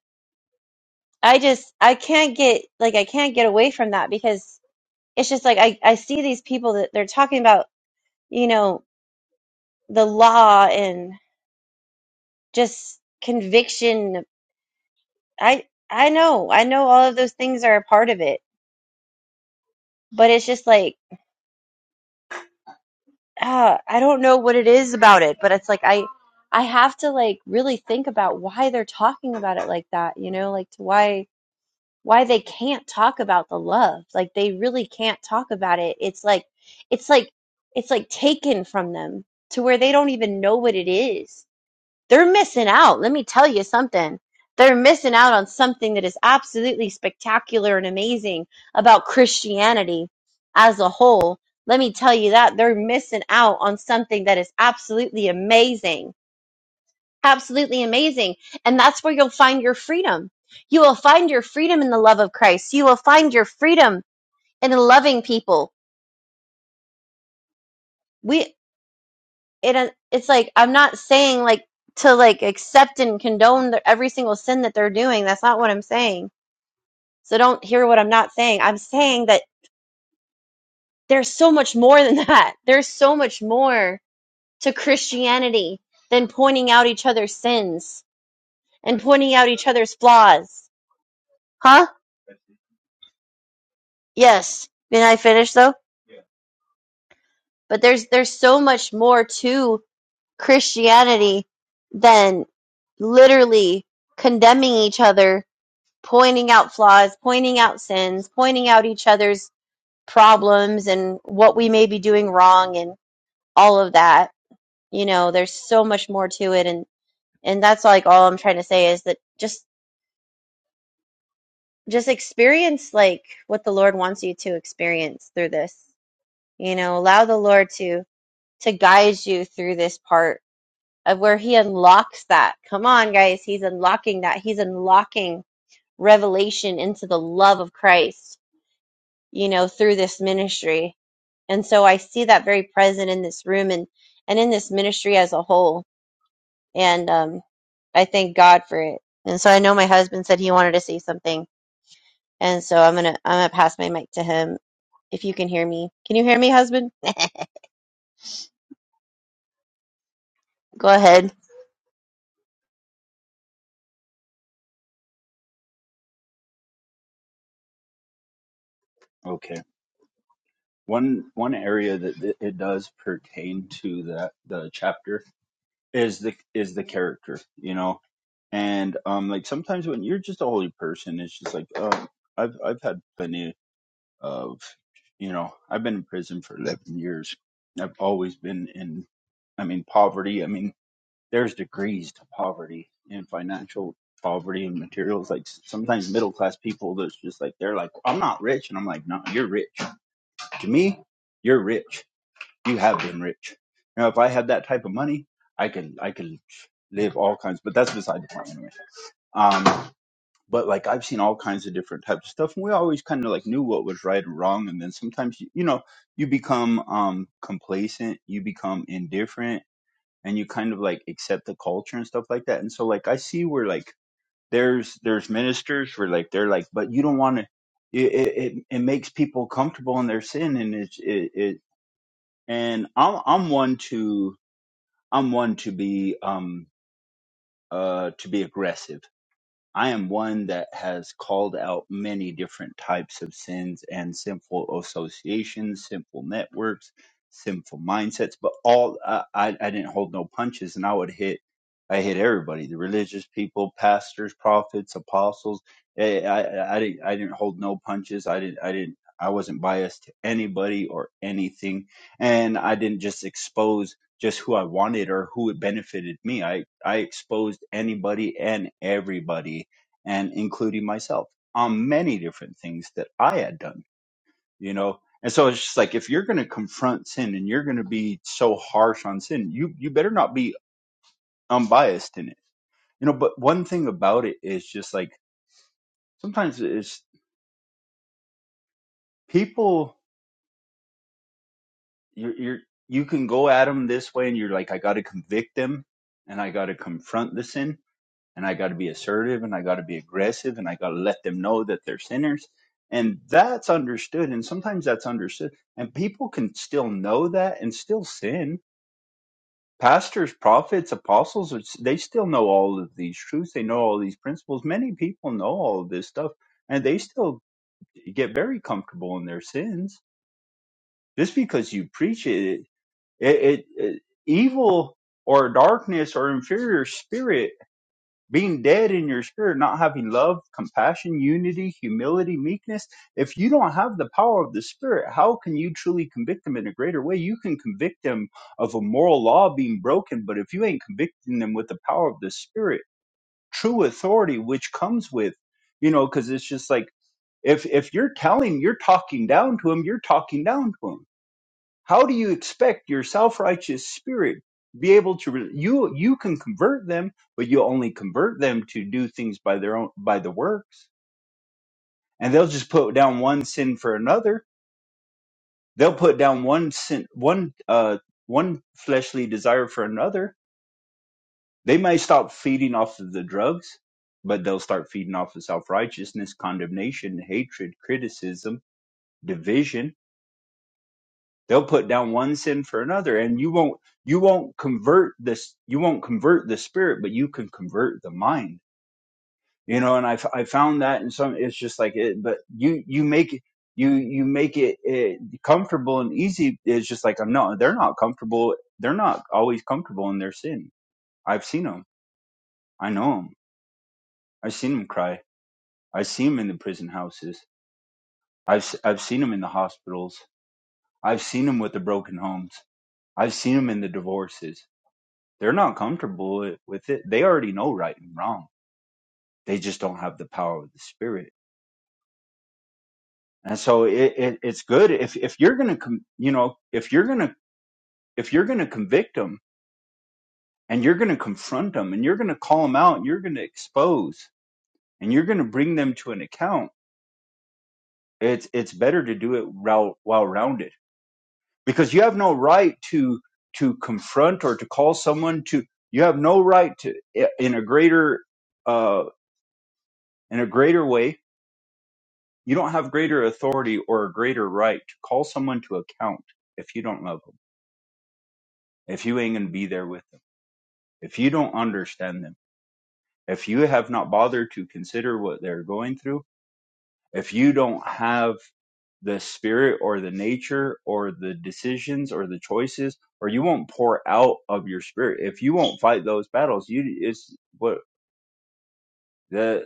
I just I can't get like I can't get away from that because it's just like I, I see these people that they're talking about, you know, the law and just conviction. I I know, I know all of those things are a part of it, but it's just like uh, I don't know what it is about it, but it's like I I have to like really think about why they're talking about it like that, you know, like to why why they can't talk about the love. Like they really can't talk about it. It's like it's like it's like taken from them to where they don't even know what it is They're missing out. Let me tell you something. They're missing out on something that is absolutely spectacular and amazing about Christianity as a whole. Let me tell you that. They're missing out on something that is absolutely amazing. Absolutely amazing. And that's where you'll find your freedom. You will find your freedom in the love of Christ. You will find your freedom in loving people. We it uh, it's like I'm not saying like to like accept and condone the, every single sin that they're doing. That's not what I'm saying. So don't hear what I'm not saying. I'm saying that there's so much more than [LAUGHS] that. There's so much more to Christianity than pointing out each other's sins and pointing out each other's flaws. Huh? Yes. Did I finish though? But there's there's so much more to Christianity than literally condemning each other pointing out flaws, pointing out sins, pointing out each other's problems and what we may be doing wrong and all of that. You know, there's so much more to it and and that's like all I'm trying to say is that just just experience like what the Lord wants you to experience through this. You know, allow the Lord to to guide you through this part of where he unlocks that. Come on guys, he's unlocking that. He's unlocking revelation into the love of Christ you know, through this ministry and so I see that very present in this room and and in this ministry as a whole. And um, I thank God for it. And so I know my husband said he wanted to say something, and so I'm gonna I'm gonna pass my mic to him if you can hear me. Can you hear me, husband? Go ahead. okay. One one area that th- it does pertain to that the chapter is the is the character, you know, and um like sometimes when you're just a holy person, it's just like um I've I've had plenty of you know I've been in prison for eleven years. I've always been in I mean poverty. I mean there's degrees to poverty and financial poverty and materials. Like s- sometimes middle class people, there's just like they're like I'm not rich, and I'm like no, you're rich to me. You're rich you have been rich. Now, if I had that type of money, I could I could live all kinds. But that's beside the point anyway. Um, but like I've seen all kinds of different types of stuff, and we always kind of like knew what was right and wrong. And then sometimes you, you know you become um complacent, you become indifferent, and you kind of like accept the culture and stuff like that. And so like I see where like there's there's ministers where like they're like, but you don't want to. It, it it it makes people comfortable in their sin, and it's it, it and I'm I'm one to I'm one to be um uh to be aggressive. I am one that has called out many different types of sins and sinful associations, sinful networks, sinful mindsets, but all I, I I didn't hold no punches and I would hit I hit everybody, the religious people, pastors, prophets, apostles. Eh, I, I, I didn't I didn't hold no punches. I didn't I didn't I wasn't biased to anybody or anything. And I didn't just expose just who I wanted or who it benefited me. I I exposed anybody and everybody and including myself on many different things that I had done, you know. And so it's just like if you're going to confront sin and you're going to be so harsh on sin, you you better not be unbiased in it, you know. But one thing about it is just like sometimes it's people you're, you're you can go at them this way and you're like I got to convict them and I got to confront the sin, and I got to be assertive and I got to be aggressive and I got to let them know that they're sinners. And that's understood. And sometimes that's understood. And people can still know that and still sin. Pastors, prophets, apostles, it's- they still know all of these truths. They know all these principles. Many people know all of this stuff and they still get very comfortable in their sins. Just because you preach it, it, it, it evil or darkness or inferior spirit being dead in your spirit, not having love, compassion, unity, humility, meekness, if you don't have the power of the spirit, how can you truly convict them in a greater way? You can convict them of a moral law being broken, but if you ain't convicting them with the power of the spirit, true authority, which comes with, you know, because it's just like if if you're telling, you're talking down to them, you're talking down to them how do you expect your self-righteous spirit be able to re- you you can convert them, but you only convert them to do things by their own by the works, and they'll just put down one sin for another. They'll put down one sin one uh one fleshly desire for another. They may stop feeding off of the drugs, but they'll start feeding off of self-righteousness, condemnation, hatred, criticism, division They'll put down one sin for another, and you won't you won't convert this you won't convert the spirit, but you can convert the mind. You know, and I f- I found that in some it's just like it, but you you make it you you make it, it comfortable and easy. It's just like no, they're not comfortable. They're not always comfortable in their sin. I've seen them. I know them. I've seen them cry. I've seen them in the prison houses. I've s- I've seen them in the hospitals. I've seen them with the broken homes. I've seen them in the divorces. They're not comfortable with it. They already know right and wrong. They just don't have the power of the spirit. And so it, it it's good if if you're gonna com- you know if you're gonna if you're gonna convict them and you're gonna confront them and you're gonna call them out and you're gonna expose and you're gonna bring them to an account. It's it's better to do it well well rounded because you have no right to to confront or to call someone to you have no right to in a greater uh in a greater way You don't have greater authority or a greater right to call someone to account if you don't love them, if you ain't going to be there with them, if you don't understand them, if you have not bothered to consider what they're going through, if you don't have the spirit or the nature or the decisions or the choices, or you won't pour out of your spirit. If you won't fight those battles, you it's what the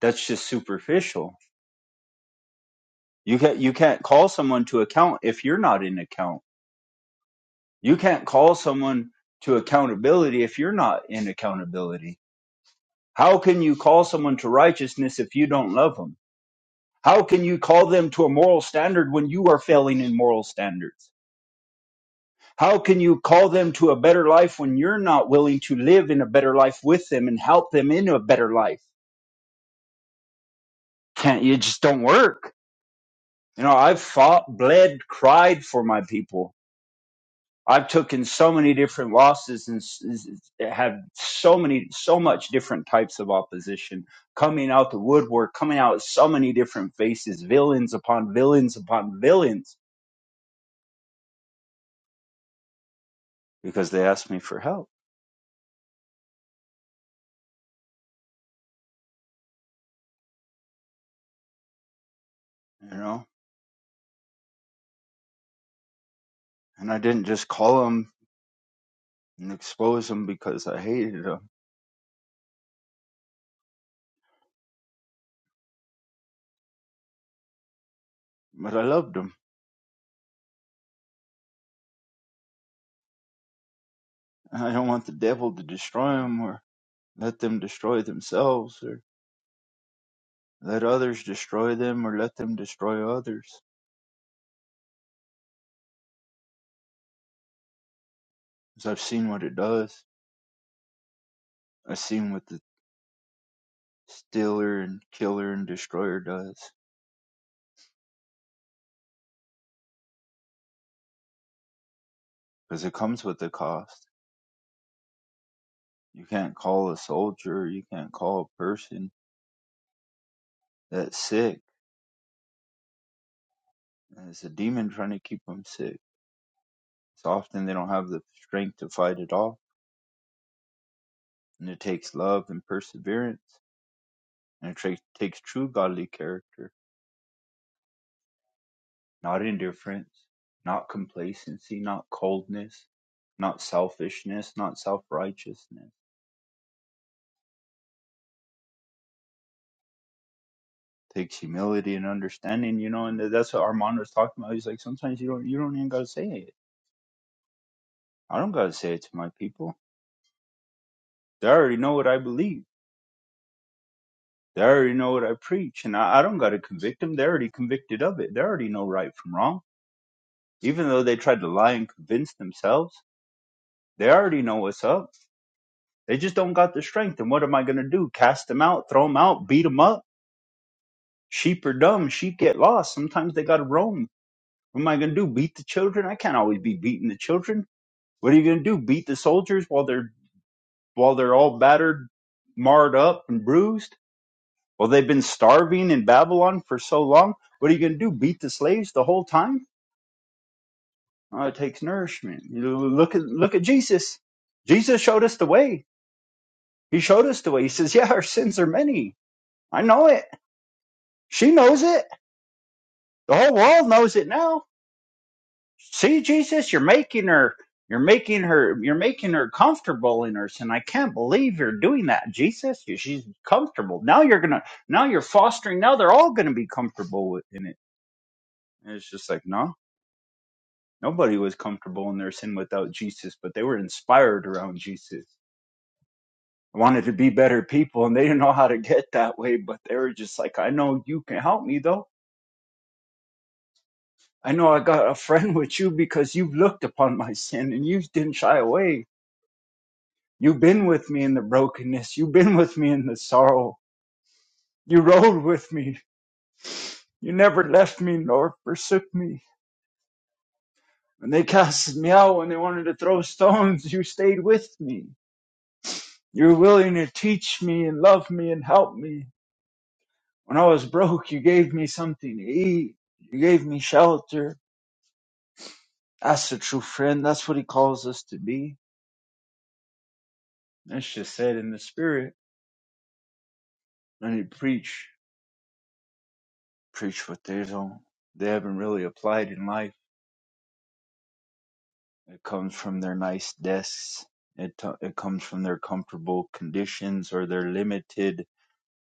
that's just superficial. You can't you can't call someone to account if you're not in account You can't call someone to accountability if you're not in accountability. How can you call someone to righteousness if you don't love them? How can you call them to a moral standard when you are failing in moral standards? How can you call them to a better life when you're not willing to live in a better life with them and help them into a better life? Can't you just don't work? You know, I've fought, bled, cried for my people I've taken so many different losses and s- s- have so many, so much different types of opposition coming out the woodwork, coming out so many different faces, villains upon villains upon villains, because they asked me for help, you know, and I didn't just call them and expose them because I hated them, but I loved them. And I don't want the devil to destroy them or let them destroy themselves or let others destroy them or let them destroy others. Because I've seen what it does. I've seen what the Stealer and Killer and Destroyer does. Because it comes with a cost. You can't call a soldier, you can't call a person that's sick. And it's a demon trying to keep them sick. It's often they don't have the strength to fight it off. And it takes love and perseverance. And it tra- takes true godly character, not indifference, not complacency, not coldness, not selfishness, not self righteousness. takes humility and understanding, you know, and that's what Armand was talking about. He's like, sometimes you don't, you don't even gotta say it. I don't gotta say it to my people. They already know what I believe. They already know what I preach, and I, I don't gotta convict them. They're already convicted of it. They already know right from wrong. Even though they tried to lie and convince themselves, they already know what's up. They just don't got the strength. And what am I gonna do? Cast them out, throw them out, beat them up. Sheep are dumb. Sheep get lost. Sometimes they gotta roam. What am I gonna do? Beat the children? I can't always be beating the children. What are you going to do? Beat the soldiers while they're while they're all battered, marred up, and bruised? Well, they've been starving in Babylon for so long. What are you going to do? Beat the slaves the whole time? Oh, it takes nourishment. You know, Look at look at Jesus. Jesus showed us the way. He showed us the way. He says, "Yeah, our sins are many. I know it. She knows it. The whole world knows it now." see jesus you're making her you're making her you're making her comfortable in her sin i can't believe you're doing that jesus You- she's comfortable now you're gonna now you're fostering now they're all gonna be comfortable with- in it and it's just like no nobody was comfortable in their sin without jesus but they were inspired around jesus wanted to be better people and they didn't know how to get that way but they were just like i know you can help me though i know i got a friend with you because you've looked upon my sin and you didn't shy away You've been with me in the brokenness. You've been with me in the sorrow. You rode with me. You never left me nor forsook me. When they casted me out, when they wanted to throw stones, you stayed with me. You were willing to teach me and love me and help me. When I was broke, you gave me something to eat. You gave me shelter. That's a true friend. That's what he calls us to be. That's just said in the spirit. When you preach, preach what they don't, they haven't really applied in life It comes from their nice desks. It it comes from their comfortable conditions or their limited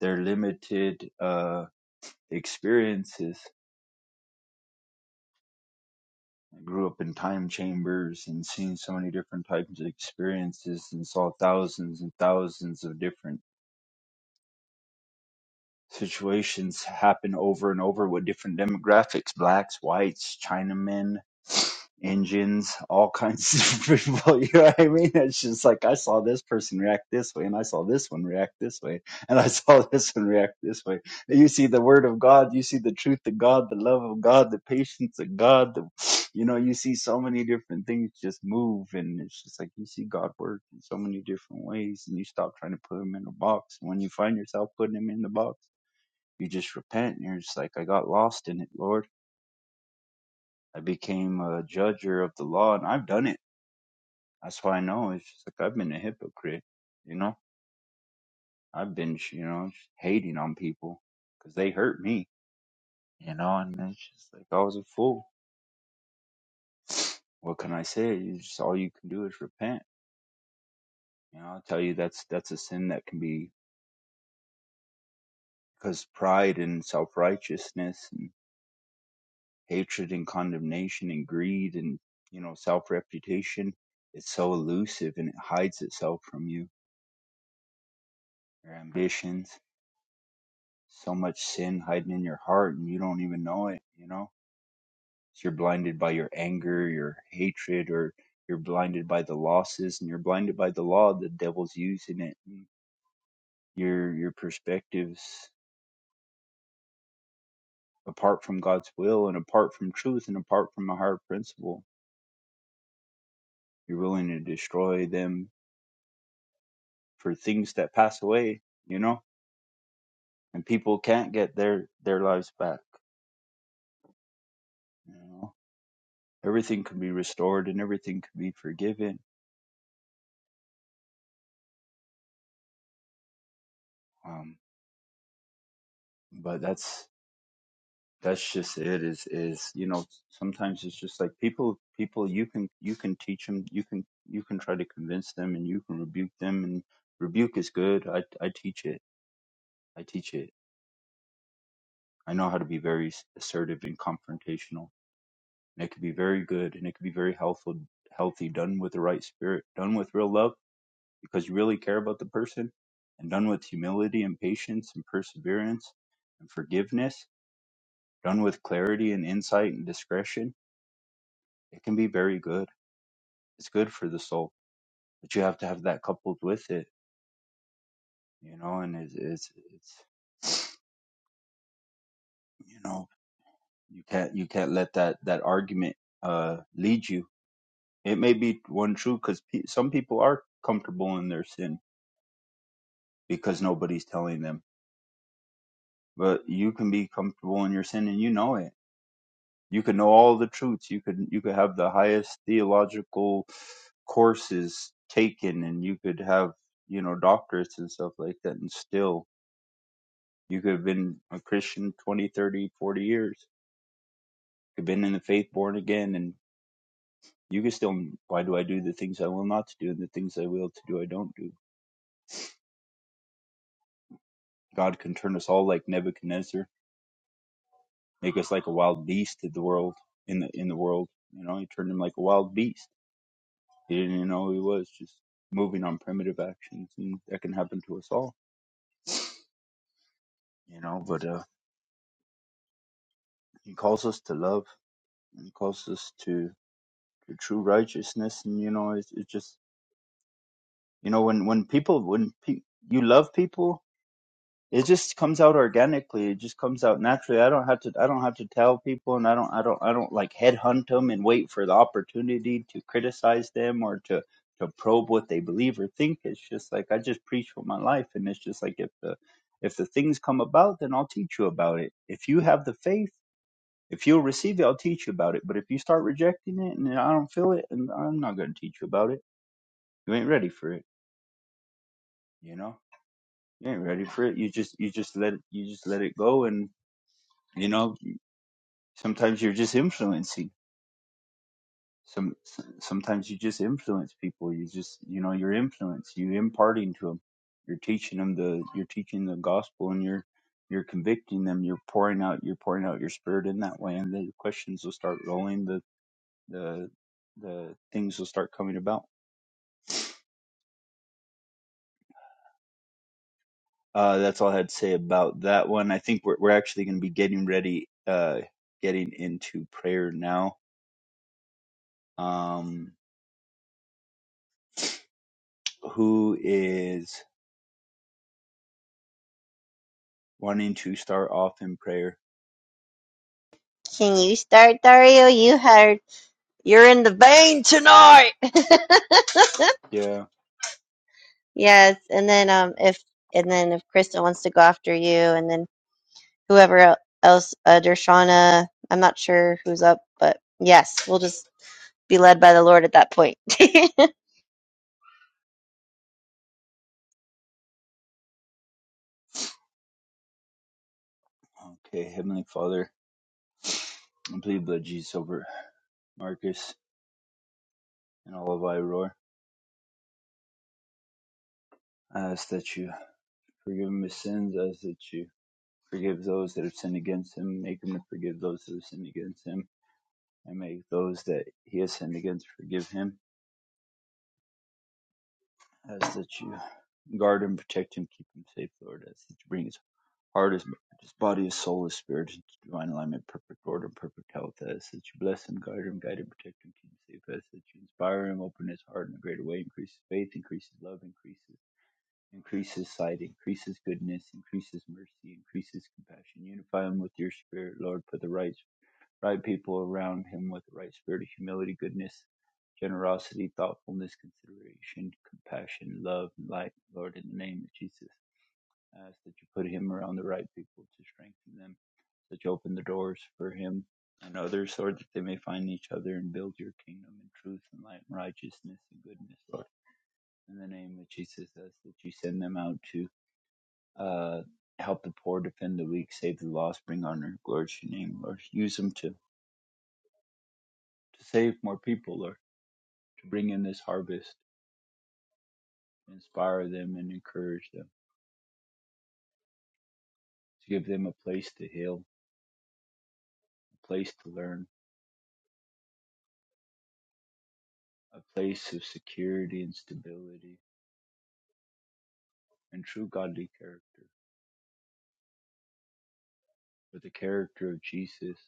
their limited uh experiences. I grew up in time chambers and seen so many different types of experiences and saw thousands and thousands of different situations happen over and over with different demographics blacks whites chinamen indians all kinds of [LAUGHS] people you know what i mean it's just like i saw this person react this way and i saw this one react this way and i [LAUGHS] saw this one react this way And you see the word of god you see the truth of god the love of god the patience of god the, [SNIFFS] you know you see so many different things just move and it's just like you see god work in so many different ways and you stop trying to put him in a box and when you find yourself putting him in the box you just repent. And you're just like, I got lost in it, Lord. I became a judger of the law, and I've done it. That's why I know. It's just like I've been a hypocrite. You know, I've been, you know, just hating on people because they hurt me. You know, and it's just like I was a fool. [SNIFFS] What can I say? You just all you can do is repent. You know, I will tell you that's that's a sin that can be because pride and self righteousness and hatred and condemnation and greed and you know self reputation it's so elusive and it hides itself from you your ambitions so much sin hiding in your heart and you don't even know it you know So you're blinded by your anger your hatred or you're blinded by the losses and you're blinded by the law the devil's using it Mm, your your perspectives apart from god's will and apart from truth and apart from a higher principle you're willing to destroy them for things that pass away you know and people can't get their their lives back you know everything can be restored and everything can be forgiven um but that's that's just it is is you know sometimes it's just like people people you can you can teach them you can you can try to convince them and you can rebuke them and rebuke is good i i teach it i teach it i know how to be very assertive and confrontational and it can be very good and it can be very helpful healthy done with the right spirit done with real love because you really care about the person and done with humility and patience and perseverance and forgiveness, done with clarity and insight and discretion, it can be very good. It's good for the soul, but you have to have that coupled with it, you know, and it's, it's, it's you know, you can't, you can't let that, that argument, uh, lead you. It may be one true because pe- some people are comfortable in their sin because nobody's telling them, but you can be comfortable in your sin and you know it you could know all the truths you could you could have the highest theological courses taken and you could have you know doctorates and stuff like that and still you could have been a christian 20, 30, 40 years you could have been in the faith born again and you could still why do i do the things i will not to do and the things i will to do i don't do god can turn us all like nebuchadnezzar make us like a wild beast of the world in the in the world you know he turned him like a wild beast He didn't even know he was just moving on primitive actions, and that can happen to us all, you know. But uh, he calls us to love, and he calls us to, to true righteousness, and you know, it's, it's just you know when when people when pe- you love people, it just comes out organically it just comes out naturally i don't have to i don't have to tell people and i don't i don't i don't like headhunt them and wait for the opportunity to criticize them or to to probe what they believe or think it's just like i just preach for my life and it's just like if the if the things come about then i'll teach you about it if you have the faith if you'll receive it i'll teach you about it but if you start rejecting it and i don't feel it and i'm not going to teach you about it you ain't ready for it you know you ain't ready for it you just you just let it you just let it go and you know sometimes you're just influencing some sometimes you just influence people you just you know your influence you imparting to them you're teaching them the you're teaching the gospel and you're you're convicting them you're pouring out you're pouring out your spirit in that way and the questions will start rolling the the the things will start coming about uh that's all i had to say about that one i think we're, we're actually going to be getting ready uh getting into prayer now um who is wanting to start off in prayer. Can you start, Dario? You heard you're in the vein tonight. [LAUGHS] Yeah. yes, and then um if and then if Krista wants to go after you, and then whoever else, uh, Dershana. I'm not sure who's up, but yes, we'll just be led by the Lord at that point. Okay, Heavenly Father, I plead blood Jesus over Marcus and all of Iroar. I ask that you forgive him his sins. I ask that you forgive those that have sinned against him. Make him to forgive those that have sinned against him. And make those that he has sinned against forgive him. I ask that you guard and protect him, keep him safe, Lord. I ask that you bring his Heart is his body is soul is spirit in divine alignment, perfect order, perfect health. As that you bless him, guide him, guide him, protect him, keep him safe. As that you inspire him, open his heart in a greater way, increase his faith, increase his love, increases increases sight, increases goodness, increases mercy, increases compassion. Unify him with your spirit, Lord. Put the right right people around him with the right spirit of humility, goodness, generosity, thoughtfulness, consideration, compassion, love, and light, Lord, in the name of Jesus ask that you put him around the right people to strengthen them, that you open the doors for him and others, Lord, that they may find each other and build your kingdom in truth and light and righteousness and goodness, Lord. In the name of Jesus, ask that you send them out to uh, help the poor, defend the weak, save the lost, bring honor, glory to your name, Lord. Use them to, to save more people, Lord, to bring in this harvest, inspire them and encourage them, to give them a place to heal, a place to learn, a place of security and stability and true godly character, but the character of Jesus,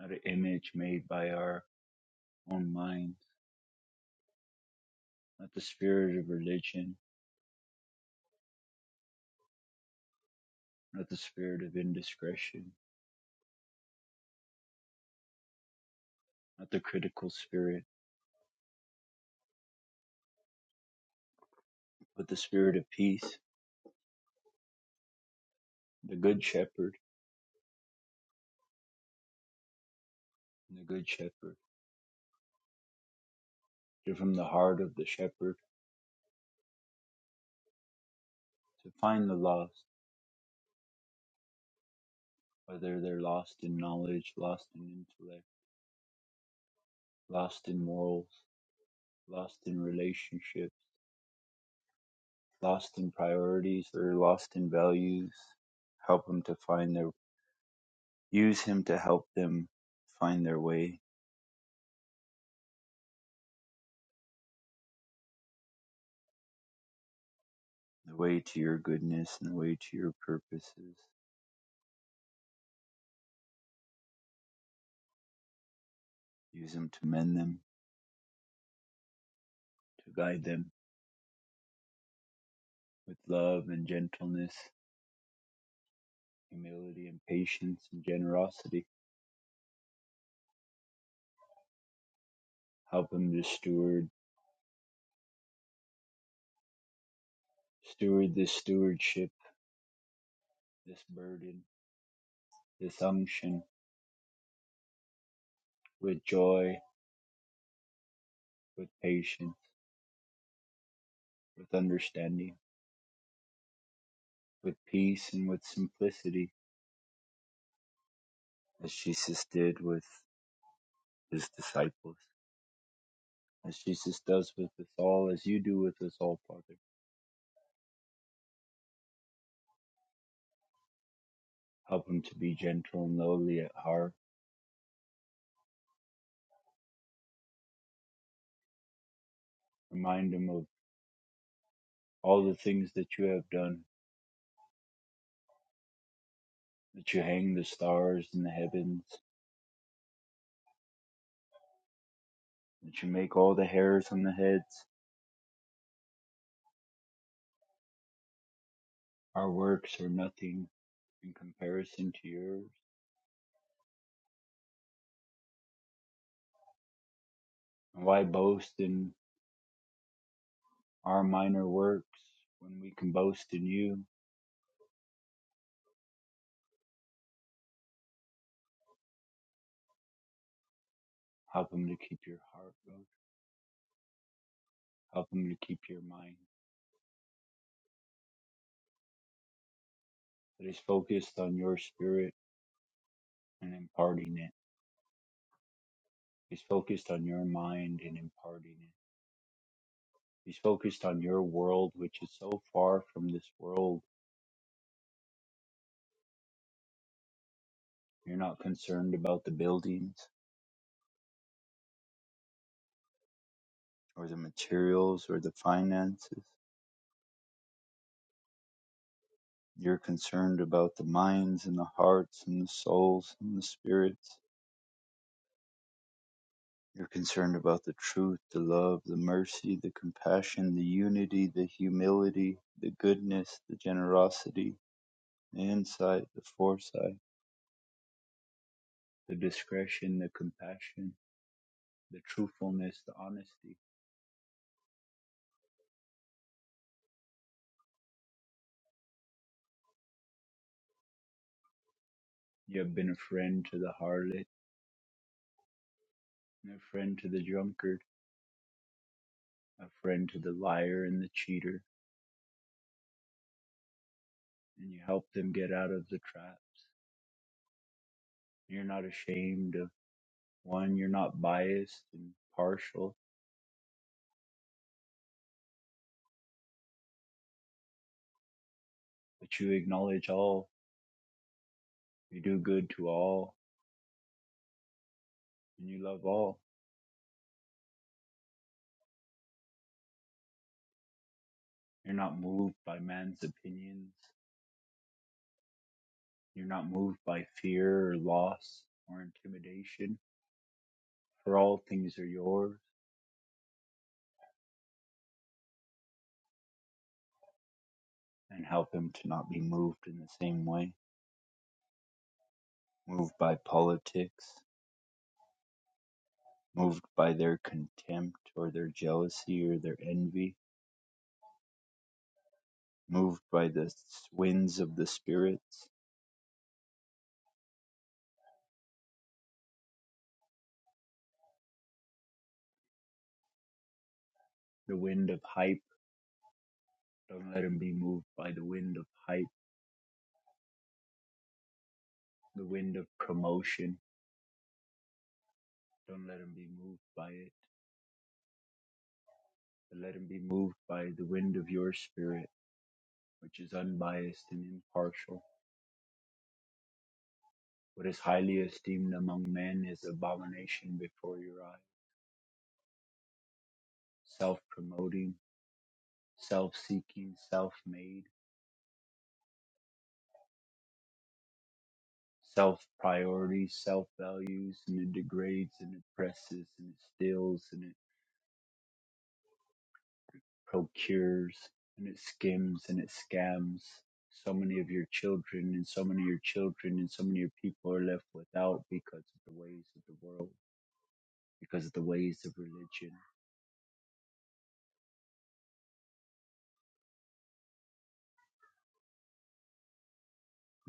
not an image made by our own minds, not the spirit of religion, not the spirit of indiscretion, not the critical spirit, but the spirit of peace, the good shepherd, and the good shepherd, to from the heart of the shepherd, to find the lost, whether they're lost in knowledge, lost in intellect, lost in morals, lost in relationships, lost in priorities, or lost in values. Help them to find their Use him to help them find their way, the way to your goodness and the way to your purposes. Use him to mend them, to guide them with love and gentleness, humility and patience and generosity. Help him to steward, steward this stewardship, this burden, this unction with joy, with patience, with understanding, with peace and with simplicity, as Jesus did with his disciples. as Jesus does with us all, as you do with us all, Father. Help him to be gentle and lowly at heart. Remind him of all the things that you have done, that you hang the stars in the heavens, that you make all the hairs on the heads. Our works are nothing in comparison to yours. And why boast in our minor works when we can boast in you? Help him to keep your heart, Lord. Help him to keep your mind that is focused on your spirit and imparting it He's focused on your mind and imparting it. He's focused on your world, which is so far from this world. You're not concerned about the buildings or the materials or the finances. You're concerned about the minds and the hearts and the souls and the spirits. You're concerned about the truth, the love, the mercy, the compassion, the unity, the humility, the goodness, the generosity, the insight, the foresight, the discretion, the compassion the truthfulness, the honesty. You have been a friend to the harlot, and a friend to the drunkard, a friend to the liar and the cheater, and you help them get out of the trap. You're not ashamed of one, you're not biased and partial, but you acknowledge all, you do good to all, and you love all. You're not moved by man's opinions, you're not moved by fear or loss or intimidation, for all things are yours, and help him to not be moved in the same way. moved by politics, moved by their contempt or their jealousy or their envy, moved by the winds of the spirits, the wind of hype. Don't let them be moved by the wind of hype, the wind of promotion. Don't let them be moved by it, but let them be moved by the wind of your spirit, which is unbiased and impartial. What is highly esteemed among men is abomination before your eyes, self promoting, self seeking, self made self priorities, self values, and it degrades and it presses and it steals and it procures and it skims and it scams so many of your children and so many of your children and so many of your people are left without because of the ways of the world, because of the ways of religion.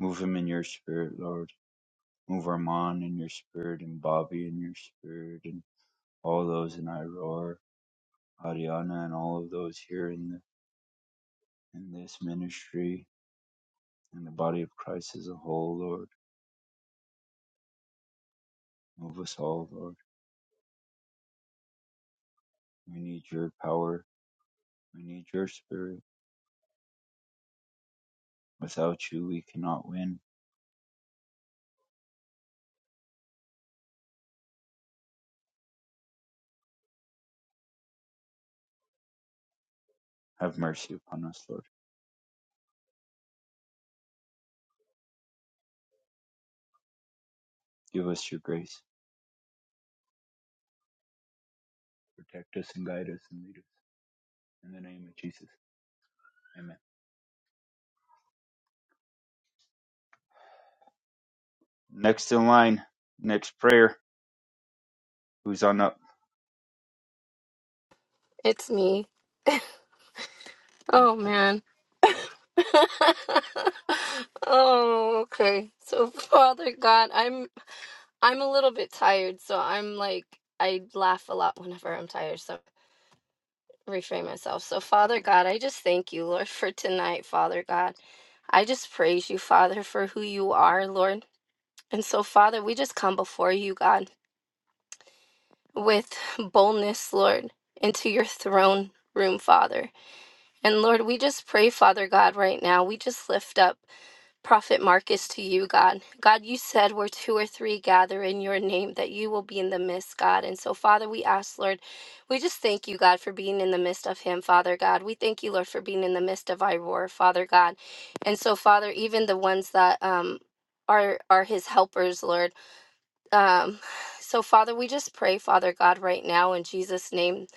Move him in your spirit, Lord. Move Armand in your spirit and Bobby in your spirit and all those in Iroar, Ariana and all of those here in the in this ministry and the body of Christ as a whole, Lord. Move us all, Lord. We need your power. We need your spirit. Without you, we cannot win. Have mercy upon us, Lord. Give us your grace. Protect us and guide us and lead us. In the name of Jesus. Amen. Next in line, next prayer. Who's on up? It's me. Oh, Okay. man. [LAUGHS] oh, okay. So, Father God, I'm I'm a little bit tired, so I'm like I laugh a lot whenever I'm tired, so reframe myself. So, Father God, I just thank you, Lord, for tonight, Father God. I just praise you, Father, for who you are, Lord. And so, Father, we just come before you, God. with boldness, Lord, into your throne room, Father. And Lord, we just pray, Father God, right now. We just lift up Prophet Marcus to you, God. God, you said where two or three gather in your name, that you will be in the midst, God. And so, Father, we ask, Lord, we just thank you, God, for being in the midst of him, Father God. We thank you, Lord, for being in the midst of Iroar, Father God. And so, Father, even the ones that um are are his helpers, Lord. Um, so, Father, we just pray, Father God, right now in Jesus' name,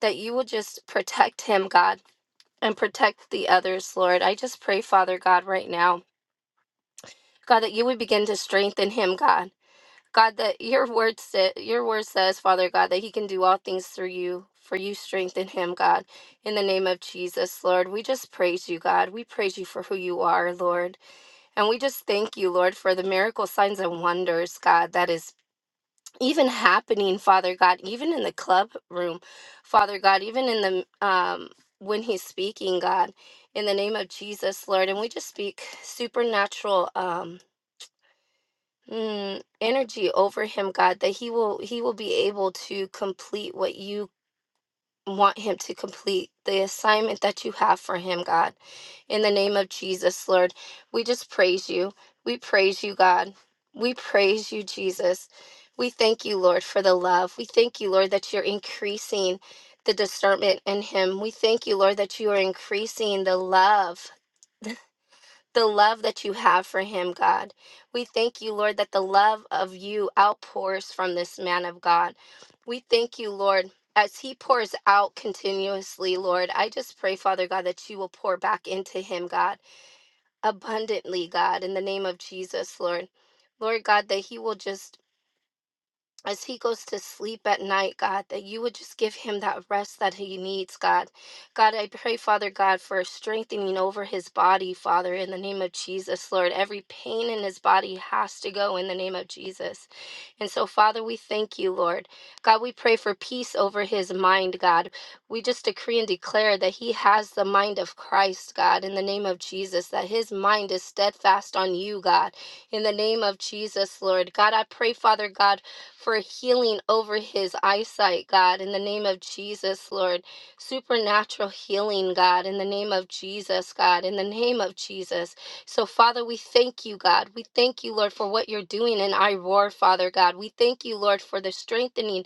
that you will just protect him, God, and protect the others, Lord. I just pray, Father God, right now, God, that you would begin to strengthen him, God. God, that your word sa- your word says, Father God, that he can do all things through you, for you strengthen him, God. In the name of Jesus, Lord, we just praise you, God. We praise you for who you are, Lord. And we just thank you, Lord, for the miracle signs and wonders, God, that is even happening, Father God, even in the club room, Father God, even in the um when he's speaking, God, in the name of Jesus, Lord, and we just speak supernatural um mm, energy over him, God, that he will he will be able to complete what you want him to complete, the assignment that you have for him, God. In the name of Jesus, Lord, we just praise you. We praise you, God. We praise you, Jesus. We thank you, Lord, for the love. We thank you, Lord, that you're increasing the discernment in him. We thank you, Lord, that you are increasing the love, the love that you have for him, God. We thank you, Lord, that the love of you outpours from this man of God. We thank you, Lord. As he pours out continuously, Lord, I just pray, Father God, that you will pour back into him, God abundantly, God, in the name of Jesus, Lord. Lord God, that He will just as he goes to sleep at night, God, that you would just give him that rest that he needs, God. God, I pray, Father God, for strengthening over his body, Father, in the name of Jesus, Lord. Every pain in his body has to go in the name of Jesus. And so, Father, we thank you, Lord. God, we pray for peace over his mind, God. We just decree and declare that he has the mind of Christ, God, in the name of Jesus, that his mind is steadfast on you, God, in the name of Jesus, Lord. God, I pray, Father God for healing over his eyesight, God, in the name of Jesus, Lord. Supernatural healing, God, in the name of Jesus, God, in the name of Jesus. So, Father, we thank you, God. We thank you, Lord, for what you're doing in I roar, Father God. We thank you, Lord, for the strengthening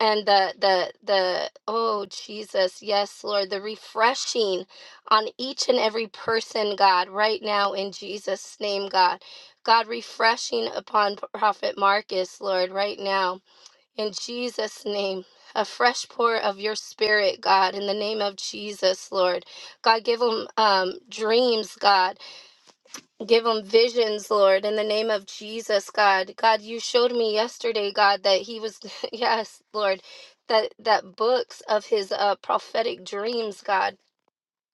and the the the oh Jesus yes Lord the refreshing on each and every person God right now in Jesus name God God refreshing upon prophet Marcus Lord right now in Jesus name a fresh pour of your spirit God in the name of Jesus Lord God give him um dreams God Give him visions, Lord, in the name of Jesus, God. God, you showed me yesterday, God, that he was [LAUGHS] yes, Lord, that that books of his uh prophetic dreams, God.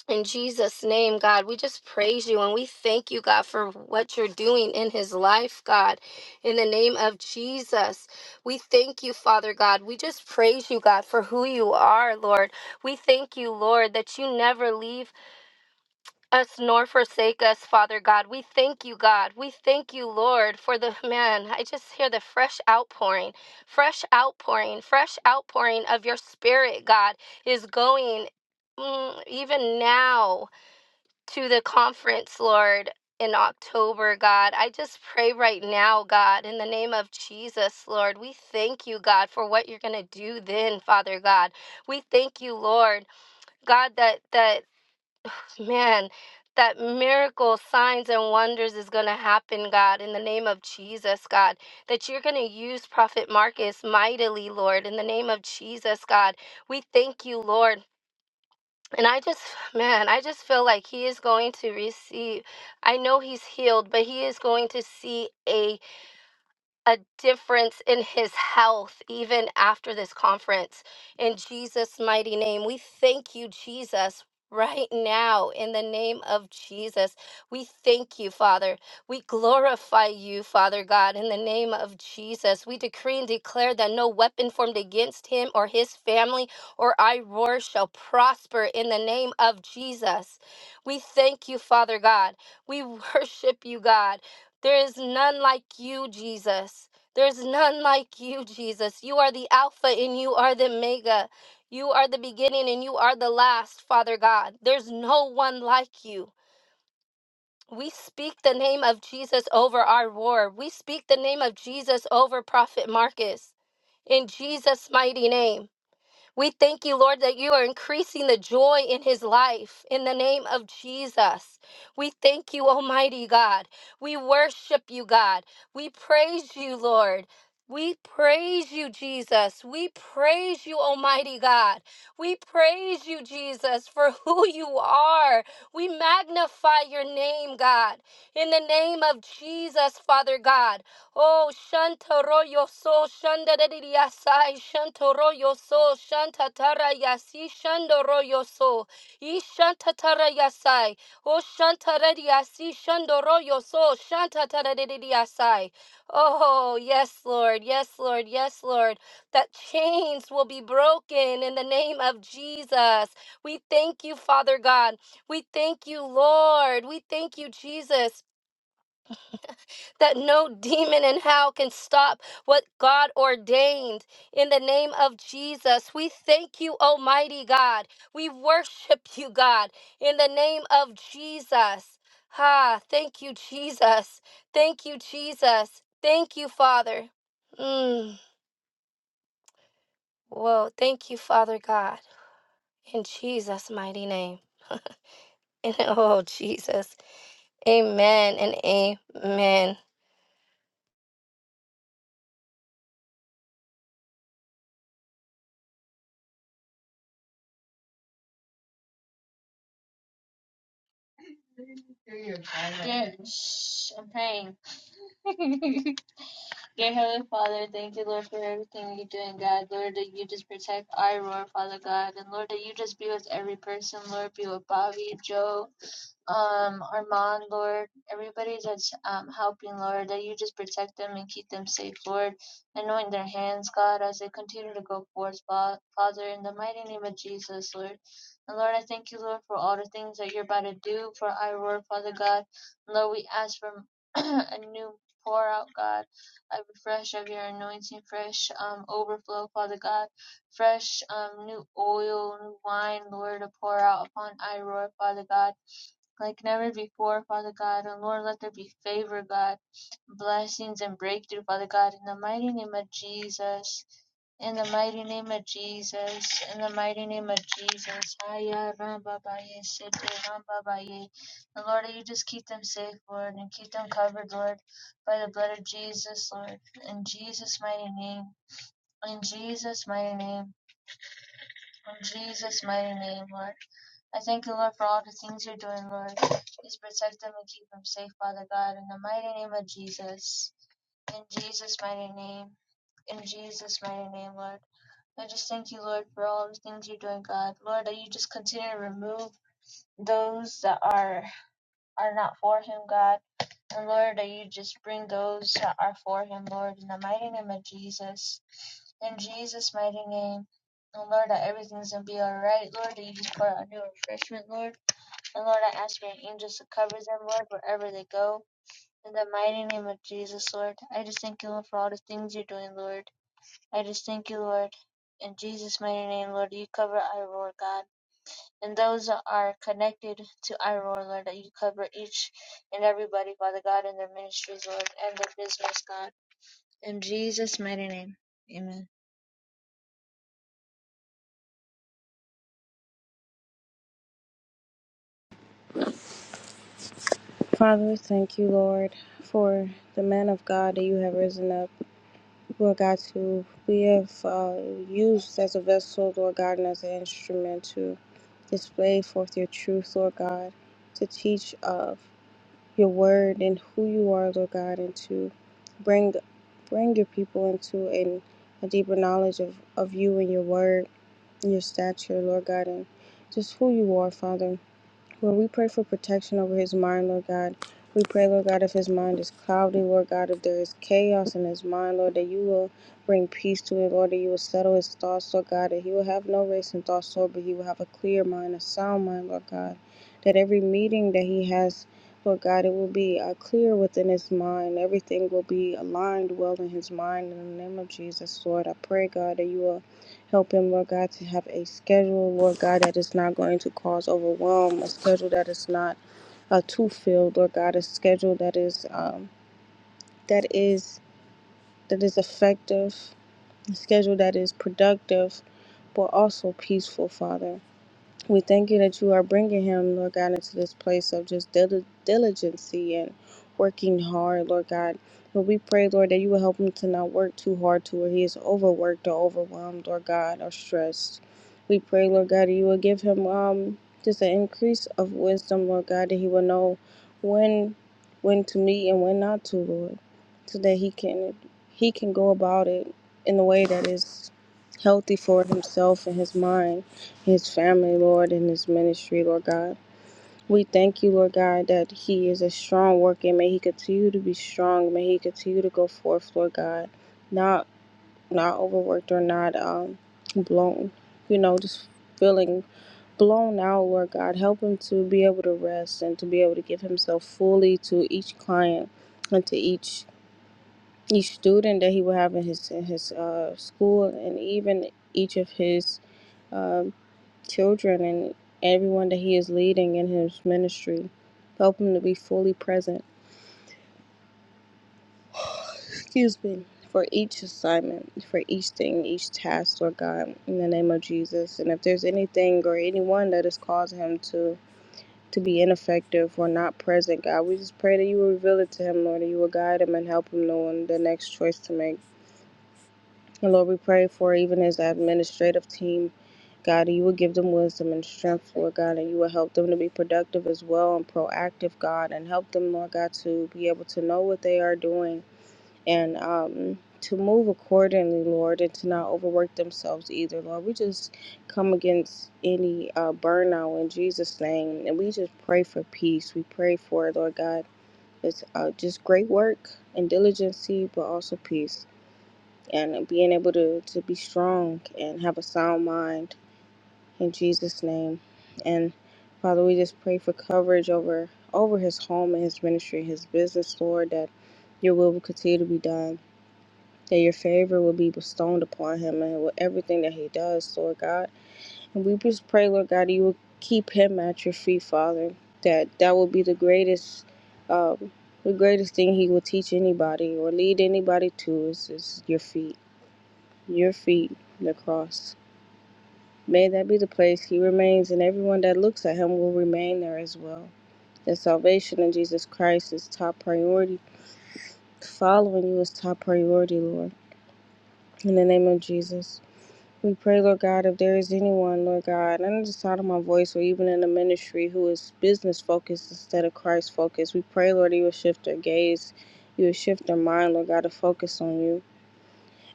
In Jesus' name, God, we just praise you and we thank you, God, for what you're doing in his life, God. In the name of Jesus, we thank you, Father God. We just praise you, God, for who you are, Lord. We thank you, Lord, that you never leave us nor forsake us, Father God. We thank you, God. We thank you, Lord, for the man. I just hear the fresh outpouring, fresh outpouring, fresh outpouring of your spirit, God, is going mm, even now to the conference, Lord. In October, God. I just pray right now, God, in the name of Jesus, Lord. We thank you, God, for what you're going to do then, Father God. We thank you, Lord, God, that that Man, that miracle, signs, and wonders is going to happen, God, in the name of Jesus, God. That you're going to use Prophet Marcus mightily, Lord, in the name of Jesus, God. We thank you, Lord. And I just, [SIGHS] man, I just feel like he is going to receive. I know he's healed, but he is going to see a a difference in his health even after this conference. In Jesus' mighty name, we thank you, Jesus. Right now, in the name of Jesus, we thank you, Father. We glorify you, Father God, in the name of Jesus. We decree and declare that no weapon formed against him or his family or Iroar shall prosper in the name of Jesus. We thank you, Father God. We [LAUGHS] worship you, God. There is none like you, Jesus. There is none like you, Jesus. You are the Alpha and you are the Omega. You are the beginning and you are the last, Father God. There's no one like you. We speak the name of Jesus over our war. We speak the name of Jesus over Prophet Marcus. In Jesus' mighty name. We thank you, Lord, that you are increasing the joy in his life in the name of Jesus. We thank you, Almighty God. We worship you, God. We praise you, Lord. We praise you, Jesus. We praise you, Almighty God. We praise you, Jesus, for [LAUGHS] who you are. We magnify your name, God. In the name of Jesus, Father God. Oh, Shantaro yo so Shandariyasai Shantoro yo so Shantatara yasi Shandoro yo so Ishantatara yasai Oh Shantariyasi Shandoro yo so Shantatariyasai Oh, yes, Lord, yes, Lord, yes, Lord, that chains will be broken in the name of Jesus. We thank you, Father God. We thank you, Lord. We thank you, Jesus that no [LAUGHS] demon in hell can stop what God ordained. In the name of Jesus, we thank you, Almighty God. We worship [LAUGHS] you, God, in the name of Jesus. Ha, thank you, Jesus. Thank you, Jesus. Thank you, Father. Mm, whoa, thank you, Father God, in Jesus' mighty name. [LAUGHS] And- oh, Jesus. Amen and amen. Yes, I'm praying. [LAUGHS] Dear Heavenly Father, thank you, Lord, for everything you do, and God, Lord, that you just protect our Lord, Father God, and Lord, that you just be with every person, Lord, be with Bobby, Joe um Armand, Lord, everybody that's um helping, Lord, that you just protect them and keep them safe, Lord, anoint their hands, God, as they continue to go forth, Father, in the mighty name of Jesus, Lord. And Lord, I thank you, Lord, for all the things that you're about to do for our Lord, Father God. And Lord, we ask for [CLEARS THROAT] a new pour out, God, a refresh of your anointing, fresh um overflow, Father God fresh um, new oil, new wine, Lord, to pour out upon Iroar, Father God like never before, Father God. And Lord, let there be favor, God, blessings and breakthrough, Father God, in the mighty name of Jesus. In the mighty name of Jesus. In the mighty name of Jesus. Aya ramba baye, sete ramba baye. And Lord, you just keep them safe, Lord, and keep them covered, Lord, by the blood of Jesus, Lord. In Jesus' mighty name. In Jesus' mighty name. In Jesus' mighty name, Lord. I thank you, Lord, for all the things you're doing, Lord. Please protect them and keep them safe, Father God, in the mighty name of Jesus. In Jesus' mighty name. In Jesus' mighty name, Lord. I just thank you, Lord, for all the things you're doing, God. Lord, that you just continue to remove those that are are not for him, God. And Lord, that you just bring those that are for him, Lord, in the mighty name of Jesus. In Jesus' mighty name. And Lord, that everything's gonna be alright, Lord, that you just pour out new refreshment, Lord and Lord, I ask for your angels to cover them, Lord, wherever they go. In the mighty name of Jesus, Lord, I just thank you, Lord, for all the things you're doing, Lord. I just thank you, Lord. In Jesus' mighty name, Lord, you cover Iroar, God. And those that are connected to Iroar, Lord, that you cover each and everybody, Father God, in their ministries, Lord, and their business, God. In Jesus' mighty name, amen. Father, thank you, Lord, for the man of God that you have risen up. Lord God, to be of, uh, used as a vessel, Lord God, and as an instrument to display forth your truth, Lord God, to teach of your word and who you are, Lord God, and to bring bring your people into a, a deeper knowledge of, of you and your word and your stature, Lord God, and just who you are, Father. Lord, we pray for protection over his mind, Lord God. We pray, Lord God, if his mind is cloudy, Lord God, if there is chaos in his mind, Lord, that you will bring peace to it, Lord, that you will settle his thoughts, Lord God, that he will have no racing thoughts, Lord, but he will have a clear mind, a sound mind, Lord God. That every meeting that he has, Lord God, it will be uh, clear within his mind. Everything will be aligned well in his mind. In the name of Jesus, Lord, I pray, God, that you will Help him, Lord God, to have a schedule, Lord God, that is not going to cause overwhelm, a schedule that is not uh, too filled, Lord God, a schedule that is um, that is that is effective, a schedule that is productive, but also peaceful, Father. We thank you that you are bringing him, Lord God, into this place of just dil- diligency and working hard, Lord God. But we pray, Lord, that you will help him to not work too hard to where he is overworked or overwhelmed, Lord God, or stressed. We pray, Lord God, that you will give him um just an increase of wisdom, Lord God, that he will know when when to meet and when not to, Lord, so that he can he can go about it in a way that is healthy for himself and his mind his family, Lord, and his ministry, Lord God. We thank you, Lord God, that he is a strong worker. May he continue to be strong. May he continue to go forth, Lord God, not not overworked or not um, blown, you know, just feeling blown out, Lord God. Help him to be able to rest and to be able to give himself fully to each client and to each each student that he will have in his in his uh, school and even each of his uh, children and everyone that he is leading in his ministry. Help him to be fully present, [SIGHS] excuse me, for each assignment, for each thing, each task, Lord God, in the name of Jesus. And if there's anything or anyone that has caused him to to be ineffective or not present, God, we just pray that you will reveal it to him, Lord, that you will guide him and help him know the next choice to make. And Lord, we pray for even his administrative team God, and you will give them wisdom and strength, Lord God, and you will help them to be productive as well and proactive, God, and help them, Lord God, to be able to know what they are doing and um, to move accordingly, Lord, and to not overwork themselves either, Lord. We just come against any uh, burnout in Jesus' name, and we just pray for peace. We pray for, it, Lord God, it's uh, just great work and diligency, but also peace. And being able to, to be strong and have a sound mind in Jesus' name. And Father, we just pray for coverage over over his home and his ministry, his business, Lord, that your will will continue to be done, that your favor will be bestowed upon him and with everything that he does, Lord God. And we just pray, Lord God, that you will keep him at your feet, Father. That that will be the greatest um, the greatest thing he will teach anybody or lead anybody to is, is your feet. Your feet, the cross. May that be the place he remains, and everyone that looks at him will remain there as well. That salvation in Jesus Christ is top priority. Following you is top priority, Lord. In the name of Jesus. We pray, Lord God, if there is anyone, Lord God, under the sound of my voice or even in the ministry who is business focused instead of Christ focused, we pray, Lord, you will shift their gaze, you will shift their mind, Lord God, to focus on you.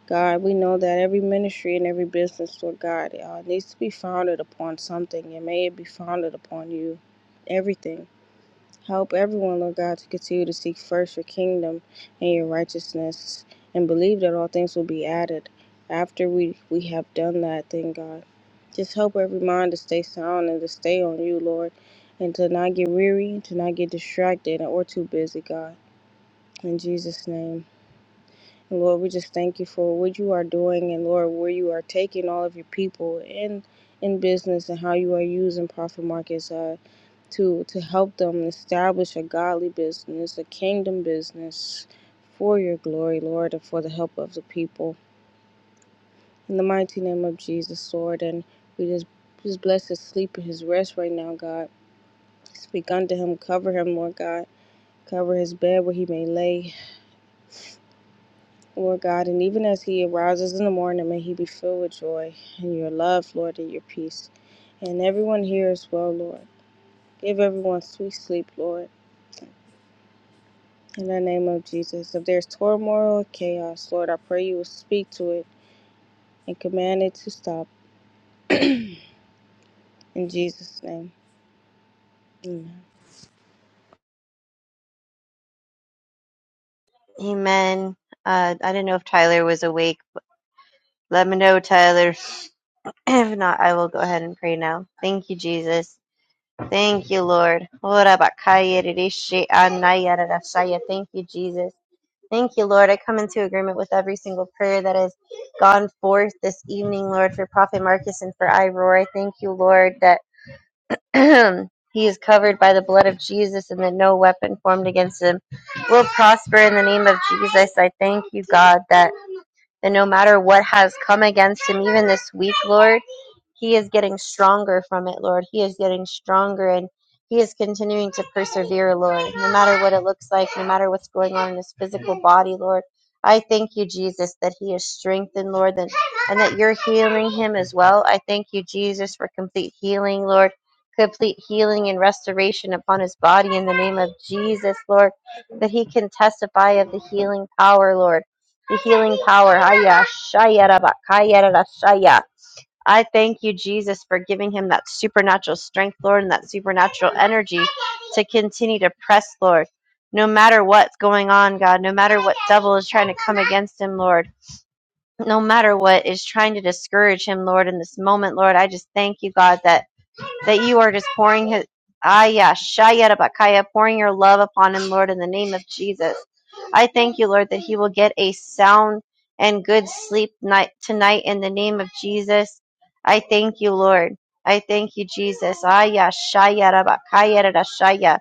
God, we know that every ministry and every business, Lord God, uh, needs to be founded upon something, and may it be founded upon you, everything. Help everyone, Lord God, to continue to seek first your kingdom and your righteousness, and believe that all things will be added after we, we have done that thing, God. Just help every mind to stay sound and to stay on you, Lord, and to not get weary, to not get distracted, or too busy, God. In Jesus' name. And Lord, we just thank you for what you are doing and Lord, where you are taking all of your people in in business and how you are using profit markets uh, to to help them establish a godly business, a kingdom business for your glory, Lord, and for the help of the people. In the mighty name of Jesus, Lord, and we just just bless his sleep and his rest right now, God. Speak unto him, cover him, Lord God. Cover his bed where he may lay. Lord God, and even as he arises in the morning, may he be filled with joy and your love, Lord, and your peace. And everyone here as well, Lord. Give everyone sweet sleep, Lord, in the name of Jesus. If there's turmoil or chaos, Lord, I pray you will speak to it and command it to stop. [CLEARS THROAT] In Jesus' name. Amen. [LAUGHS] Amen. Uh, I did not know if Tyler was awake. Let me know, Tyler. [SNIFFS] [CLEARS THROAT] If not, I will go ahead and pray now. Thank you, Jesus. Thank you, Lord. Ora bakaya rishi anaya rarashaya. Thank you, Jesus. Thank you, Lord. I come into agreement with every single prayer that has gone forth this evening, Lord, for Prophet Marcus and for Iroar. I Thank you, Lord, that [CLEARS THROAT] he is covered by the blood of Jesus, and that no weapon formed against him will prosper in the name of Jesus. I thank you, God, that, that no matter what has come against him, even this week, Lord. He is getting stronger from it, Lord. He is getting stronger and he is continuing to persevere, Lord, no matter what it looks like, no matter what's going on in his physical body, Lord. I thank you, Jesus, that he is strengthened, Lord, and, and that you're healing him as well. I thank you, Jesus, for complete healing, Lord, complete healing and restoration upon his body in the name of Jesus, Lord, that he can testify of the healing power, Lord, the healing power. Haya, shaya, raba, kaya, rara, I thank you, Jesus, for giving him that supernatural strength, Lord, and that supernatural energy to continue to press, Lord, no matter what's going on, God, no matter what devil is trying to come against him, Lord, no matter what is trying to discourage him, Lord, in this moment, Lord. I just thank you, God, that that you are just pouring his Aya Shayarabakaya, pouring your love upon him, Lord, in the name of Jesus. I thank you, Lord, that he will get a sound and good sleep night tonight in the name of Jesus. I thank you, Lord. I thank you, Jesus. Aya Shayarabakaya.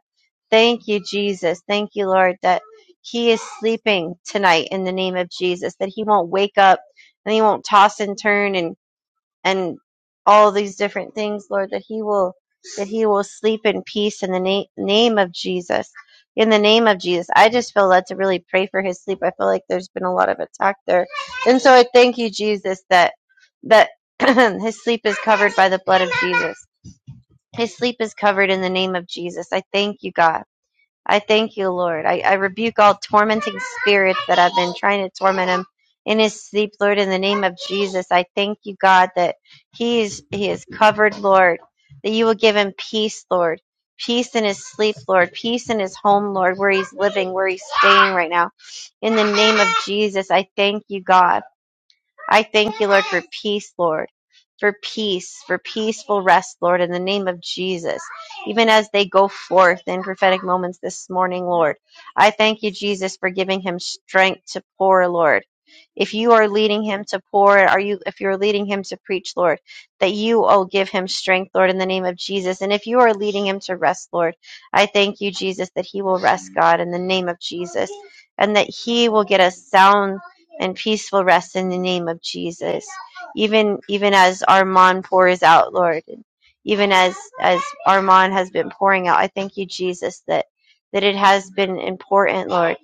Thank you, Jesus. Thank you, Lord, that he is sleeping tonight in the name of Jesus, that he won't wake up and he won't toss and turn and and all these different things, Lord, that he will that he will sleep in peace in the na- name of Jesus. In the name of Jesus, I just feel led to really pray for his sleep. I feel like there's been a lot of attack there, and so I thank you, Jesus, that that [CLEARS THROAT] his sleep is covered by the blood of Jesus. His sleep is covered in the name of Jesus. I thank you, God. I thank you, Lord. I, I rebuke all tormenting spirits that have been trying to torment him in his sleep, Lord, in the name of Jesus. I thank you, God, that he is he is covered, Lord, that you will give him peace, Lord. Peace in his sleep, Lord. Peace in his home, Lord, where he's living, where he's staying right now. In the name of Jesus, I thank you, God. I thank you, Lord, for peace, Lord, for peace, for peaceful rest, Lord, in the name of Jesus. Even as they go forth in prophetic moments this morning, Lord, I thank you, Jesus, for giving him strength to pour, Lord. If you are leading him to pour, are you if you're leading him to preach, Lord, that you will give him strength, Lord, in the name of Jesus. And if you are leading him to rest, Lord, I thank you, Jesus, that he will rest, God, in the name of Jesus, and that he will get a sound and peaceful rest in the name of Jesus. Even even as Armand pours out, Lord, and even as as Armand has been pouring out, I thank you, Jesus, that that it has been important, Lord,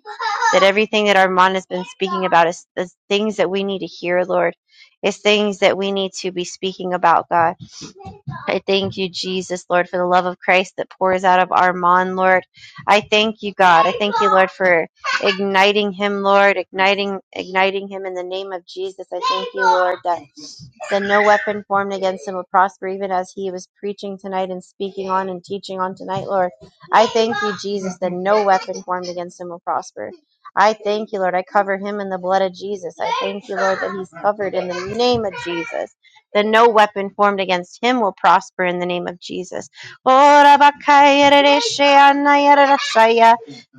that everything that Armand has been speaking about is, is things that we need to hear, Lord, is things that we need to be speaking about, God. I thank you, Jesus, Lord, for the love of Christ that pours out of Armand, Lord. I thank you, God. I thank you, Lord, for igniting him, Lord, igniting igniting him in the name of Jesus. I thank you, Lord, that then no weapon formed against him will prosper, even as he was preaching tonight and speaking on and teaching on tonight, Lord. I thank you, Jesus, that no weapon formed against him will prosper. I thank you, Lord. I cover him in the blood of Jesus. I thank you, Lord, that he's covered in the name of Jesus. That no weapon formed against him will prosper in the name of Jesus.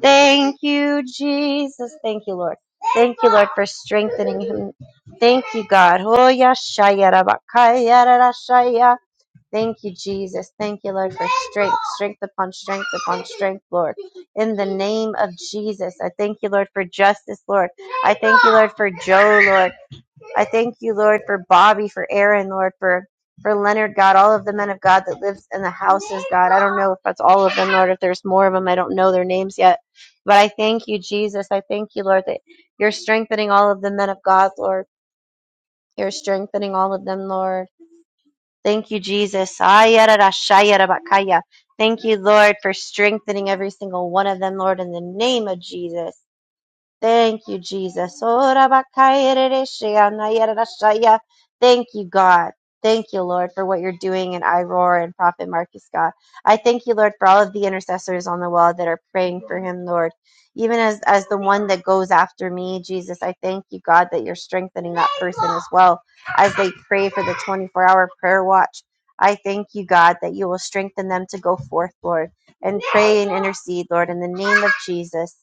Thank you, Jesus. Thank you, Lord. Thank you, Lord, for strengthening him Thank you, God. Oh, yashaya rabakaya rarashaya. Thank you, Jesus. Thank you, Lord, for strength, strength upon strength upon strength, Lord. In the name of Jesus, I thank you, Lord, for justice, Lord. I thank you, Lord, for Joe, Lord. I thank you, Lord, for Bobby, for Aaron, Lord, for for Leonard, God, all of the men of God that lives in the houses, God. I don't know if that's all of them, Lord. If there's more of them, I don't know their names yet. But I thank you, Jesus. I thank you, Lord, that you're strengthening all of the men of God, Lord. You're strengthening all of them, Lord. Thank you, Jesus. Ayararashayarabakaya. Thank you, Lord, for strengthening every single one of them, Lord, in the name of Jesus. Thank you, Jesus. Ora bakayerere sheyana Thank you, God. Thank you, Lord, for what you're doing in Iroar and Prophet Marcus, God. I thank you, Lord, for all of the intercessors on the wall that are praying for him, Lord. Even as, as the one that goes after me, Jesus, I thank you, God, that you're strengthening that person as well as they pray for the 24 hour prayer watch. I thank you, God, that you will strengthen them to go forth, Lord, and pray and intercede, Lord, in the name of Jesus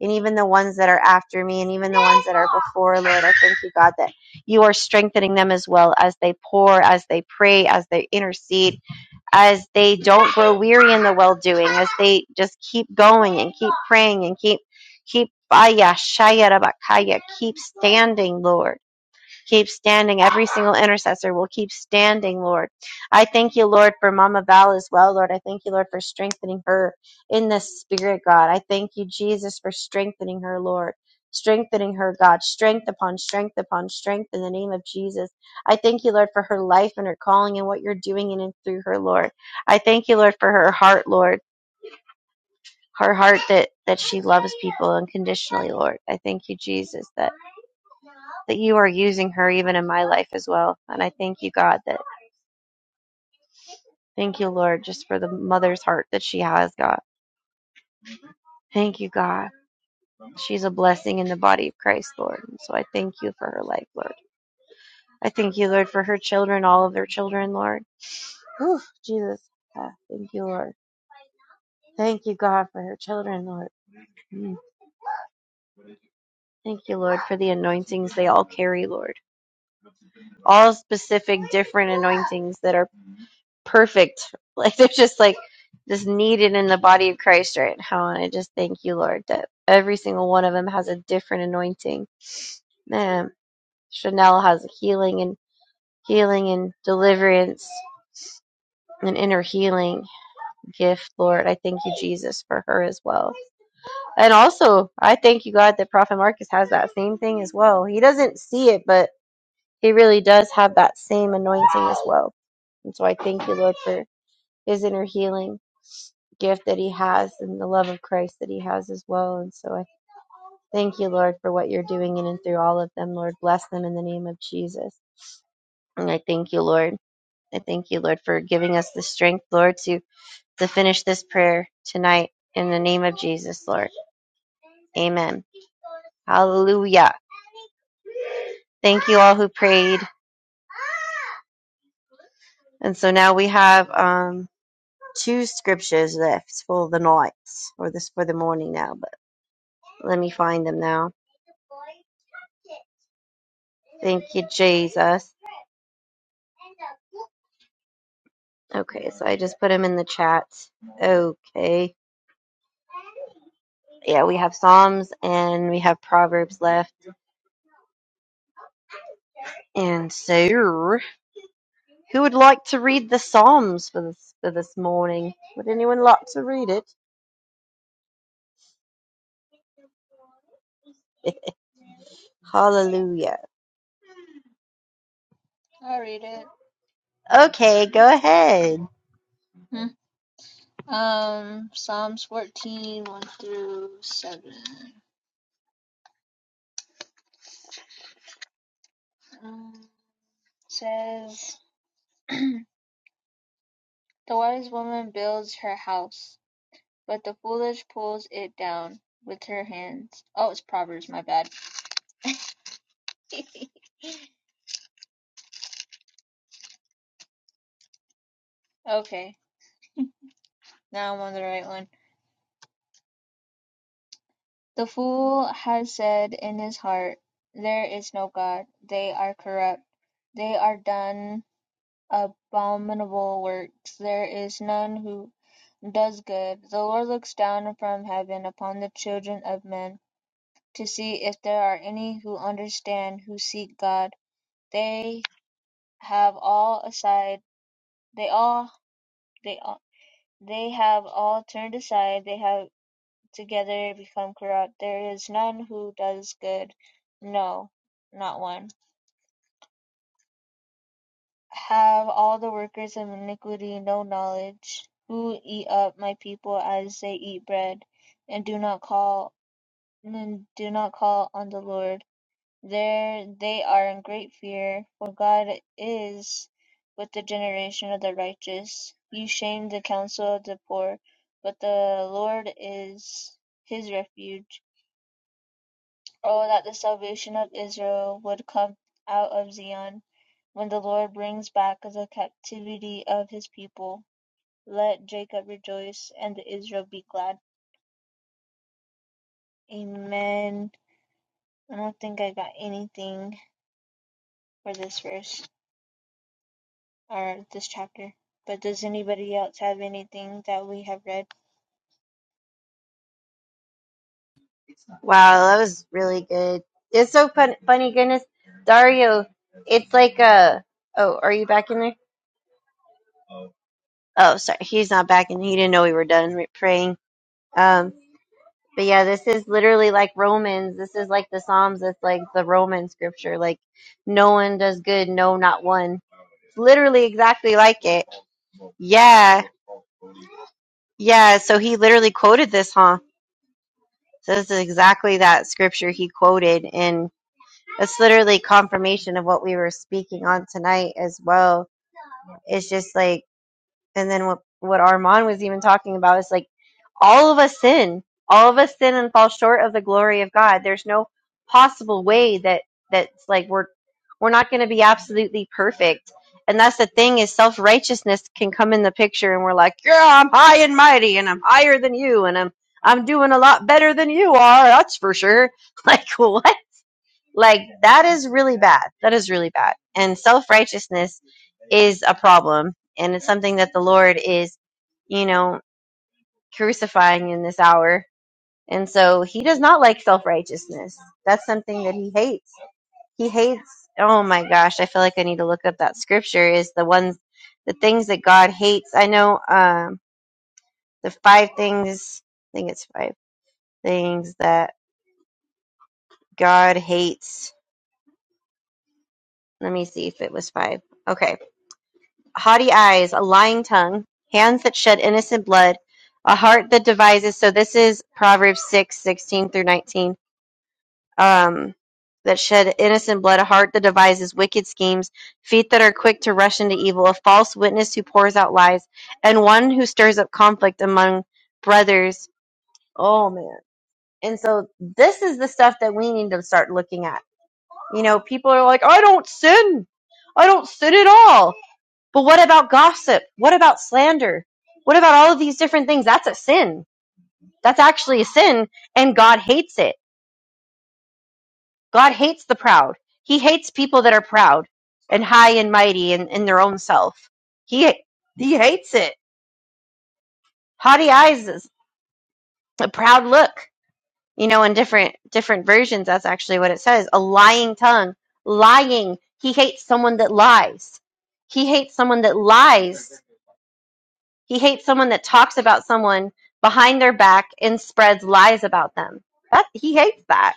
and even the ones that are after me and even the ones that are before lord i thank you god that you are strengthening them as well as they pour as they pray as they intercede as they don't grow weary in the well doing as they just keep going and keep praying and keep keep Aya, Shaya, Rabakaya, keep standing lord Keep standing. Every single intercessor will keep standing, Lord. I thank you, Lord, for Mama Val as well, Lord. I thank you, Lord, for strengthening her in the spirit, God. I thank you, Jesus, for strengthening her, Lord. Strengthening her, God. Strength upon strength upon strength in the name of Jesus. I thank you, Lord, for her life and her calling and what you're doing in and through her, Lord. I thank you, Lord, for her heart, Lord. Her heart that, that she loves people unconditionally, Lord. I thank you, Jesus, that that you are using her even in my life as well. And I thank you, God, that thank you, Lord, just for the mother's heart that she has, God. Thank you, God. She's a blessing in the body of Christ, Lord. And so I thank you for her life, Lord. I thank you, Lord, for her children, all of their children, Lord. Whew, Jesus. Ah, thank you, Lord. Thank you, God, for her children, Lord. Mm. Thank you, Lord, for the anointings they all carry, Lord. All specific, different anointings that are. perfect. [LAUGHS] Like they're just like just needed in the body of Christ right now. And I just thank you, Lord, that every single one of them has a different anointing. Man, Chanel has healing and healing and deliverance and inner healing gift, Lord. I thank you, Jesus, for her as well. And also, I thank you, God, that Prophet Marcus has that same thing as well. He doesn't see it, but he really does have that same anointing as well. And so I thank you, Lord, for his inner healing. gift that he has and the love of Christ that he has as well. And so I thank you, Lord, for what you're doing in and through all of them. Lord, bless them in the name of Jesus. And I thank you, Lord. I thank you, Lord, for giving us the strength, Lord, to, to finish this prayer tonight in the name of Jesus, Lord. Amen. Hallelujah. Thank you all who prayed. And so now we have um, two scriptures left for the night, or this for the morning now, but let me find them now. Thank you, Jesus. Okay, so I just put them in the chat. Okay. Yeah, we have Psalms and we have Proverbs left. And so, who would like to read the Psalms for this, for this morning? Would anyone like to read it? [LAUGHS] Hallelujah. I'll read it. Okay, go ahead. Hmm. Um, Psalms 14, 1 through 7. Um, says [CLEARS THROAT] The wise woman builds her house, but the foolish pulls it down with her hands. Oh, it's Proverbs, my bad. [LAUGHS] Okay, now I'm on the right one. The fool has said in his heart, There is no God. They are corrupt. They are done abominable works. There is none who does good. The Lord looks down from heaven upon the children of men to see if there are any who understand, who seek God. They have all aside they all they all, they have all turned aside, they have together become corrupt. There is none who does good, no, not one. Have all the workers of iniquity no knowledge, who eat up my people as they eat bread, and do not call and do not call on the Lord There they are in great fear, for God is with the generation of the righteous. You shame the counsel of the poor, but the Lord is his refuge. Oh, that the salvation of Israel would come out of Zion when the Lord brings back the captivity of his people. Let Jacob rejoice and Israel be glad. Amen. I don't think I got anything for this verse. or this chapter. But does anybody else have anything that we have read? Wow, that was really good. It's so fun, funny, goodness. Dario, it's like a. Oh, are you back in there? Oh, sorry. He's not back and he didn't know we were done re- praying. Um, But yeah, this is literally like Romans. This is like the Psalms. That's like the Roman scripture. Like, no one does good, no, not one. It's literally exactly like it. Yeah, yeah. So he literally quoted this, huh? So this is exactly that scripture he quoted, and it's literally confirmation of what we were speaking on tonight as well. It's just like and then what what Armand was even talking about is like all of us sin, all of us sin and fall short of the glory of God. There's no possible way that that's like we're we're not going to be absolutely perfect. And that's the thing is self righteousness can come in the picture, and we're like, yeah, I'm high and mighty, and I'm higher than you, and I'm I'm doing a lot better than you are. That's for sure. [LAUGHS] Like what? Like that is really bad. That is really bad. And self righteousness is a problem, and it's something that the Lord is, you know, crucifying in this hour. And so He does not like self righteousness. That's something that He hates. He hates. Oh my gosh, I feel like I need to look up that scripture. Is the ones, the things that God hates. I know um, the five things. I think it's five things that God hates. Let me see if it was five. Okay haughty eyes, a lying tongue, hands that shed innocent blood, a heart that devises. So this is Proverbs six sixteen through 19. Um, that shed innocent blood, a heart that devises wicked schemes, feet that are quick to rush into evil, a false witness who pours out lies, and one who stirs up conflict among brothers. Oh, man. And so this is the stuff that we need to start looking at. You know, people are like, I don't sin. I don't sin at all but what about gossip? What about slander? What about all of these different things? That's a sin. That's actually a sin, and God hates it. God hates the proud. He hates people that are proud and high and mighty in, in their own self. He he hates it. Haughty eyes is a proud look. You know, in different different versions, that's actually what it says. A lying tongue. Lying. He hates someone that lies. He hates someone that lies He hates someone that talks about someone behind their back and spreads lies about them. That he hates that.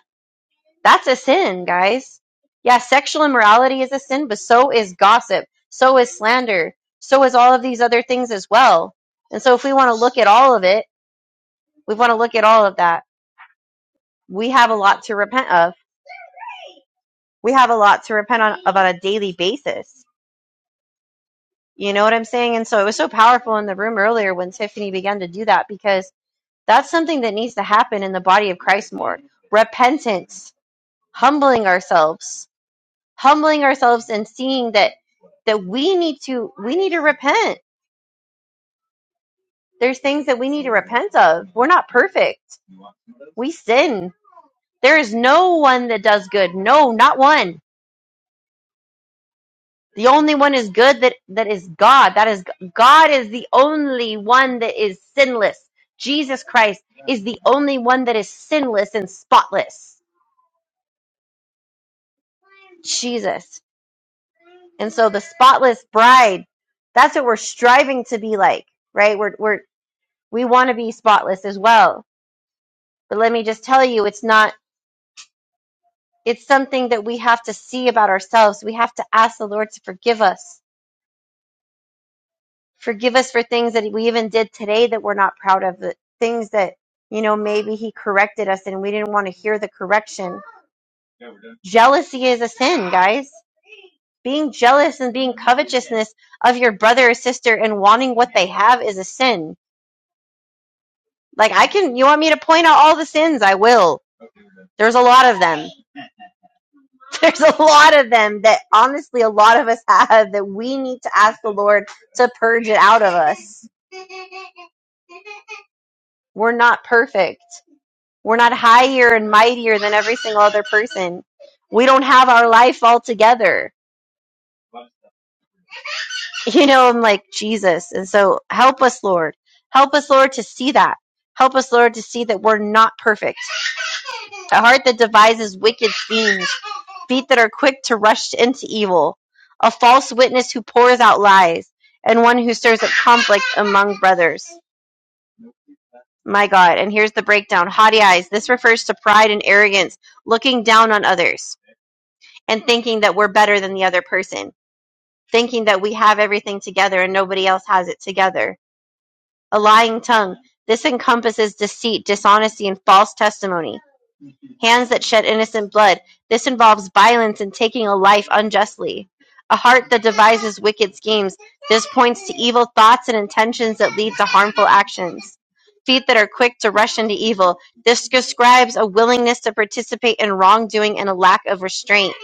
That's a sin, guys. Yeah, sexual immorality is a sin, but so is gossip, so is slander, so is all of these other things as well. And so if we want to look at all of it, we want to look at all of that. We have a lot to repent of. We have a lot to repent on, of on a daily basis. You know what I'm saying? And so it was so powerful in the room earlier when Tiffany began to do that because That's something that needs to happen in the body of Christ more. Repentance, humbling ourselves, humbling ourselves and seeing that that we need to we need to repent. There's things that we need to repent of. We're not perfect. We sin. There is no one that does good. No, not one. The only one is good that that is God. That is God is the only one that is sinless. Jesus Christ is the only one that is sinless and spotless. Jesus. And so the spotless bride, that's what we're striving to be like, right? We're we're we want to be spotless as well. But let me just tell you, it's not it's something that we have to see about ourselves. We have to ask the Lord to forgive us. Forgive us for things that we even did today that we're not proud of, the things that you know, maybe he corrected us and we didn't want to hear the correction. Jealousy is a sin, guys. Being jealous and being covetousness of your brother or sister and wanting what they have is a sin Like I can you want me to point out all the sins? I will. There's a lot of them. [LAUGHS] There's a lot of them that honestly a lot of us have that we need to ask the Lord to purge it out of us. We're not perfect. We're not higher and mightier than every single other person. We don't have our life all together you know, I'm like, Jesus. And so help us, Lord. Help us, Lord, to see that. Help us, Lord, to see that we're not perfect. A heart that devises wicked schemes, feet that are quick to rush into evil, a false witness who pours out lies, and one who stirs up conflict among brothers. My God. And here's the breakdown haughty eyes. This refers to pride and arrogance, looking down on others and thinking that we're better than the other person, thinking that we have everything together and nobody else has it together A lying tongue. This encompasses deceit, dishonesty, and false testimony. Hands that shed innocent blood. This involves violence and taking a life unjustly. A heart that devises wicked schemes. This points to evil thoughts and intentions that lead to harmful actions. Feet that are quick to rush into evil. This describes a willingness to participate in wrongdoing and a lack of restraint.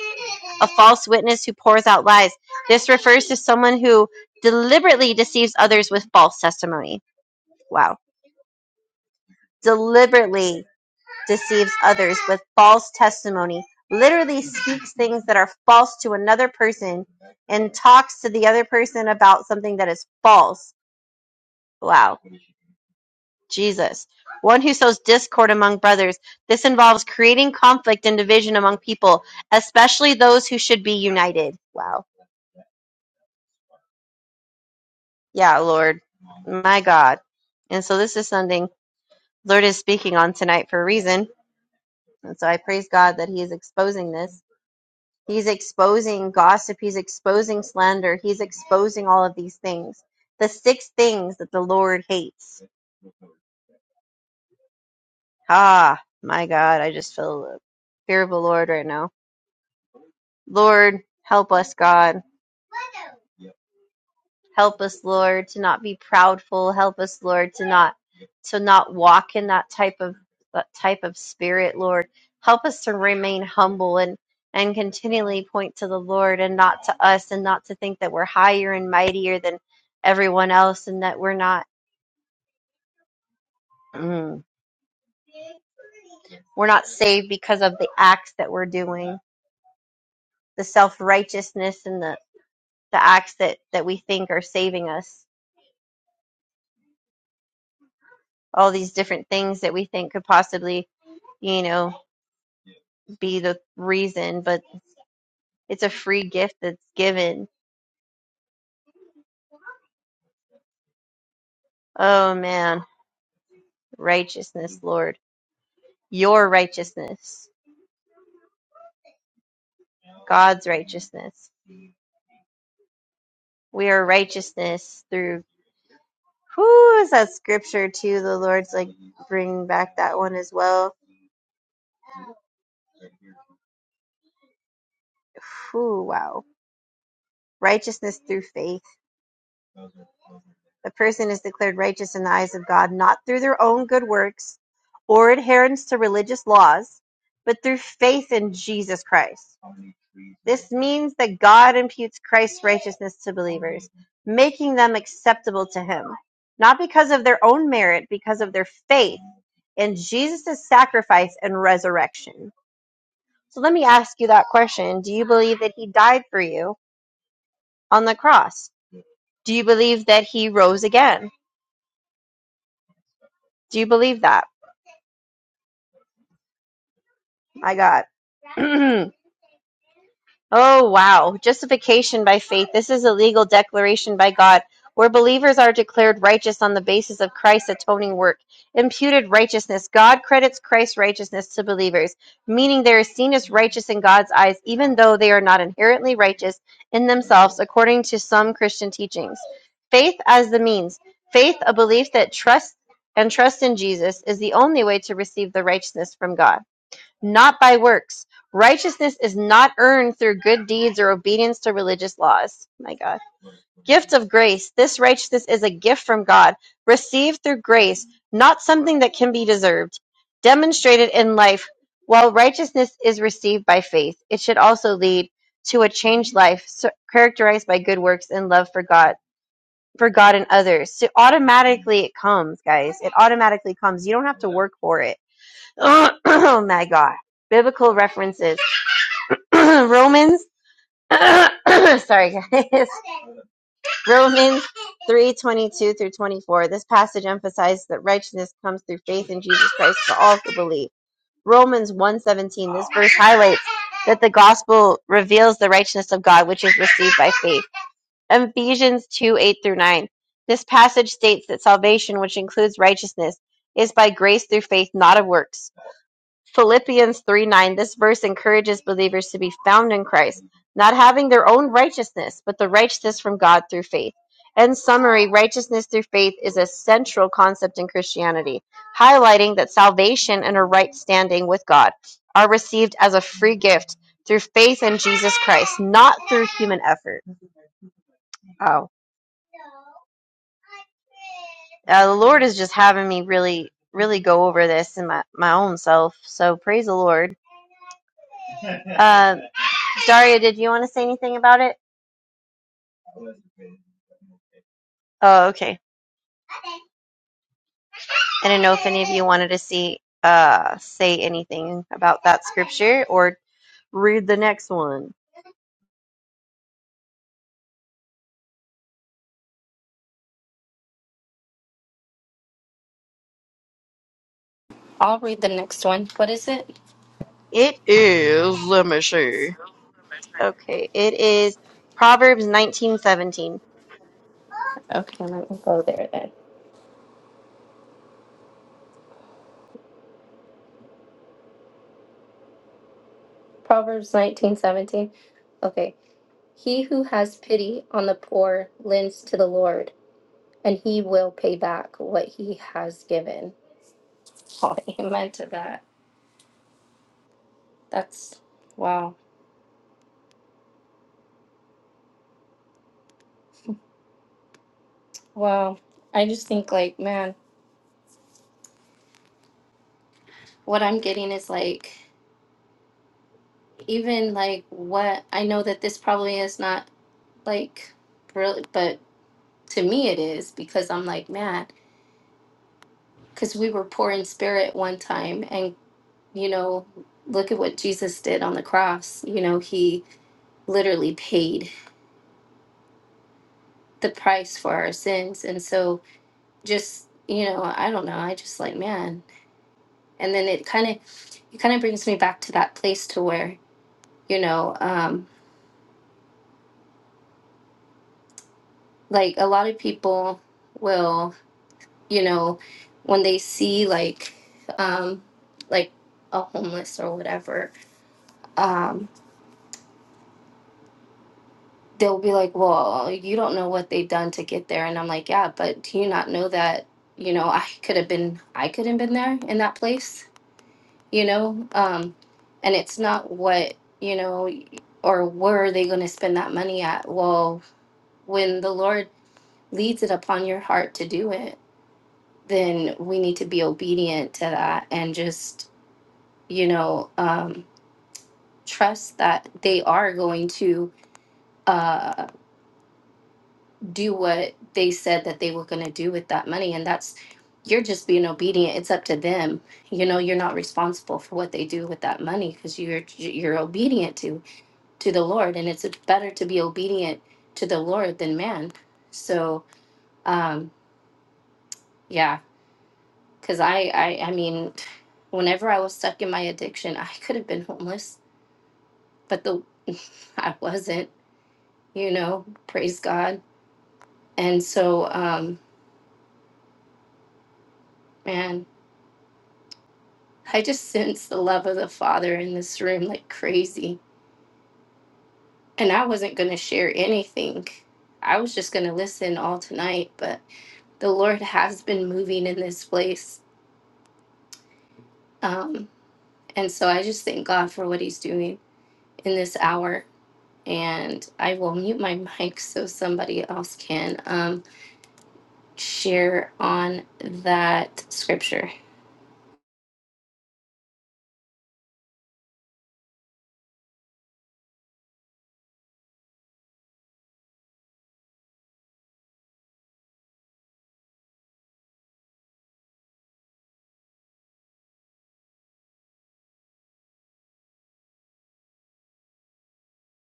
A false witness who pours out lies. This refers to someone who deliberately deceives others with false testimony. Wow deliberately deceives others with false testimony, literally speaks things that are false to another person, and talks to the other person about something that is false. Wow, Jesus. One who sows discord among brothers. This involves creating conflict and division among people, especially those who should be united. Wow. Yeah, Lord. My God. And so this is something Lord is speaking on tonight for a reason. And so I praise God that He is exposing this He's exposing gossip. He's exposing slander. He's exposing all of these things. The six things that the Lord hates. Ah, my God. I just feel the fear of the Lord right now. Lord, help us, God. Help us, Lord, to not be proudful. Help us, Lord, to not to not walk in that type of that type of spirit, Lord. Help us to remain humble and and continually point to the Lord and not to us and not to think that we're higher and mightier than everyone else and that we're not mm, we're not saved because of the acts that we're doing, the self-righteousness and the the acts that that we think are saving us. All these different things that we think could possibly you know be the reason, but it's a free gift that's given. Oh man, righteousness, Lord. Your righteousness, God's righteousness. We are righteousness through who is that scripture too? The Lord's like bring back that one as well. Whew, wow. Righteousness through faith. The person is declared righteous in the eyes of God not through their own good works or adherence to religious laws, but through faith in Jesus Christ. This means that God imputes Christ's righteousness to believers, making them acceptable to Him, not because of their own merit, because of their faith in Jesus' sacrifice and resurrection. So let me ask you that question Do you believe that He died for you on the cross? Do you believe that He rose again? Do you believe that? I got. [CLEARS THROAT] oh, wow. Justification by faith. This is a legal declaration by God where believers are declared righteous on the basis of Christ's atoning work. Imputed righteousness. God credits Christ's righteousness to believers, meaning they are seen as righteous in God's eyes, even though they are not inherently righteous in themselves, according to some Christian teachings. Faith as the means. Faith, a belief that trust and trust in Jesus is the only way to receive the righteousness from God not by works. Righteousness is not earned through good deeds or obedience to religious laws. My God. Gift of grace. This righteousness is a gift from God, received through grace, not something that can be deserved. Demonstrated in life, while righteousness is received by faith, it should also lead to a changed life so- characterized by good works and love for God, for God and others. So automatically it comes, guys. It automatically comes. You don't have to work for it [CLEARS THROAT] oh my god biblical references [CLEARS THROAT] romans [CLEARS THROAT] sorry guys [LAUGHS] romans three twenty-two through 24 this passage emphasizes that righteousness comes through faith in jesus christ for all who believe romans one 17. this verse highlights that the gospel reveals the righteousness of god which is received by faith ephesians 2 8 through 9 this passage states that salvation which includes righteousness is by grace through faith not of works Philippians 3 9. This verse encourages believers to be found in Christ, not having their own righteousness, but the righteousness from God through faith. In summary, righteousness through faith is a central concept in Christianity, highlighting that salvation and a right standing with God are received as a free gift through faith in Jesus Christ, not through human effort. Oh, uh, the Lord is just having me really, really go over this in my, my own self. So praise the Lord. Um, Daria, did you want to say anything about it? Oh, okay. I didn't know if any of you wanted to see uh say anything about that scripture or read the next one. I'll read the next one. What is it? It is let me see. Okay, it is Proverbs nineteen seventeen. Okay, let me go there then. Proverbs nineteen seventeen. Okay. He who has pity on the poor lends to the Lord, and he will pay back what he has given. [LAUGHS] Oh, amen to that. That's wow. Wow. I just think, like, man, what I'm getting is like, even like what I know that this probably is not like really, but to me it is because I'm like, man, because we were poor in spirit one time and. you know, look at what Jesus did on the cross. You know, he literally paid the price for our sins. And so just, you know, I don't know, I just like, man. And then it kind of it kind of brings me back to that place to where, you know, um like a lot of people will, you know, when they see like um like a homeless or whatever, um they'll be like, "Well, you don't know what they've done to get there," and I'm like, "Yeah, but do you not know that you know I could have been I could have been there in that place, you know?" Um, and it's not what you know, or where are they going to spend that money at? Well, when the Lord leads it upon your heart to do it, then we need to be obedient to that and just you know um, trust that they are going to. Uh, do what they said that they were going to do with that money and that's you're just being obedient it's up to them you know you're not responsible for what they do with that money because you're you're obedient to to the lord and it's better to be obedient to the lord than man so um yeah because I, I i mean whenever i was stuck in my addiction i could have been homeless but the [LAUGHS] i wasn't you know praise god and so um man I just sensed the love of the Father in this room like crazy. And I wasn't going to share anything. I was just going to listen all tonight. But the Lord has been moving in this place. Um, and so I just thank God for what He's doing in this hour. And I will mute my mic so somebody else can um, share on that scripture.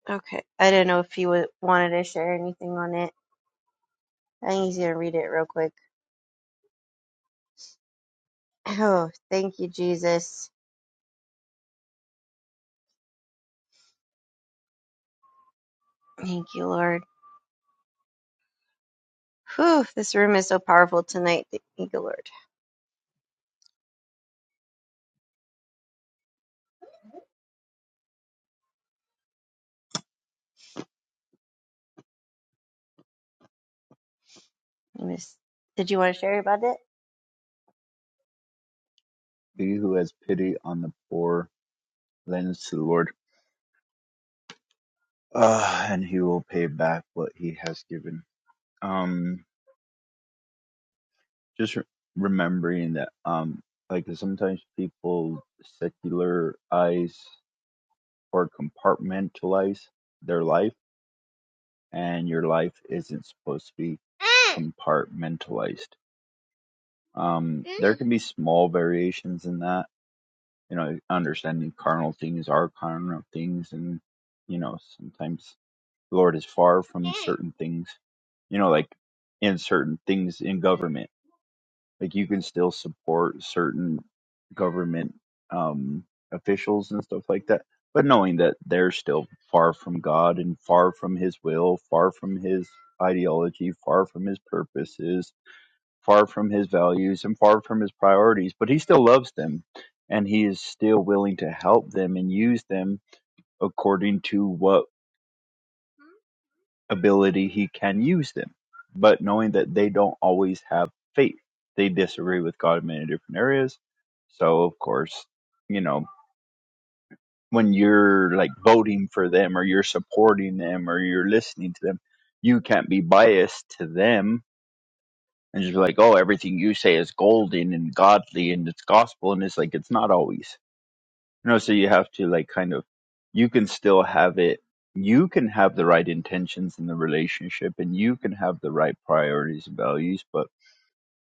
Okay. I didn't know if you wa- wanted to share anything on it. I think he's gonna read it real quick. [SIGHS] Oh, thank you, Jesus. Thank you, Lord. Whew, this room is so powerful tonight. Thank you, Lord. I miss- Did you want to share about He who has pity on the poor lends to the Lord, uh, and he will pay back what he has given. Um, just re- remembering that um like sometimes people secularize or compartmentalize their life and your life isn't supposed to be compartmentalized um there can be small variations in that you know understanding carnal things are carnal things and you know sometimes the lord is far from certain things you know like in certain things in government like you can still support certain government um, officials and stuff like that, but knowing that they're still far from God and far from His will, far from His ideology, far from His purposes, far from His values, and far from His priorities, but He still loves them and He is still willing to help them and use them according to what ability he can use them. But knowing that they don't always have faith, they disagree with God in many different areas. So, of course, you know, when you're like voting for them or you're supporting them or you're listening to them, you can't be biased to them and just be like, oh, everything you say is golden and godly and it's gospel. And it's like, it's not always. No, so you have to like kind of you can still have it you can have the right intentions in the relationship and you can have the right priorities and values, but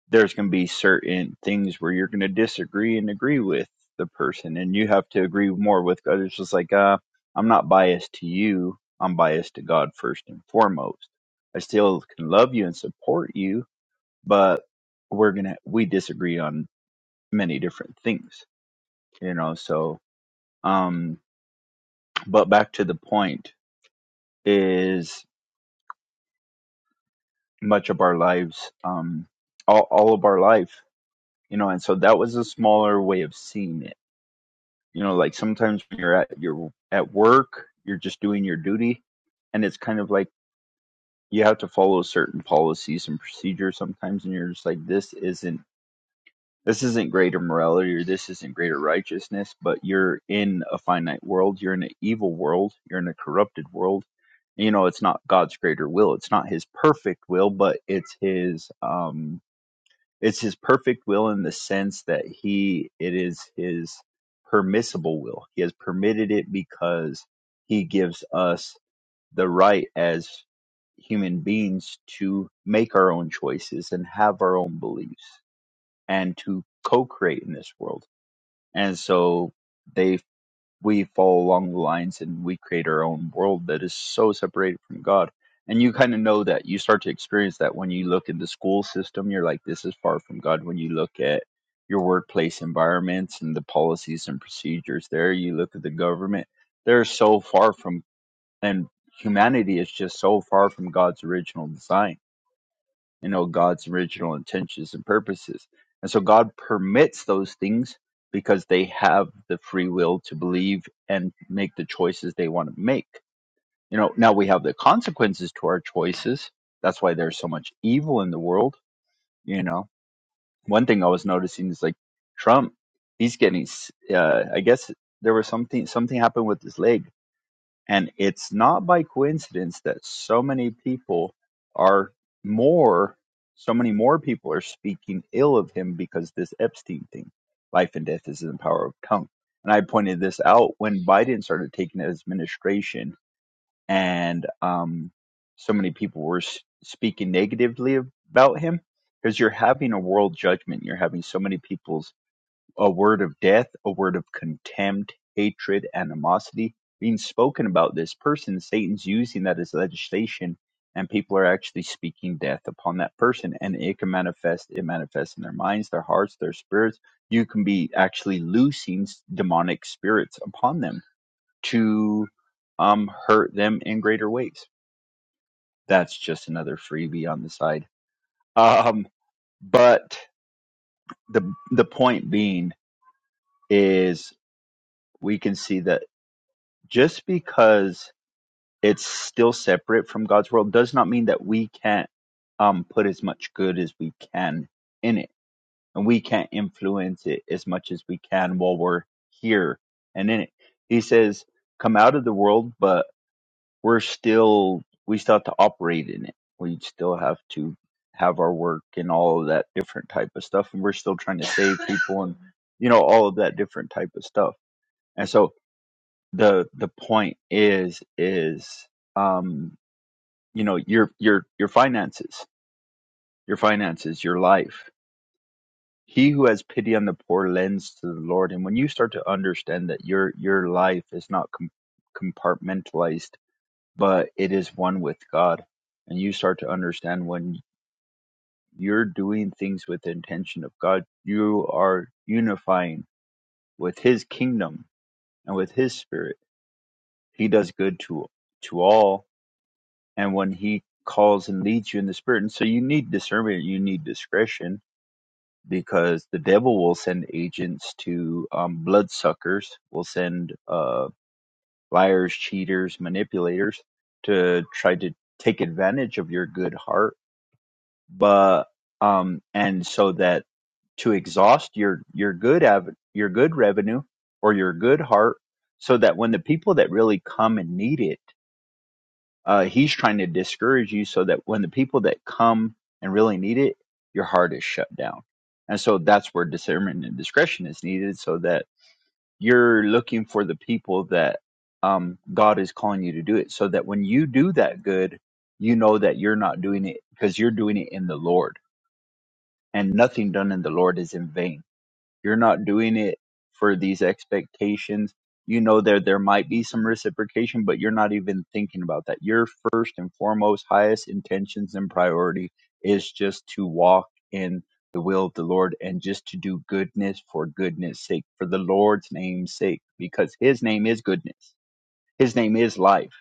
there's gonna be certain things where you're gonna disagree and agree with the person and you have to agree more with God. It's just like uh I'm not biased to you, I'm biased to God first and foremost. I still can love you and support you, but we're gonna we disagree on many different things, you know, so um but back to the point is much of our lives um all, all of our life you know and so that was a smaller way of seeing it you know like sometimes when you're at you're at work you're just doing your duty and it's kind of like you have to follow certain policies and procedures sometimes and you're just like this isn't This isn't greater morality or this isn't greater righteousness, but you're in a finite world. You're in an evil world. You're in a corrupted world. You know, it's not God's greater will. It's not His perfect will, but it's His um, it's His perfect will in the sense that He it is His permissible will. He has permitted it because He gives us the right as human beings to make our own choices and have our own beliefs and to co-create in this world. And so they we fall along the lines and we create our own world that is so separated from God. And you kind of know that you start to experience that when you look in the school system, you're like, this is far from God. When you look at your workplace environments and the policies and procedures there, you look at the government, they're so far from, and humanity is just so far from God's original design you know God's original intentions and purposes. And so God permits those things because they have the free will to believe and make the choices they want to make. You know, now we have the consequences to our choices. That's why there's so much evil in the world, you know. One thing I was noticing is like Trump, he's getting s- uh I guess there was something something happened with his leg and it's not by coincidence that so many people are more, so many more people are speaking ill of him because this Epstein thing, life and death is in the power of tongue. And I pointed this out when Biden started taking his administration, and um, so many people were s- speaking negatively about him because you're having a world judgment. You're having so many people's a word of death, a word of contempt, hatred, animosity being spoken about this person. Satan's using that as legislation, and people are actually speaking death upon that person. And it can manifest, it manifests in their minds, their hearts, their spirits. You can be actually loosing s- demonic spirits upon them to um, hurt them in greater ways. That's just another freebie on the side. Um, but the the point being is we can see that just because it's still separate from God's world does not mean that we can't um, put as much good as we can in it, and we can't influence it as much as we can while we're here and in it. He says, "Come out of the world," but we're still we still have to operate in it. We still have to have our work and all of that different type of stuff, and we're still trying to save people and you know all of that different type of stuff. And so the the point is is um you know your your your finances your finances your life he who has pity on the poor lends to the lord and when you start to understand that your your life is not com- compartmentalized but it is one with god and you start to understand when you're doing things with the intention of god you are unifying with his kingdom and with his spirit he does good to to all and when he calls and leads you in the spirit and so you need discernment you need discretion because the devil will send agents to um, bloodsuckers will send uh, liars cheaters manipulators to try to take advantage of your good heart but um and so that to exhaust your your good av- your good revenue or your good heart so that when the people that really come and need it Uh, he's trying to discourage you so that when the people that come and really need it, your heart is shut down. And so that's where discernment and discretion is needed so that you're looking for the people that um, God is calling you to do it so that when you do that good, you know that you're not doing it because you're doing it in the Lord and nothing done in the Lord is in vain you're not doing it for these expectations. You know that there might be some reciprocation, but you're not even thinking about that. Your first and foremost, highest intentions and priority is just to walk in the will of the Lord and just to do goodness for goodness sake, for the Lord's name's sake, because his name is goodness. His name is life.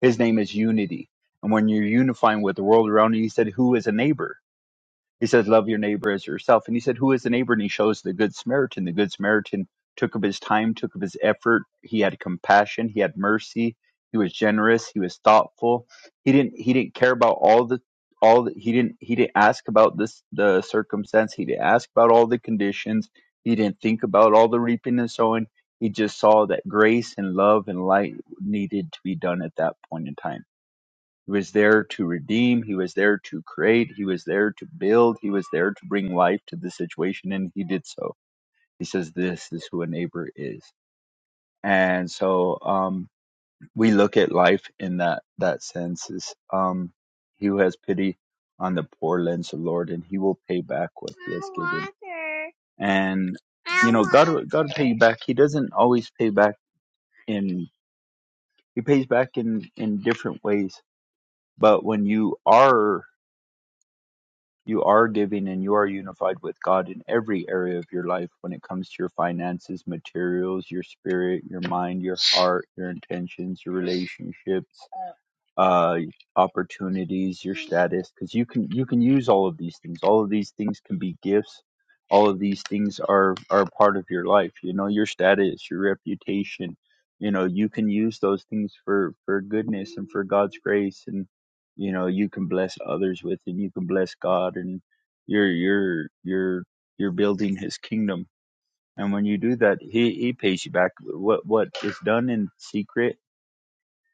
His name is unity. And when you're unifying with the world around you, he said, Who is a neighbor? He says, Love your neighbor as yourself. And he said, Who is the neighbor? And he shows the Good Samaritan. The Good Samaritan took up his time, took up his effort. He had compassion. He had mercy. He was generous. He was thoughtful. He didn't he didn't care about all the all the, he didn't he didn't ask about this the circumstance. He didn't ask about all the conditions. He didn't think about all the reaping and sowing. He just saw that grace and love and light needed to be done at that point in time he was there to redeem. He was there to create. He was there to build. He was there to bring life to the situation, and he did so. He says, "This is who a neighbor is." And so um, we look at life in that that sense: is um, he who has pity on the poor lends the Lord, and he will pay back what he has given. And you know, God God will pay you back. He doesn't always pay back in. He pays back in in different ways. But when you are You are giving and you are unified with God in every area of your life when it comes to your finances, materials, your spirit, your mind, your heart, your intentions, your relationships uh opportunities your status because you can you can use all of these things all of these things can be gifts all of these things are are part of your life you know your status your reputation you know you can use those things for for goodness and for god's grace and you know you can bless others with and you can bless god and you're you're you're you're building his kingdom and when you do that he he pays you back what what is done in secret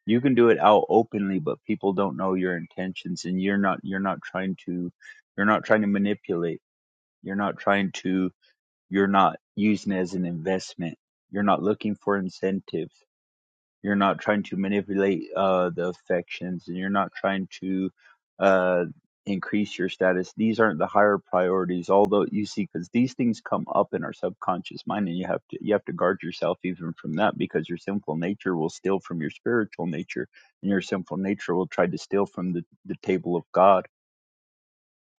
you can do it out openly but people don't know your intentions and you're not you're not trying to you're not trying to manipulate you're not trying to you're not using it as an investment you're not looking for incentives you're not trying to manipulate uh, the affections, and you're not trying to uh, increase your status. These aren't the higher priorities, although you see, because these things come up in our subconscious mind, and you have to you have to guard yourself even from that, because your sinful nature will steal from your spiritual nature, and your sinful nature will try to steal from the, the table of God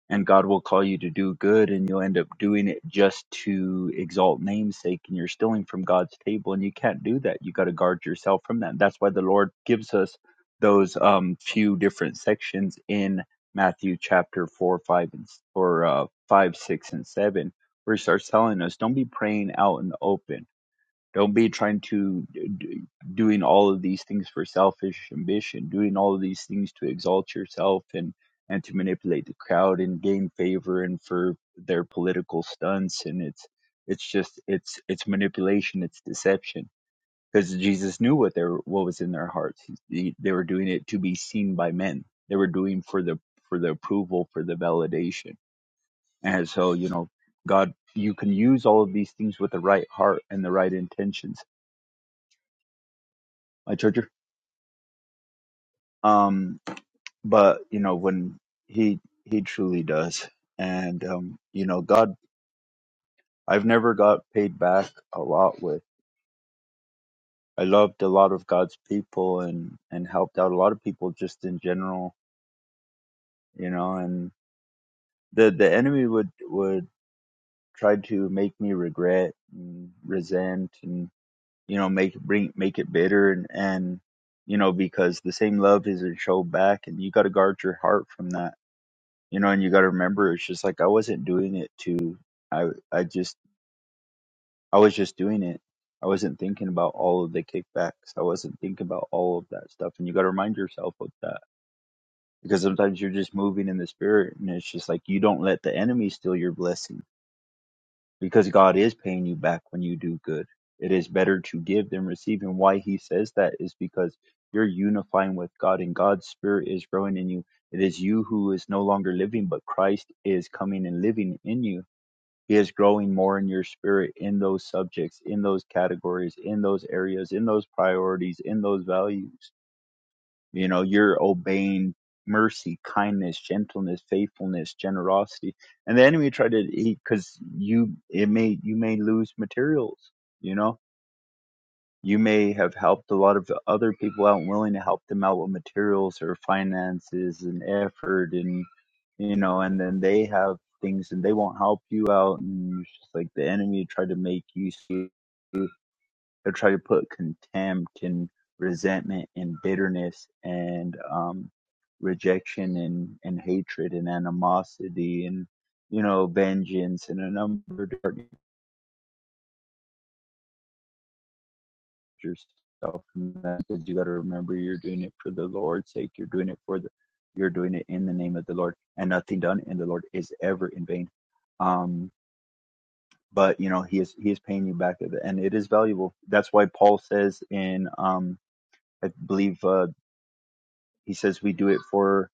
and God will call you to do good, and you'll end up doing it just to exalt namesake, and you're stealing from God's table, and you can't do that. You got to guard yourself from that. That's why the Lord gives us those um, few different sections in Matthew chapter four, five, and s- or uh, five, six, and seven, where He starts telling us, "Don't be praying out in the open." Don't be trying to d- doing all of these things for selfish ambition, doing all of these things to exalt yourself and and to manipulate the crowd and gain favor and for their political stunts and it's it's just it's it's manipulation, it's deception because Jesus knew what their what was in their hearts. He, they were doing it to be seen by men. They were doing for the for the approval, for the validation. And so, you know, God, you can use all of these things with the right heart and the right intentions my charger. Um, but you know, when he he truly does, and um, you know, God, I've never got paid back a lot with. I loved a lot of God's people and and helped out a lot of people just in general, you know. And the the enemy would would try to make me regret and resent and you know make bring make it bitter and and you know because the same love isn't shown back and you got to guard your heart from that you know and you got to remember it's just like i wasn't doing it to i i just i was just doing it i wasn't thinking about all of the kickbacks i wasn't thinking about all of that stuff and you got to remind yourself of that because sometimes you're just moving in the spirit and it's just like you don't let the enemy steal your blessing because god is paying you back when you do good it is better to give than receive and why he says that is because you're unifying with god and god's spirit is growing in you it is you who is no longer living but christ is coming and living in you He is growing more in your spirit in those subjects, in those categories, in those areas, in those priorities, in those values. You know, you're obeying mercy, kindness, gentleness, faithfulness, generosity. And the enemy tried to, because you, it may, you may lose materials, you know? You may have helped a lot of other people out and willing to help them out with materials or finances and effort and you know, and then they have things and they won't help you out and it's just like the enemy tried to make you see they'll try to put contempt and resentment and bitterness and um rejection and, and hatred and animosity and you know vengeance and a number of different yourself from that because you got to remember you're doing it for the Lord's sake. You're doing it for the, you're doing it in the name of the Lord, and nothing done in the Lord is ever in vain. Um, but you know he is he is paying you back, at the- and it is valuable. That's why Paul says in um, I believe uh, he says we do it for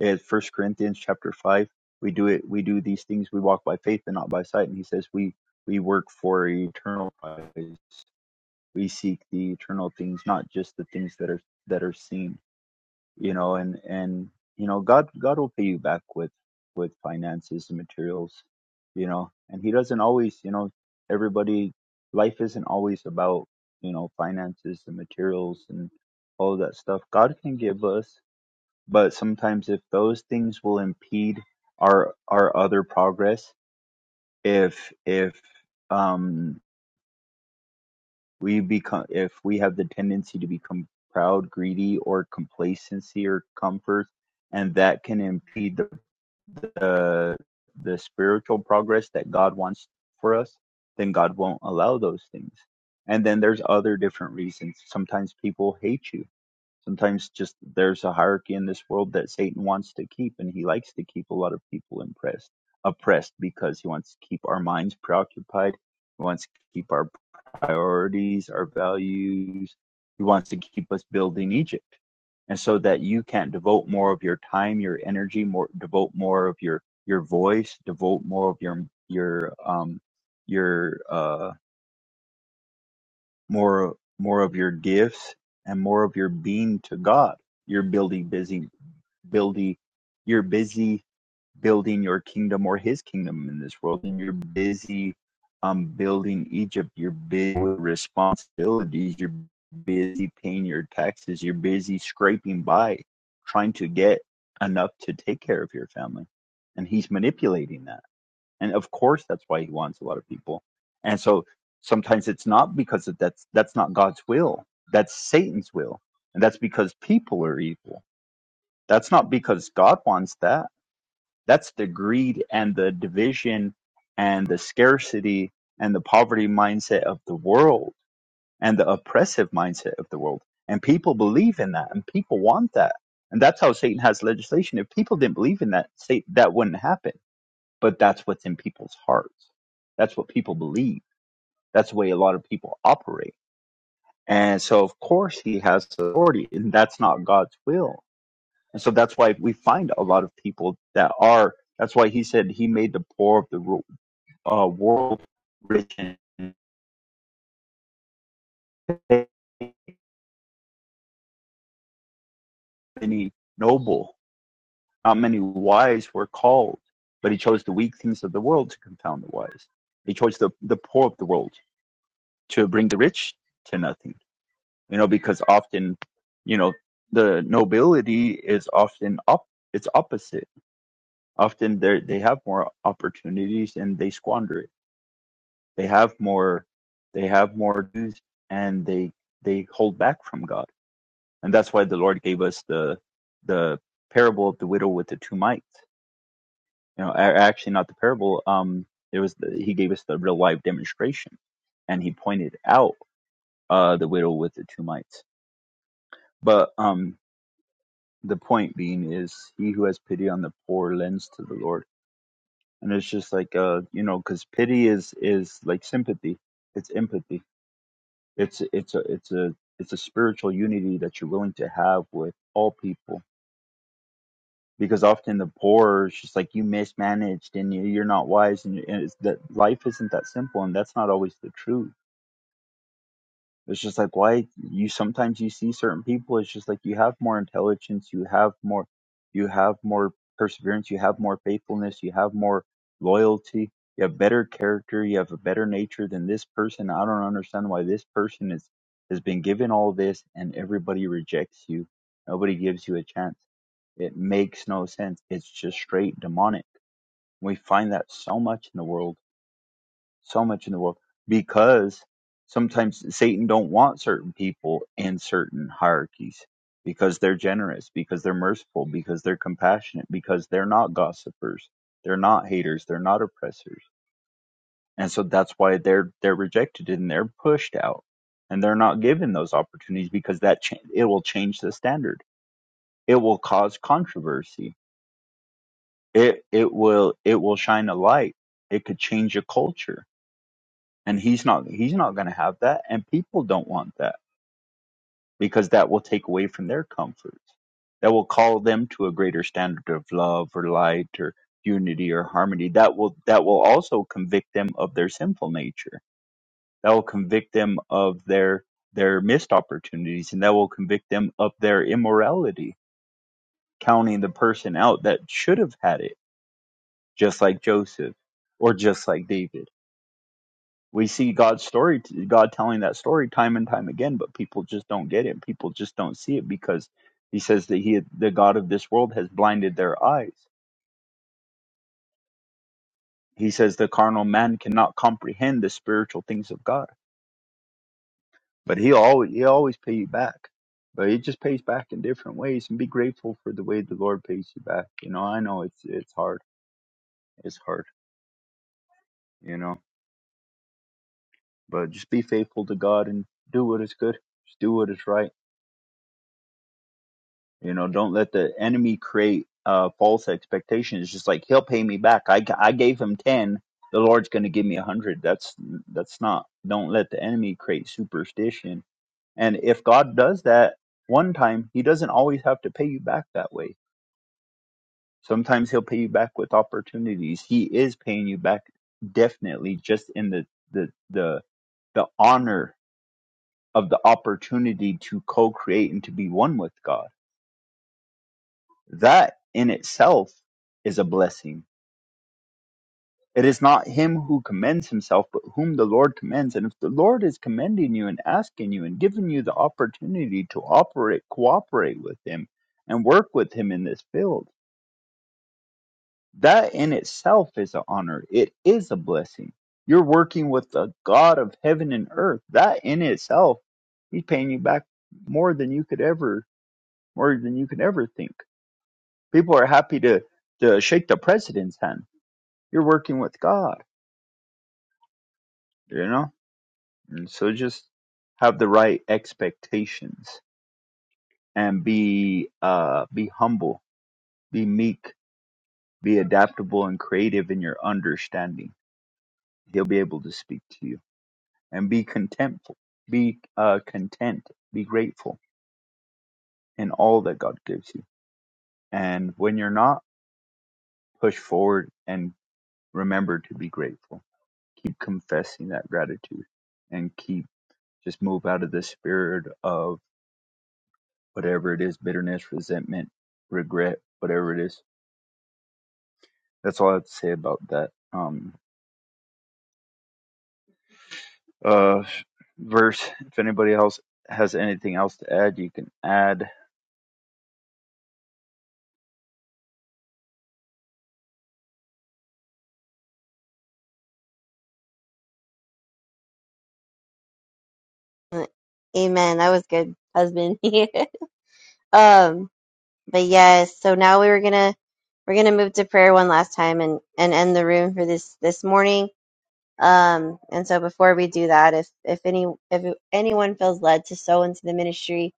uh, First Corinthians chapter five. We do it. We do these things. We walk by faith and not by sight. And he says we we work for eternal prize we seek the eternal things not just the things that are that are seen you know and and you know god god will pay you back with with finances and materials you know and he doesn't always you know everybody life isn't always about you know finances and materials and all that stuff god can give us but sometimes if those things will impede our our other progress if if um We become if we have the tendency to become proud, greedy, or complacency or comfort, and that can impede the the, the spiritual progress that God wants for us, then God won't allow those things. And then there's other different reasons. Sometimes people hate you. Sometimes just there's a hierarchy in this world that Satan wants to keep, and he likes to keep a lot of people impressed, oppressed, because he wants to keep our minds preoccupied. He wants to keep our priorities, our values. He wants to keep us building Egypt. And so that you can devote more of your time, your energy, more devote more of your your voice, devote more of your your um your uh more more of your gifts and more of your being to God. You're building busy building you're busy building your kingdom or his kingdom in this world and you're busy um, building egypt you're busy with responsibilities you're busy paying your taxes you're busy scraping by trying to get enough to take care of your family and he's manipulating that and of course that's why he wants a lot of people and so sometimes it's not because of that's that's not god's will that's satan's will and that's because people are evil that's not because god wants that that's the greed and the division and the scarcity and the poverty mindset of the world and the oppressive mindset of the world. And people believe in that and people want that. And that's how Satan has legislation. If people didn't believe in that, Satan, that wouldn't happen. But that's what's in people's hearts. That's what people believe. That's the way a lot of people operate. And so, of course, he has authority, and that's not God's will and so that's why we find a lot of people that are, that's why he said he made the poor of the ru- uh, world rich and many noble, not many wise were called, but he chose the weak things of the world to confound the wise. He chose the, the poor of the world to bring the rich to nothing, you know, because often, you know, the nobility is often up, it's opposite. Often they they have more opportunities and they squander it They have more they have more dues and they they hold back from God. And that's why the Lord gave us the the parable of the widow with the two mites. You know, actually not the parable. Um, it was the, he gave us the real life demonstration, and he pointed out uh the widow with the two mites. But um, the point being is, he who has pity on the poor lends to the Lord, and it's just like uh, you know, because pity is is like sympathy. It's empathy It's it's a it's a it's a spiritual unity that you're willing to have with all people because often the poor is just like you mismanaged and you- you're not wise and, and it's that life isn't that simple and that's not always the truth. It's just like why you sometimes you see certain people, it's just like you have more intelligence, you have more you have more perseverance, you have more faithfulness, you have more loyalty, you have better character, you have a better nature than this person. I don't understand why this person is has been given all this and everybody rejects you. Nobody gives you a chance. It makes no sense. It's just straight demonic. We find that so much in the world so much in the world because sometimes satan don't want certain people in certain hierarchies because they're generous because they're merciful because they're compassionate because they're not gossipers they're not haters they're not oppressors and so that's why they're they're rejected and they're pushed out and they're not given those opportunities because that cha- it will change the standard it will cause controversy it it will it will shine a light it could change a culture and he's not he's not going to have that and people don't want that because that will take away from their comforts that will call them to a greater standard of love or light or unity or harmony that will that will also convict them of their sinful nature that will convict them of their their missed opportunities and that will convict them of their immorality counting the person out that should have had it just like joseph or just like david we see God's story, God telling that story time and time again, but people just don't get it. People just don't see it because he says that he, the God of this world, has blinded their eyes. He says the carnal man cannot comprehend the spiritual things of God, but he always he always pay you back. But he just pays back in different ways, and be grateful for the way the Lord pays you back. You know, I know it's it's hard, it's hard, you know, but just be faithful to God and do what is good, just do what is right You know, don't let the enemy create uh, false expectations. Just like he'll pay me back. I, I gave him ten. The Lord's going to give me a hundred. That's that's not. Don't let the enemy create superstition. And if God does that one time, He doesn't always have to pay you back that way. Sometimes He'll pay you back with opportunities. He is paying you back definitely, just in the the the the honor of the opportunity to co-create and to be one with God That in itself is a blessing. It is not him who commends himself, but whom the Lord commends. And if the Lord is commending you and asking you and giving you the opportunity to operate, cooperate with him and work with him in this field, that in itself is an honor. It is a blessing. You're working with the God of heaven and earth. That in itself, he's paying you back more than you could ever, more than you could ever think. People are happy to, to shake the president's hand You're working with God, you know? And so just have the right expectations and be uh be humble, be meek, be adaptable and creative in your understanding. He'll be able to speak to you. And be contentful. Be uh content. Be grateful in all that God gives you. And when you're not, push forward and remember to be grateful. Keep confessing that gratitude and keep just move out of the spirit of whatever it is, bitterness, resentment, regret, whatever it is. That's all I have to say about that. Um, uh, verse. If anybody else has anything else to add, you can add. it? Amen. That was good, husband. [LAUGHS] Um, but yes, so now we were gonna we're gonna move to prayer one last time and and end the room for this this morning. Um, and so before we do that, if if any if anyone feels led to sow into the ministry,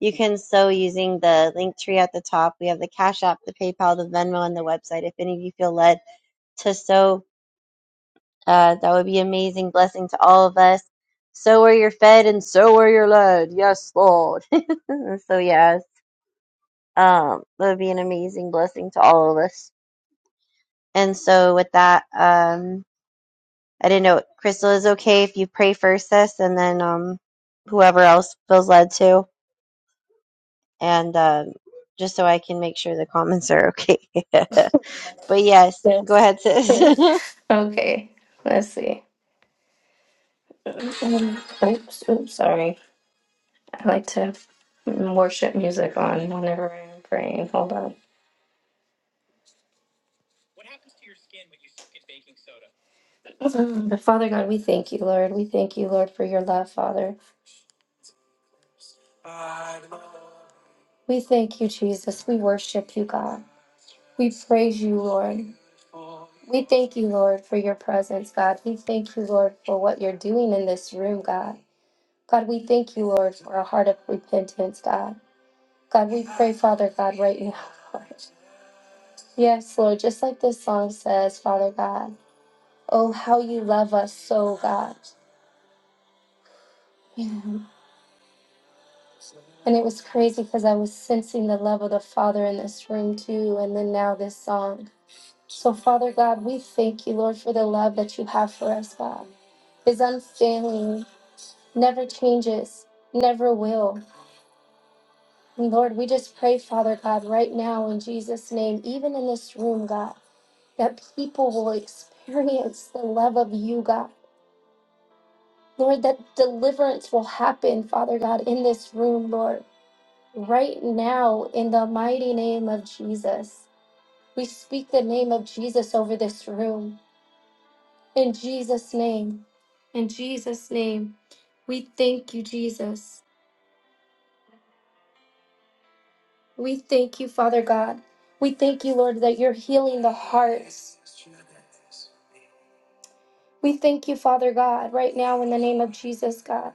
you can sow using the link tree at the top. We have the Cash App, the PayPal, the Venmo, and the website. If any of you feel led to sow, uh, that would be amazing blessing to all of us. So are you're fed, and so are you're led. Yes, Lord. [LAUGHS] so yeah, um, that would be an amazing blessing to all of us. And so with that, um, I didn't know Crystal is okay if you pray first, sis, and then um, whoever else feels led to, and um, just so I can make sure the comments are okay. [LAUGHS] but yes, go Yes. ahead, sis. [LAUGHS] [LAUGHS] okay, let's see. Um, oops, oops, sorry. I like to have worship music on whenever I'm praying. Hold on. Mm, But Father God, we thank you, Lord. We thank you, Lord, for your love, Father. We thank you, Jesus. We worship you, God. We praise you, Lord. We thank you, Lord, for your presence, God. We thank you, Lord, for what you're doing in this room, God. God, we thank you, Lord, for a heart of repentance, God. God, we pray, Father God, right now, [LAUGHS] Lord. Yes, Lord, just like this song says, Father God. Oh, how you love us so, God. Yeah. And it was crazy because I was sensing the love of the Father in this room too. And then now this song. So, Father God, we thank you, Lord, for the love that you have for us, God. Is unfailing, never changes, never will. And Lord, we just pray, Father God, right now in Jesus' name, even in this room, God, that people will experience the love of you, God. Lord, that deliverance will happen, Father God, in this room, Lord. right now in the mighty name of Jesus. We speak the name of Jesus over this room. In Jesus' name. In Jesus' name. We thank you, Jesus. We thank you, Father God. We thank you, Lord, that you're healing the hearts. We thank you, Father God, right now in the name of Jesus, God.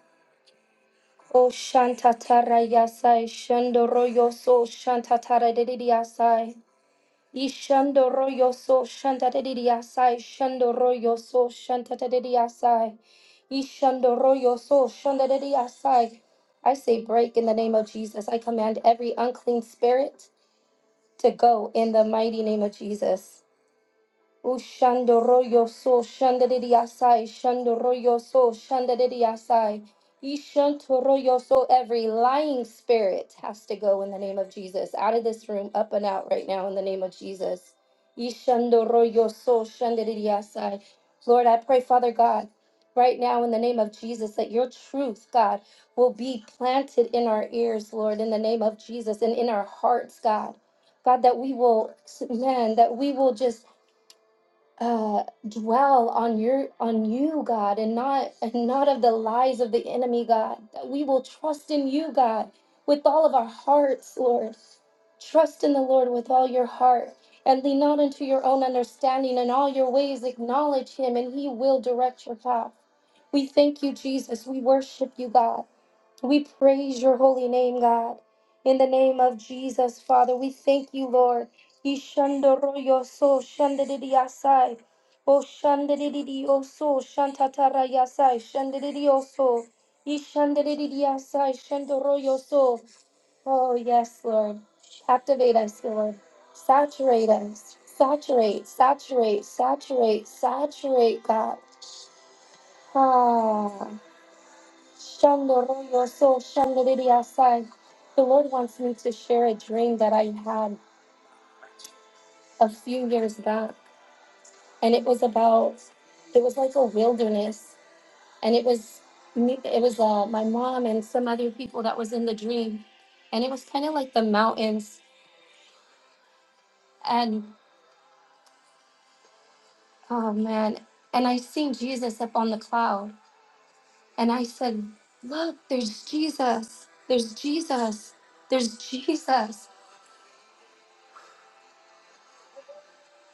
Oh, Shantatara Yasai, Shandoro Yoso, Shantatara Dedidi Yasai. Ishando royo so shanta de diasai, shando royo so shanta de diasai, ishando royo so shanta de diasai. I say break in the name of Jesus. I command every unclean spirit to go in the mighty name of Jesus. Ushando royo so shanda de diasai, shando royo so shanda de diasai. Ishanto royo so every lying spirit has to go in the name of Jesus. Out of this room, up and out right now in the name of Jesus. Ishando royo so shanda de diasai. Lord, I pray, Father God, right now in the name of Jesus, that your truth, God, will be planted in our ears, Lord, in the name of Jesus, and in our hearts, God. God, that we will, man, that we will just uh dwell on your on you god and not and not of the lies of the enemy god that we will trust in you god with all of our hearts lord trust in the lord with all your heart and lean not unto your own understanding in all your ways acknowledge him and he will direct your path we thank you jesus we worship you god we praise your holy name god in the name of jesus father we thank you lord Ishandoro yoso shandidi yasai. O shandidi yoso shantatara yasai. Shandidi yoso. Ishandidi yasai. Shandoro yo so, Oh, yes, Lord. Activate us, Lord. Saturate us. Saturate, saturate, saturate, saturate, God. Ah. Shandoro yoso. Shandidi yasai. The Lord wants me to share a dream that I had a few years back. and it was about it was like a wilderness and it was me it was uh, my mom and some other people that was in the dream and it was kind of like the mountains and oh man and i seen jesus up on the cloud and i said look there's jesus there's jesus there's jesus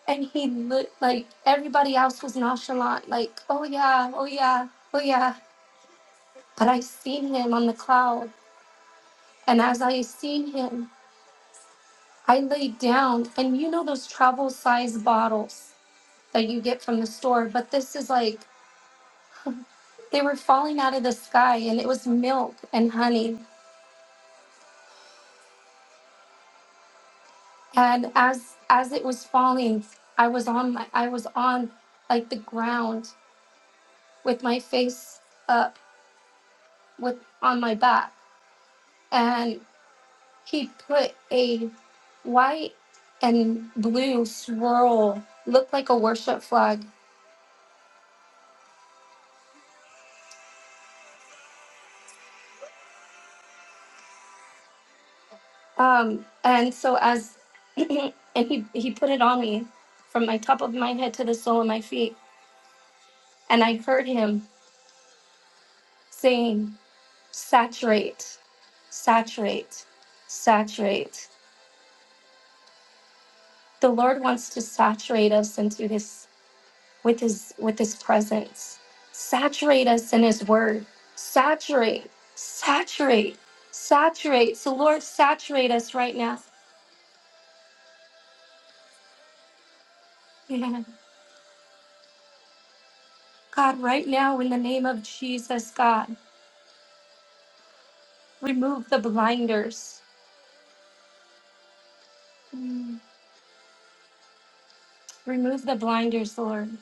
and he looked like everybody else was nonchalant like oh yeah oh yeah oh yeah but i seen him on the cloud and as i seen him I laid down, and you know those travel size bottles that you get from the store, but this is like [LAUGHS] they were falling out of the sky, and it was milk and honey. And as as it was falling, I was on my I was on like the ground with my face up with on my back, and he put a white and blue swirl, looked like a worship flag, Um, and so as [CLEARS THROAT] and he he put it on me from my top of my head to the sole of my feet, and I heard him saying, "Saturate, saturate, saturate." The Lord wants to saturate us into His with His with His presence, saturate us in His Word, saturate, saturate, saturate. So Lord, saturate us right now, [LAUGHS] God, right now in the name of Jesus, God. Remove the blinders. Mm. Remove the blinders, Lord.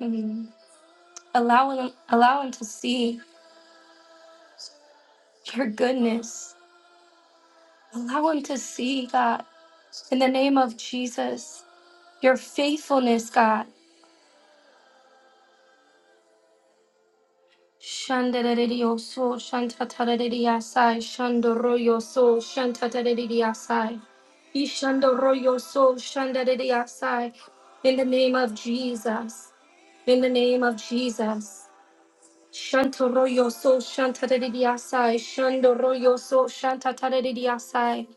Mm. Allow him, allow him to see your goodness. Allow him to see, God, in the name of Jesus, your faithfulness, God. Shandarererioso, shantatarereriasai, shandoroyoso, shantatarereriasai. Ishandoroyoso, shandarereriasai. In the name of Jesus. In the name of Jesus. Shanto royo so shanta dedidiasai. Shando royo so shanta tadedidiasai.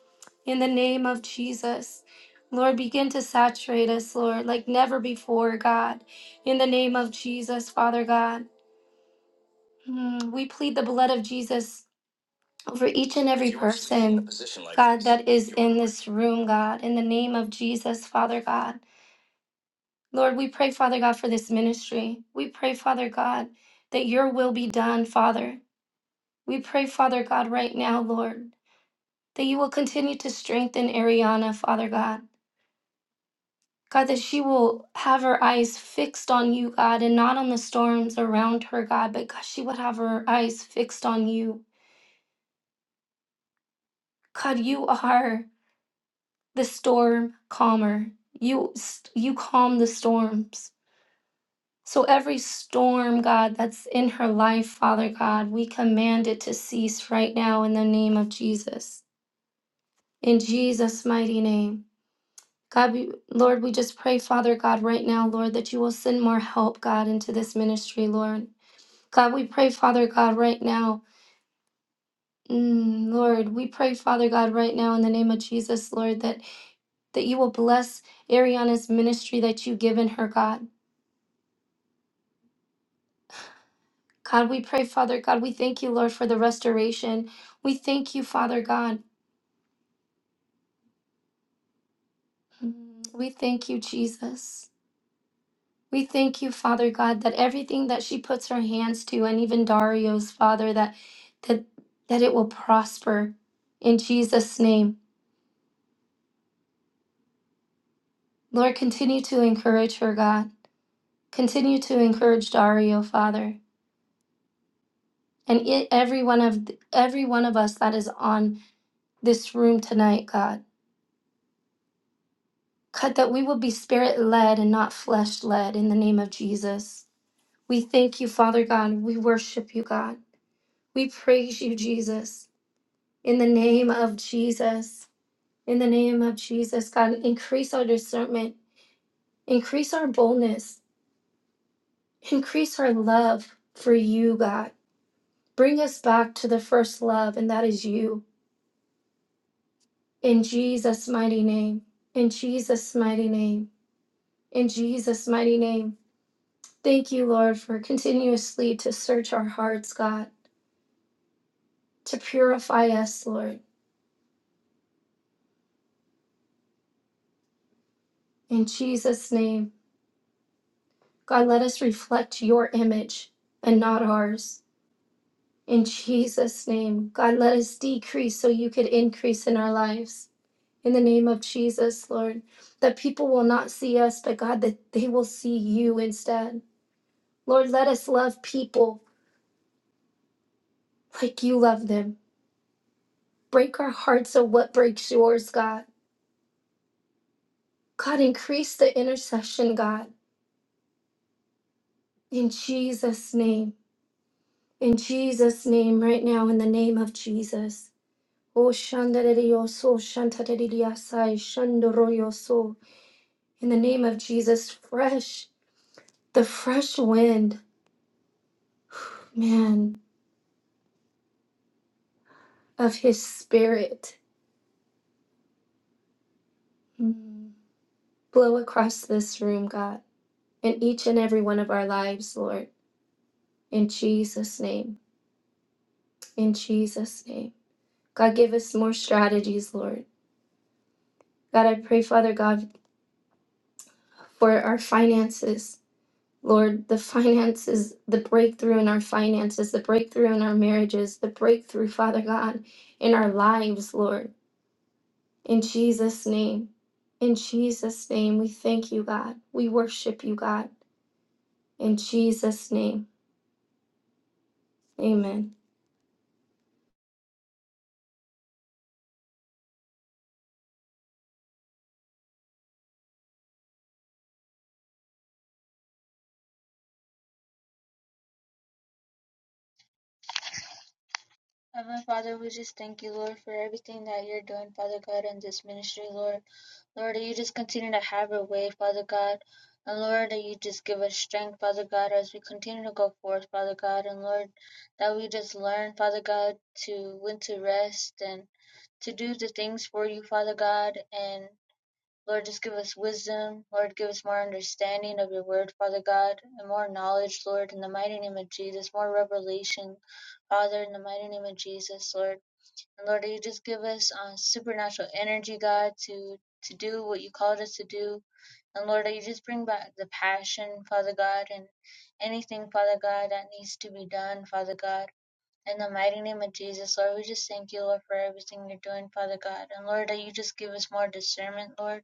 In the name of Jesus. Lord, begin to saturate us, Lord, like never before, God. In the name of Jesus, Father God. Mm, We plead the blood of Jesus over each this room, God. In the name of Jesus, Father God. Lord, we pray, Father God, for this ministry. We pray, Father God, that your will be done, Father. We pray, Father God, right now, Lord. that you will continue to strengthen Ariana, Father God. God, that she will have her eyes fixed on you, God, and not on the storms around her, God, but God, she would have her eyes fixed on you. God, you are the storm calmer. You you calm the storms. So every storm, God, that's in her life, Father God, we command it to cease right now in the name of Jesus. In Jesus' mighty name. God, we, Lord, we just pray, Father God, right now, Lord, that you will send more help, God, into this ministry, Lord. God, we pray, Father God, right now. Mm, Lord, we pray, Father God, right now in the name of Jesus, Lord, that, that you will bless Ariana's ministry that you've given her, God. God, we pray, Father God, we thank you, Lord, for the restoration. We thank you, Father God. Mm, We thank you, Jesus. We thank you, Father God, that everything that she puts her hands to, and even Dario's, Father, that that that it will prosper in Jesus' name. Lord, continue to encourage her, God. Continue to encourage Dario, Father, and e- every one of every one of us that is on this room tonight, God. God, that we will be spirit led and not flesh led in the name of Jesus. We thank you, Father God. We worship you, God. We praise you, Jesus. In the name of Jesus, in the name of Jesus, God, increase our discernment, increase our boldness, increase our love for you, God. Bring us back to the first love, and that is you. In Jesus' mighty name, in Jesus' mighty name, in Jesus' mighty name. Thank you, Lord, for continuously to search our hearts, God, to purify us, Lord. In Jesus' name, God, let us reflect your image and not ours. In Jesus' name, God, let us decrease so you could increase in our lives. In the name of Jesus, Lord, that people will not see us, but God, that they will see you instead. Lord, let us love people like you love them. Break our hearts of what breaks yours, God. God, increase the intercession, God. In Jesus' name. In Jesus' name, right now, in the name of Jesus. Oh, shandarerioso, shantareriasai, shandoroyoso. in the name of Jesus, fresh, the fresh wind, man, of his spirit. Mm. Blow across this room, God, in each and every one of our lives, Lord, in Jesus' name, in Jesus' name. God, give us more strategies, Lord. God, I pray, Father God, for our finances. Lord, the finances, the breakthrough in our finances, the breakthrough in our marriages, the breakthrough, Father God, in our lives, Lord. In Jesus' name, in Jesus' name, we thank you, God. We worship you, God. In Jesus' name, amen. Heavenly Father, we just thank you, Lord, for everything that you're doing, Father God, in this ministry, Lord. Lord, that you just continue to have your way, Father God. And Lord, that you just give us strength, Father God, as we continue to go forth, Father God. And Lord, that we just learn, Father God, to when to rest and to do the things for you, Father God, and Lord, just give us wisdom. Lord, give us more understanding of your word, Father God, and more knowledge, Lord, in the mighty name of Jesus, more revelation, Father, in the mighty name of Jesus, Lord. And Lord, you just give us uh, supernatural energy, God, to, to do what you called us to do. And Lord, you just bring back the passion, Father God, and anything, Father God, that needs to be done, Father God. In the mighty name of Jesus, Lord, we just thank you, Lord, for everything you're doing, Father God. And Lord, that you just give us more discernment, Lord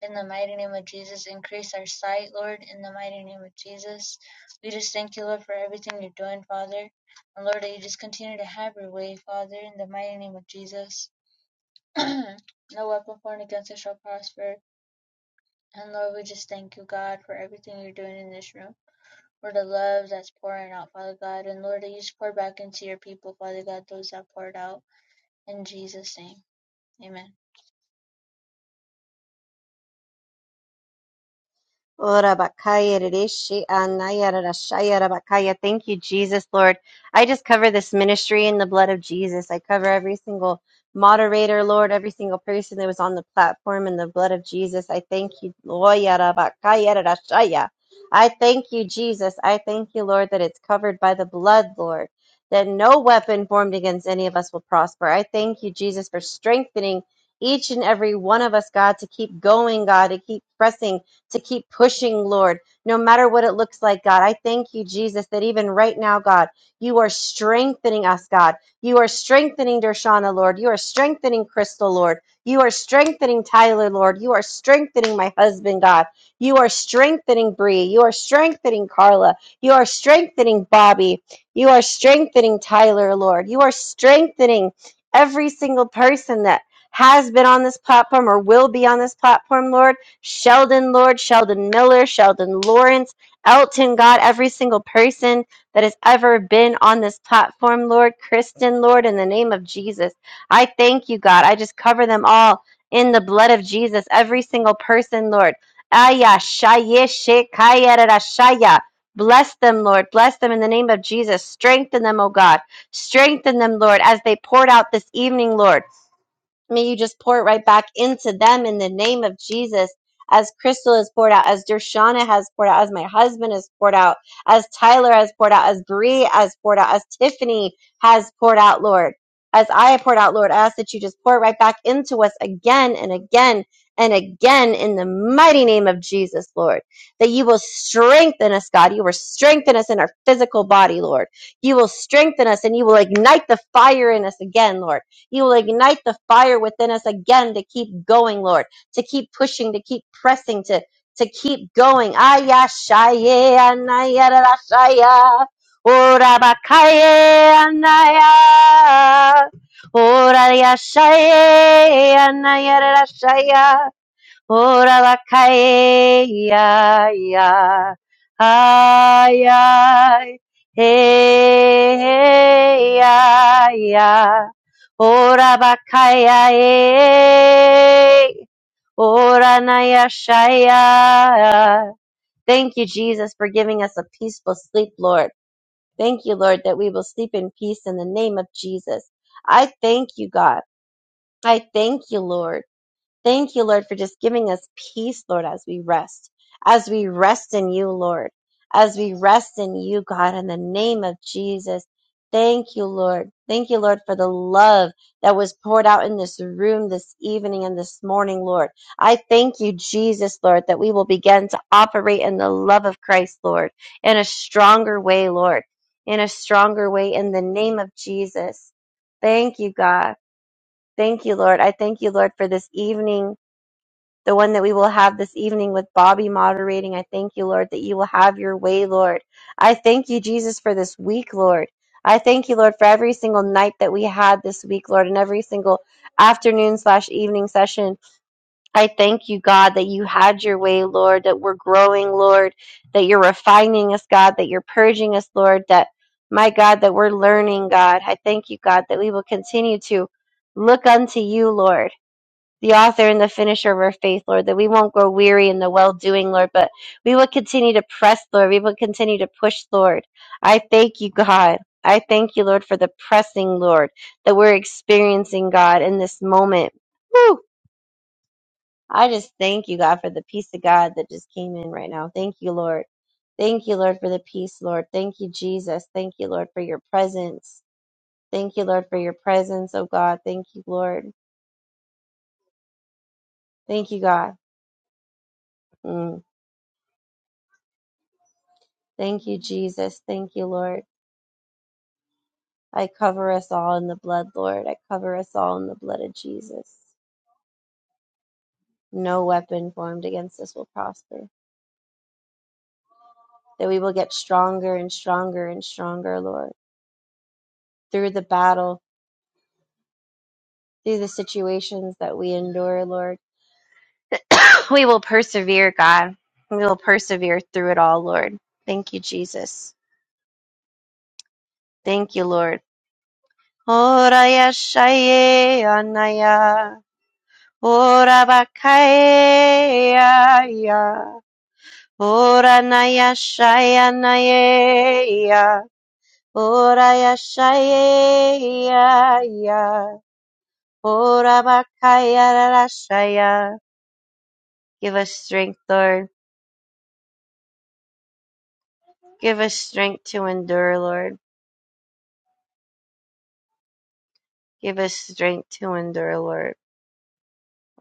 in the mighty name of Jesus, increase our sight, Lord. In the mighty name of Jesus, we just thank you, Lord, for everything you're doing, Father. And Lord, that you just continue to have your way, Father, in the mighty name of Jesus. [CLEARS THROAT] no weapon formed against us shall prosper. And Lord, we just thank you, God, for everything you're doing in this room, for the love that's pouring out, Father God. And Lord, that you just pour back into your people, Father God, those that poured out. In Jesus' name, amen. Ora bakaya rishi anaya rarashaya rabakaya. Thank you, Jesus, Lord. I just cover this ministry in the blood of Jesus. I cover every single moderator, Lord, every single person that was on the platform in the blood of Jesus. I thank you, Loya rabakaya rarashaya. I thank you, Jesus. I thank you, Lord, that it's covered by the blood, Lord, that no weapon formed against any of us will prosper. I thank you, Jesus, for strengthening each and every one of us, God, to keep going, God, to keep pressing to keep pushing, Lord, no matter what it looks like, God. I thank you, Jesus, that even right now, God, you are strengthening us, God. You are strengthening Dershana, Lord. You are strengthening Crystal, Lord. You are strengthening Tyler, Lord. You are strengthening my husband, God. You are strengthening Bree. You are strengthening Carla. You are strengthening Bobby. You are strengthening Tyler, Lord. You are strengthening every single person that has been on this platform or will be on this platform, Lord. Sheldon Lord, Sheldon Miller, Sheldon Lawrence, Elton, God, every single person that has ever been on this platform, Lord, Kristen, Lord, in the name of Jesus. I thank you, God. I just cover them all in the blood of Jesus, every single person, Lord. Aya, shaya, shekaya, rara, shaya. Bless them, Lord. Bless them in the name of Jesus. Strengthen them, O God. Strengthen them, Lord, as they poured out this evening, Lord. May you just pour it right back into them in the name of Jesus. As Crystal has poured out, as Dershana has poured out, as my husband has poured out, as Tyler has poured out, as Bree has poured out, as Tiffany has poured out, Lord. As I have poured out, Lord, I ask that you just pour it right back into us again and again and again in the mighty name of Jesus, Lord. That you will strengthen us, God. You will strengthen us in our physical body, Lord. You will strengthen us and you will ignite the fire in us again, Lord you will ignite the fire within us again to keep going, Lord, to keep pushing, to keep pressing, to to keep going. Ayashaya, anayarashaya, orabakaya, anaya, orayashaya, anayarashaya. Ora la cae, ay, ay, ay, hey, ay, ay. Ora bakaya e, ora na ya nayashaya. Thank you, Jesus, for giving us a peaceful sleep, Lord. Thank you, Lord, that we will sleep in peace in the name of Jesus. I thank you, God. I thank you, Lord. Thank you, Lord, for just giving us peace, Lord, as we rest, as we rest in you, Lord, as we rest in you, God, in the name of Jesus. Thank you, Lord. Thank you, Lord, for the love that was poured out in this room this evening and this morning, Lord. I thank you, Jesus, Lord, that we will begin to operate in the love of Christ, Lord, in a stronger way, Lord, in a stronger way in the name of Jesus. Thank you, God. Thank you, Lord. I thank you, Lord, for this evening the one that we will have this evening with Bobby moderating. I thank you, Lord, that you will have your way, Lord. I thank you, Jesus, for this week, Lord. I thank you, Lord, for every single night that we had this week, Lord, and every single afternoon slash evening session. I thank you, God, that you had your way, Lord, that we're growing, Lord, that you're refining us, God, that you're purging us, Lord, that my God, that we're learning, God. I thank you, God, that we will continue to look unto you, Lord the author and the finisher of our faith, Lord, that we won't grow weary in the well doing, Lord, but we will continue to press, Lord. We will continue to push, Lord. I thank you, God. I thank you, Lord, for the pressing, Lord, that we're experiencing, God, in this moment. Woo! I just thank you, God, for the peace of God that just came in right now. Thank you, Lord. Thank you, Lord, for the peace, Lord. Thank you, Jesus. Thank you, Lord, for your presence. Thank you, Lord, for your presence, oh God. Thank you, Lord. Thank you, God. Mm. Thank you, Jesus. Thank you, Lord. I cover us all in the blood, Lord. I cover us all in the blood of Jesus. No weapon formed against us will prosper. That we will get stronger and stronger and stronger, Lord. Through the battle, through the situations that we endure, Lord. [COUGHS] we will persevere, God. We will persevere through it all, Lord. Thank you, Jesus. Thank you, Lord. Oraya shaye anaya. Ora bakaya ya. Ora naya shaya naye ya. Ora yashaya ya ya. Ora bakaya rashaya. Give us strength, Lord. Give us strength to endure, Lord. Give us strength to endure, Lord.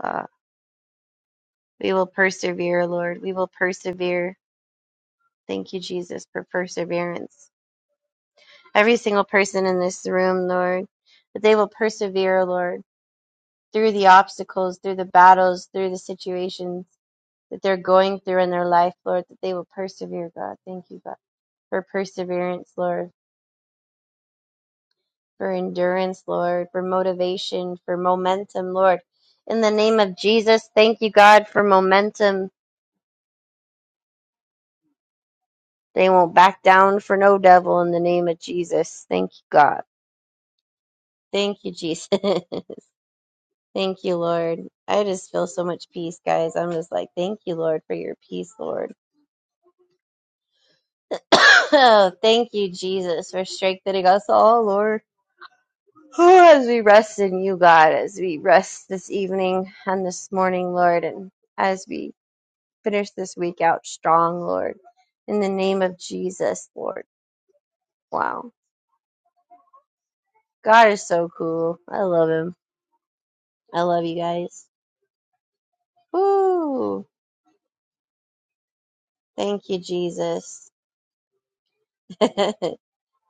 Ah, we will persevere, Lord. We will persevere. Thank you, Jesus, for perseverance. every single person in this room, Lord, that they will persevere, Lord, through the obstacles, through the battles, through the situations that they're going through in their life, Lord, that they will persevere, God. Thank you, God, for perseverance, Lord, for endurance, Lord, for motivation, for momentum, Lord. In the name of Jesus, thank you, God, for momentum. They won't back down for no devil in the name of Jesus. Thank you, God. Thank you, Jesus. [LAUGHS] Thank you, Lord. I just feel so much peace, guys. I'm just like, thank you, Lord, for your peace, Lord. [COUGHS] Oh, thank you, Jesus, for strengthening us all, Lord. Oh, as we rest in you, God, as we rest this evening and this morning, Lord, and as we finish this week out strong, Lord, in the name of Jesus, Lord. Wow. God is so cool. I love him. I love you guys. Woo! Thank you, Jesus. [LAUGHS]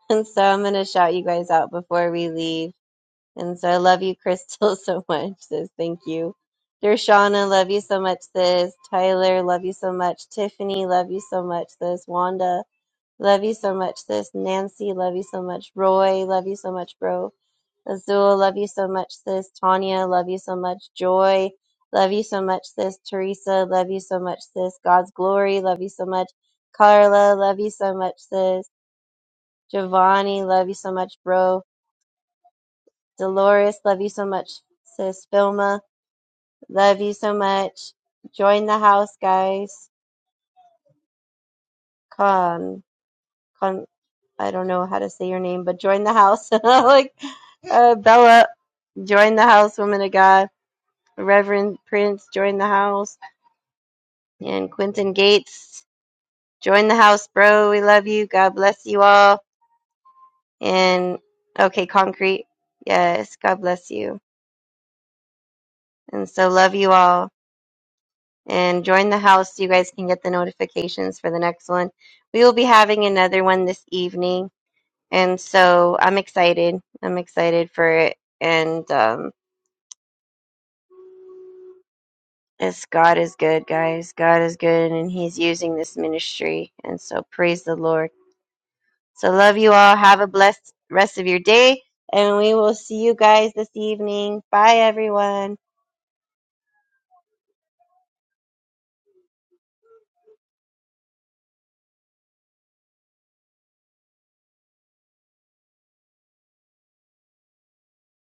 And so I'm going to shout you guys out before we leave. And so I love you, Crystal, [LAUGHS] so much, sis. Thank you. Dershana, love you so much, sis. Tyler, love you so much. Tiffany, love you so much, sis. Wanda, love you so much, sis. Nancy, love you so much. Roy, love you so much, bro. Azul, love you so much, sis. Tanya, love you so much. Joy, love you so much, sis. Teresa, love you so much, sis. God's glory, love you so much. Carla, love you so much, sis. Giovanni, love you so much, bro. Dolores, love you so much. Sis Filma, love you so much. Join the house, guys. Con, con, I don't know how to say your name, but join the house. [LAUGHS] like uh, Bella, join the house, woman of God. Reverend Prince, join the house. And Quentin Gates, join the house, bro. We love you. God bless you all. And okay, Concrete, yes, God bless you. And so love you all. and join the house so you guys can get the notifications for the next one. We will be having another one this evening, and so I'm excited. I'm excited for it. And um, it's God is good, guys. God is good, and He's using this ministry, and so praise the Lord. So love you all. Have a blessed rest of your day. And we will see you guys this evening. Bye, everyone.